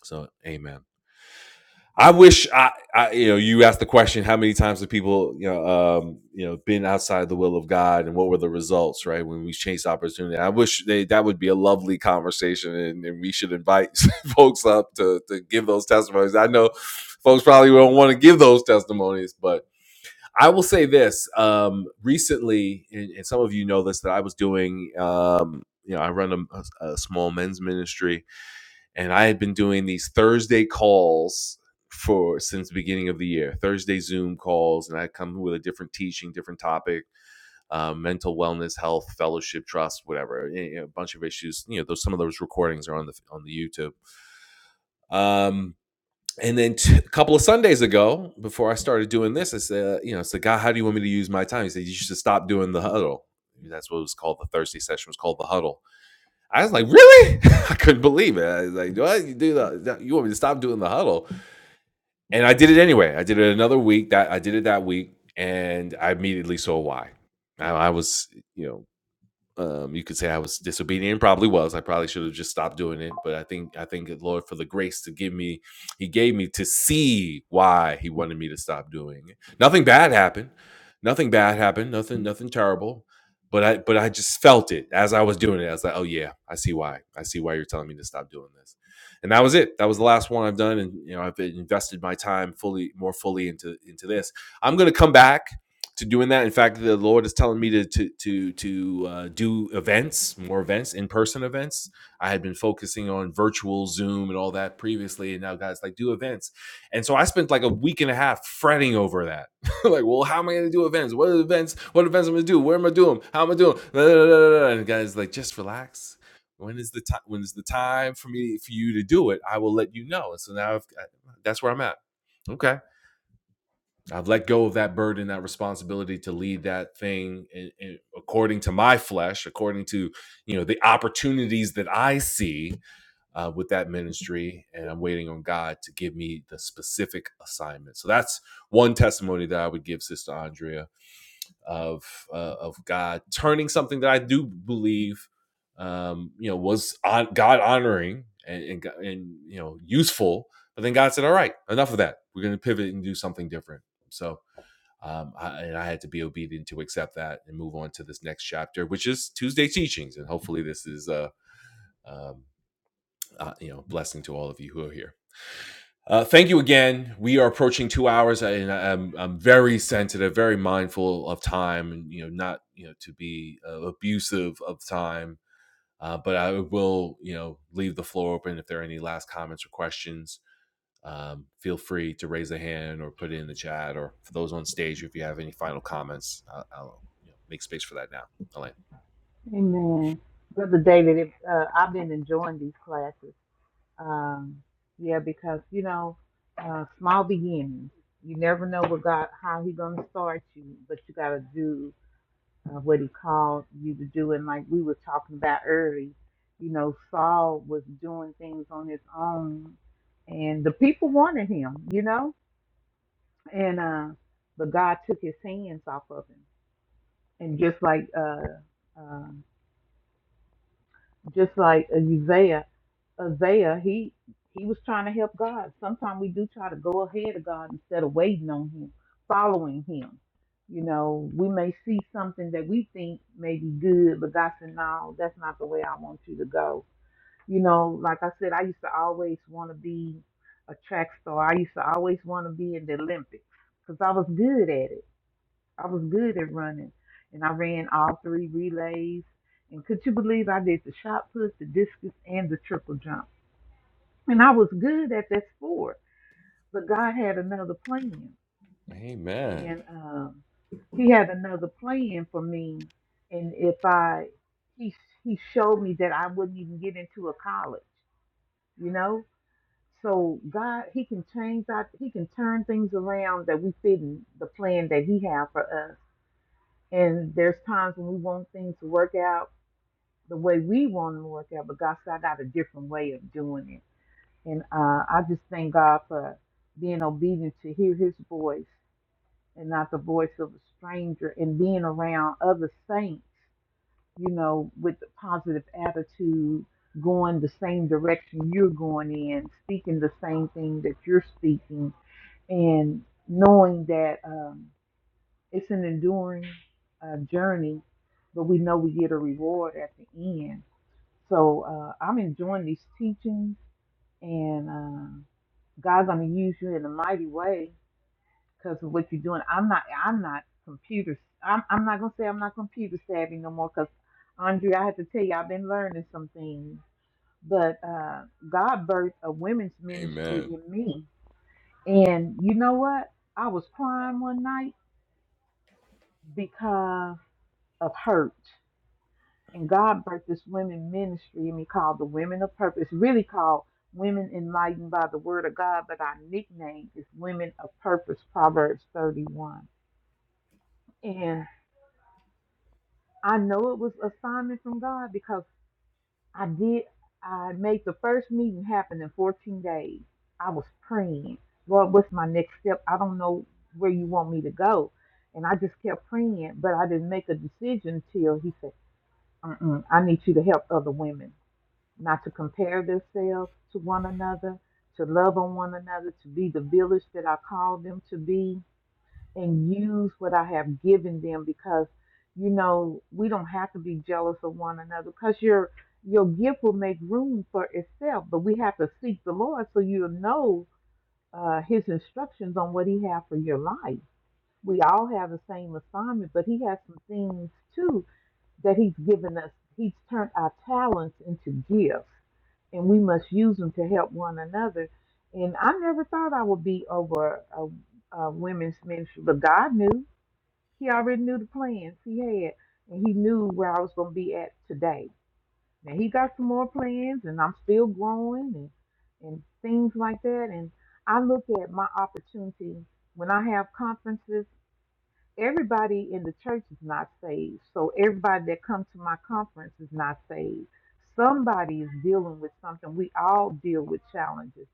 [SPEAKER 1] So, amen. I wish I, I, you know, you asked the question: How many times have people, you know, um, you know, been outside the will of God, and what were the results? Right when we chase opportunity, I wish they, that would be a lovely conversation, and, and we should invite *laughs* folks up to to give those testimonies. I know folks probably don't want to give those testimonies, but I will say this: um, recently, and, and some of you know this, that I was doing, um, you know, I run a, a small men's ministry, and I had been doing these Thursday calls for since the beginning of the year. Thursday Zoom calls, and I come with a different teaching, different topic, uh, mental wellness, health, fellowship, trust, whatever, you know, a bunch of issues. You know, those some of those recordings are on the on the YouTube. Um, and then t- a couple of Sundays ago, before I started doing this, I said, you know, I said, God, how do you want me to use my time? He said, you should stop doing the huddle. That's what it was called. The Thursday session was called the huddle. I was like, really? *laughs* I couldn't believe it. I was like, what you do the? You want me to stop doing the huddle? And I did it anyway. I did it another week. That I did it that week, and I immediately saw why. I, I was, you know, um, you could say I was disobedient. and Probably was. I probably should have just stopped doing it. But I think I thank the Lord for the grace to give me. He gave me to see why He wanted me to stop doing it. Nothing bad happened. Nothing bad happened. Nothing. Nothing terrible. But I. But I just felt it as I was doing it. I was like, Oh yeah, I see why. I see why you're telling me to stop doing this. And that was it. That was the last one I've done. And you know, I've invested my time fully, more fully into into this. I'm gonna come back to doing that. In fact, the Lord is telling me to to to to uh, do events, more events, in person events. I had been focusing on virtual Zoom and all that previously, and now guys like do events. And so I spent like a week and a half fretting over that. *laughs* like, well, how am I going to do events? What are the events? What events am i going to do? Where am I doing? How am I doing? Blah, blah, blah, blah. And guys like just relax. When is the time? When is the time for me for you to do it? I will let you know. And so now I've, that's where I'm at. Okay I've let go of that burden, that responsibility to lead that thing in, in- according to my flesh, according to you know the opportunities that I see uh, with that ministry, and I'm waiting on God to give me the specific assignment. So that's one testimony that I would give Sister Andrea of uh, of God turning something that I do believe um, you know was on, God honoring and, and and you know useful, but then God said, "All right, enough of that. We're going to pivot and do something different." So um, I, and I had to be obedient to accept that and move on to this next chapter, which is Tuesday teachings. And hopefully, this is a um, uh, you know blessing to all of you who are here. Uh, thank you again. We are approaching two hours, uh, and I- I'm, I'm very sensitive, very mindful of time, and you know, not you know to be uh, abusive of time. Uh, but I will, you know, leave the floor open if there are any last comments or questions um, feel free to raise a hand or put it in the chat or for those on stage if you have any final comments i'll, I'll you know, make space for that now elaine
[SPEAKER 5] Amen. Brother David, if, uh, I've been enjoying these classes. Um, yeah, because, you know, uh, small beginnings. You never know what God, how He going to start you, but you got to do. uh, what he called you to do. And like we were talking about early, you know, Saul was doing things on his own, and the people wanted him, you know, and uh, but God took his hands off of him, and just like uh, uh, just like Uzziah, Isaiah, he he was trying to help God. Sometimes we do try to go ahead of God instead of waiting on Him, following Him. You know, we may see something that we think may be good, but God said, "No, that's not the way I want you to go." You know, like I said, I used to always want to be a track star. I used to always want to be in the Olympics because I was good at it. I was good at running, and I ran all three relays. And could you believe I did the shot put, the discus, and the triple jump? and I was good at that sport, but God had another plan,
[SPEAKER 1] Amen.
[SPEAKER 5] and um, He had another plan for me. And if I, He He showed me that I wouldn't even get into a college, you know. So God, He can change that. He can turn things around that we fit in the plan that He had for us. And there's times when we want things to work out the way we want them to work out, but God said, "I got a different way of doing it." And uh, I just thank God for being obedient to hear his voice and not the voice of a stranger and being around other saints, you know, with a positive attitude, going the same direction you're going in, speaking the same thing that you're speaking, and knowing that um, it's an enduring uh, journey, but we know we get a reward at the end. So uh, I'm enjoying these teachings and uh, God's gonna use you in a mighty way because of what you're doing. I'm not, I'm not computer. I'm, I'm not gonna say I'm not computer savvy no more because Andrea, I have to tell you, I've been learning some things. But uh, God birthed a women's ministry
[SPEAKER 1] Amen.
[SPEAKER 5] in me, and you know what? I was crying one night because of hurt. And God birthed this women ministry, and we called the Women of Purpose, really called Women Enlightened by the Word of God, but our nickname is Women of Purpose, Proverbs 31. And I know it was assignment from God because I did, I made the first meeting happen in 14 days. I was praying, Lord, what's my next step? I don't know where you want me to go. And I just kept praying, but I didn't make a decision until He said, Mm-mm, I need you to help other women. not to compare themselves to one another, to love on one another, to be the village that I called them to be, and use what I have given them because you know we don't have to be jealous of one another because your your gift will make room for itself, but we have to seek the Lord so you'll know uh, His instructions on what He has for your life. We all have the same assignment, but He has some things too that He's given us. He's turned our talents into gifts, and we must use them to help one another. And I never thought I would be over a, a women's ministry, but God knew. He already knew the plans He had, and He knew where I was going to be at today. Now He got some more plans, and I'm still growing and and things like that. And I look at my opportunity when I have conferences everybody in the church is not saved. So everybody that comes to my conference is not saved. Somebody is dealing with something. We all deal with challenges.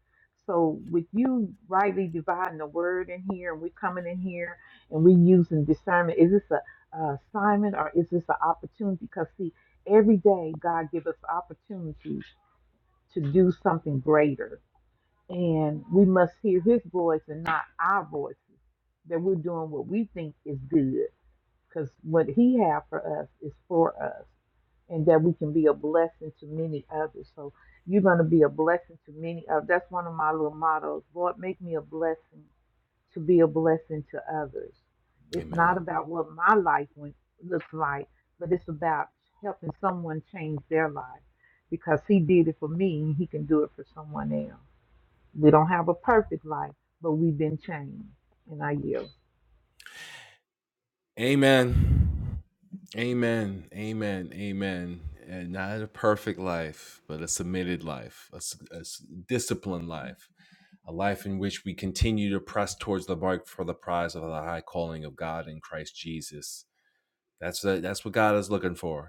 [SPEAKER 5] So with you rightly dividing the word in here, and we coming in here and we using discernment, is this a, a assignment or is this an opportunity? Because see, every day God gives us opportunities to do something greater, and we must hear His voice and not our voices that we're doing what we think is good because what he had for us is for us and that we can be a blessing to many others so you're going to be a blessing to many others that's one of my little mottos lord make me a blessing to be a blessing to others it's not
[SPEAKER 1] amen
[SPEAKER 5] about what my life went, looks like but it's about helping someone change their life because he did it for me and he can do it for someone else we don't have a perfect life but we've been changed and i yield
[SPEAKER 1] amen amen amen amen and not a perfect life but a submitted life a, s- a s- disciplined life a life in which we continue to press towards the mark for the prize of the high calling of god in christ jesus that's the, that's what god is looking for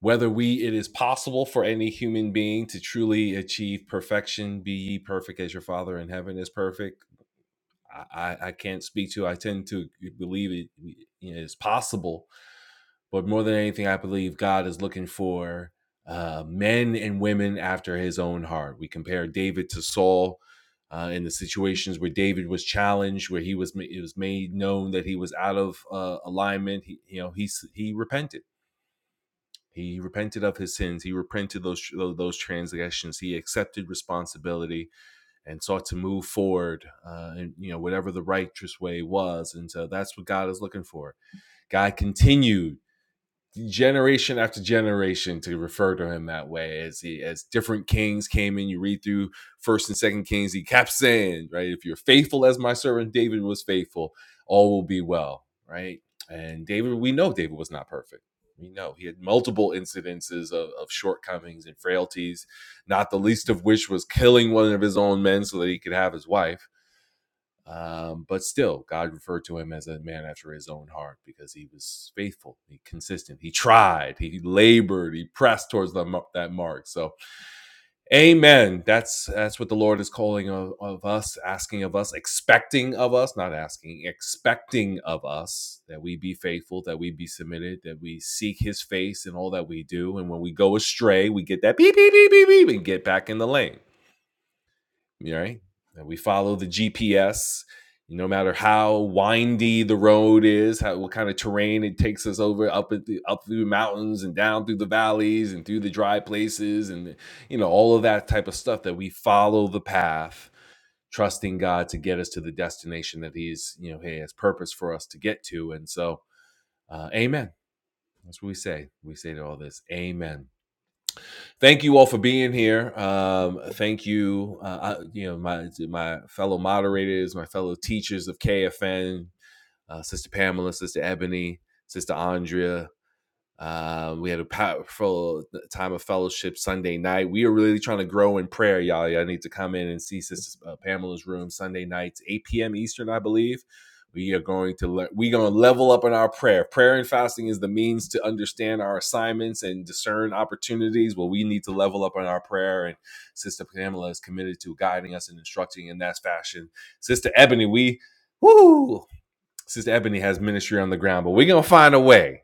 [SPEAKER 1] whether we it is possible for any human being to truly achieve perfection be ye perfect as your father in heaven is perfect i i, I can't speak to i tend to believe it you know, is possible but more than anything i believe god is looking for uh, men and women after his own heart we compare david to saul uh, in the situations where David was challenged, where he was, ma- it was made known that he was out of uh, alignment, he, you know, he he repented he repented of his sins. He repented those those transgressions. He accepted responsibility and sought to move forward, uh, in, you know, whatever the righteous way was. And so that's what God is looking for. God continued generation after generation to refer to him that way as he as different kings came in you read through first and second kings he kept saying right if you're faithful as my servant david was faithful all will be well right and david we know david was not perfect we know he had multiple incidences of, of shortcomings and frailties not the least of which was killing one of his own men so that he could have his wife um, but still, God referred to him as a man after his own heart because he was faithful, he consistent, he tried, he labored, he pressed towards the, that mark. So, Amen. That's that's what the Lord is calling of, of us, asking of us, expecting of us, not asking, expecting of us that we be faithful, that we be submitted, that we seek His face in all that we do, and when we go astray, we get that beep beep beep beep beep and get back in the lane right? we follow the GPS. No matter how windy the road is, how what kind of terrain it takes us over up at the, up through the mountains and down through the valleys and through the dry places and you know all of that type of stuff that we follow the path, trusting God to get us to the destination that He's you know He has purpose for us to get to. And so, uh, Amen. That's what we say. We say to all this, Amen thank you all for being here. Um, thank you, uh, I- you know, my my fellow moderators, my fellow teachers of KFN, uh, Sister Pamela, Sister Ebony, Sister Andrea, um, we had a powerful time of fellowship Sunday night. We are really trying to grow in prayer, y'all. Y'all need to come in and see Sister uh, Pamela's room Sunday nights, 8 p.m. Eastern, I believe. We are going to le- we going to level up in our prayer. Prayer and fasting is the means to understand our assignments and discern opportunities. Well, we need to level up in our prayer, and Sister Pamela is committed to guiding us and instructing in that fashion. Sister Ebony, we woo. Sister Ebony has ministry on the ground, but we're gonna find a way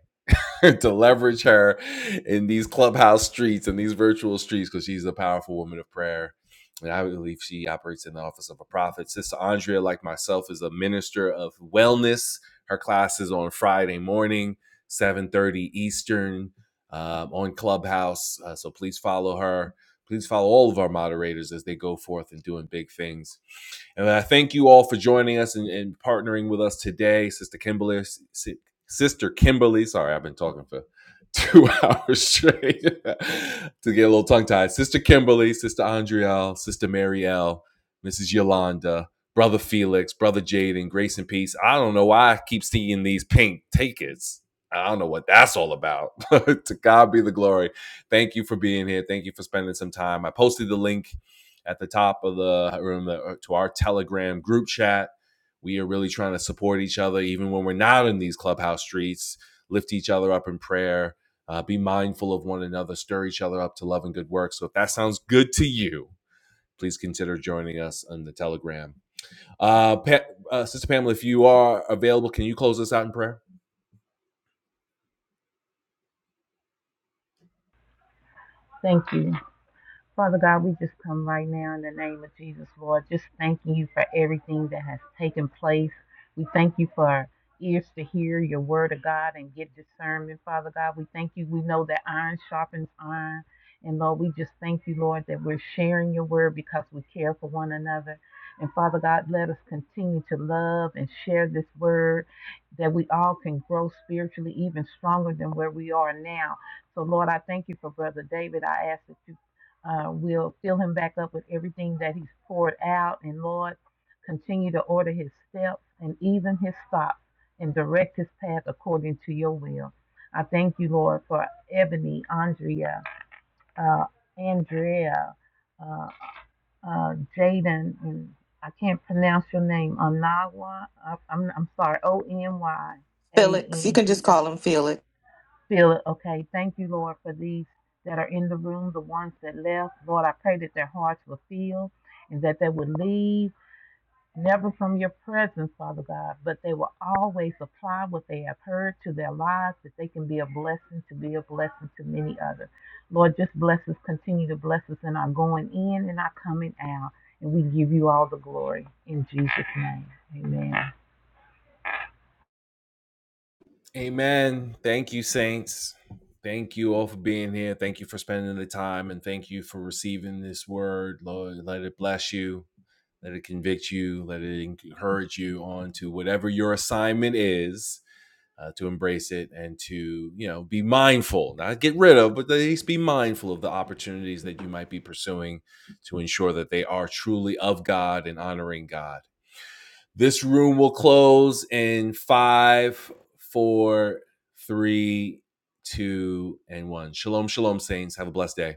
[SPEAKER 1] *laughs* to leverage her in these clubhouse streets and these virtual streets because she's a powerful woman of prayer. And I believe she operates in the office of a prophet. Sister Andrea, like myself, is a minister of wellness. Her class is on Friday morning, 7:30 Eastern, um, on Clubhouse. Uh, so please follow her. Please follow all of our moderators as they go forth and doing big things. And I thank you all for joining us and, and partnering with us today, Sister Kimberly, S- Sister Kimberly, sorry, I've been talking for two *laughs* hours straight *laughs* to get a little tongue tied. Sister Kimberly, Sister Andrielle, Sister Marielle, Mrs. Yolanda, Brother Felix, Brother Jaden, Grace and Peace. I don't know why I keep seeing these pink tickets. I don't know what that's all about. *laughs* to God be the glory. Thank you for being here. Thank you for spending some time. I posted the link at the top of the room to our Telegram group chat we are really trying to support each other, even when we're not in these clubhouse streets, lift each other up in prayer, uh, be mindful of one another, stir each other up to love and good work. So if that sounds good to you, please consider joining us on the Telegram. Uh, pa- uh, Sister Pamela, if you are available, can you close us out in prayer?
[SPEAKER 5] thank you Father God, we just come right now in the name of Jesus, Lord, just thanking you for everything that has taken place. We thank you for our ears to hear your word of God and get discernment, Father God. We thank you. We know that iron sharpens iron. And Lord, we just thank you, Lord, that we're sharing your word because we care for one another. And Father God, let us continue to love and share this word that we all can grow spiritually even stronger than where we are now. So, Lord, I thank you for Brother David. I ask that you uh, we'll fill him back up with everything that he's poured out. And Lord, continue to order his steps and even his stops and direct his path according to your will. I thank you, Lord, for Ebony, Andrea, uh, Andrea, uh, uh, Jaden, and I can't pronounce your name, Onagwa. I- I'm, I'm sorry, O N Y A
[SPEAKER 2] Felix, you
[SPEAKER 5] N
[SPEAKER 2] can just
[SPEAKER 5] G. A.
[SPEAKER 2] call him
[SPEAKER 5] Feel it. Okay. Thank you, Lord, for these that are in the room, the ones that left. Lord, I pray that their hearts will feel and that they would leave never from your presence, Father God, but they will always apply what they have heard to their lives that they can be a blessing to be a blessing to many others. Lord, just bless us, continue to bless us in our going in and our coming out. And we give you all the glory in Jesus' name. Amen.
[SPEAKER 1] Amen. Thank you, saints. Thank you all for being here. Thank you for spending the time and thank you for receiving this word. Lord, let it bless you. Let it convict you. Let it encourage you on to whatever your assignment is uh, to embrace it and to, you know, be mindful, not get rid of, but at least be mindful of the opportunities that you might be pursuing to ensure that they are truly of God and honoring God. This room will close in five, four, three, two, and one. Shalom, shalom, saints. Have a blessed day.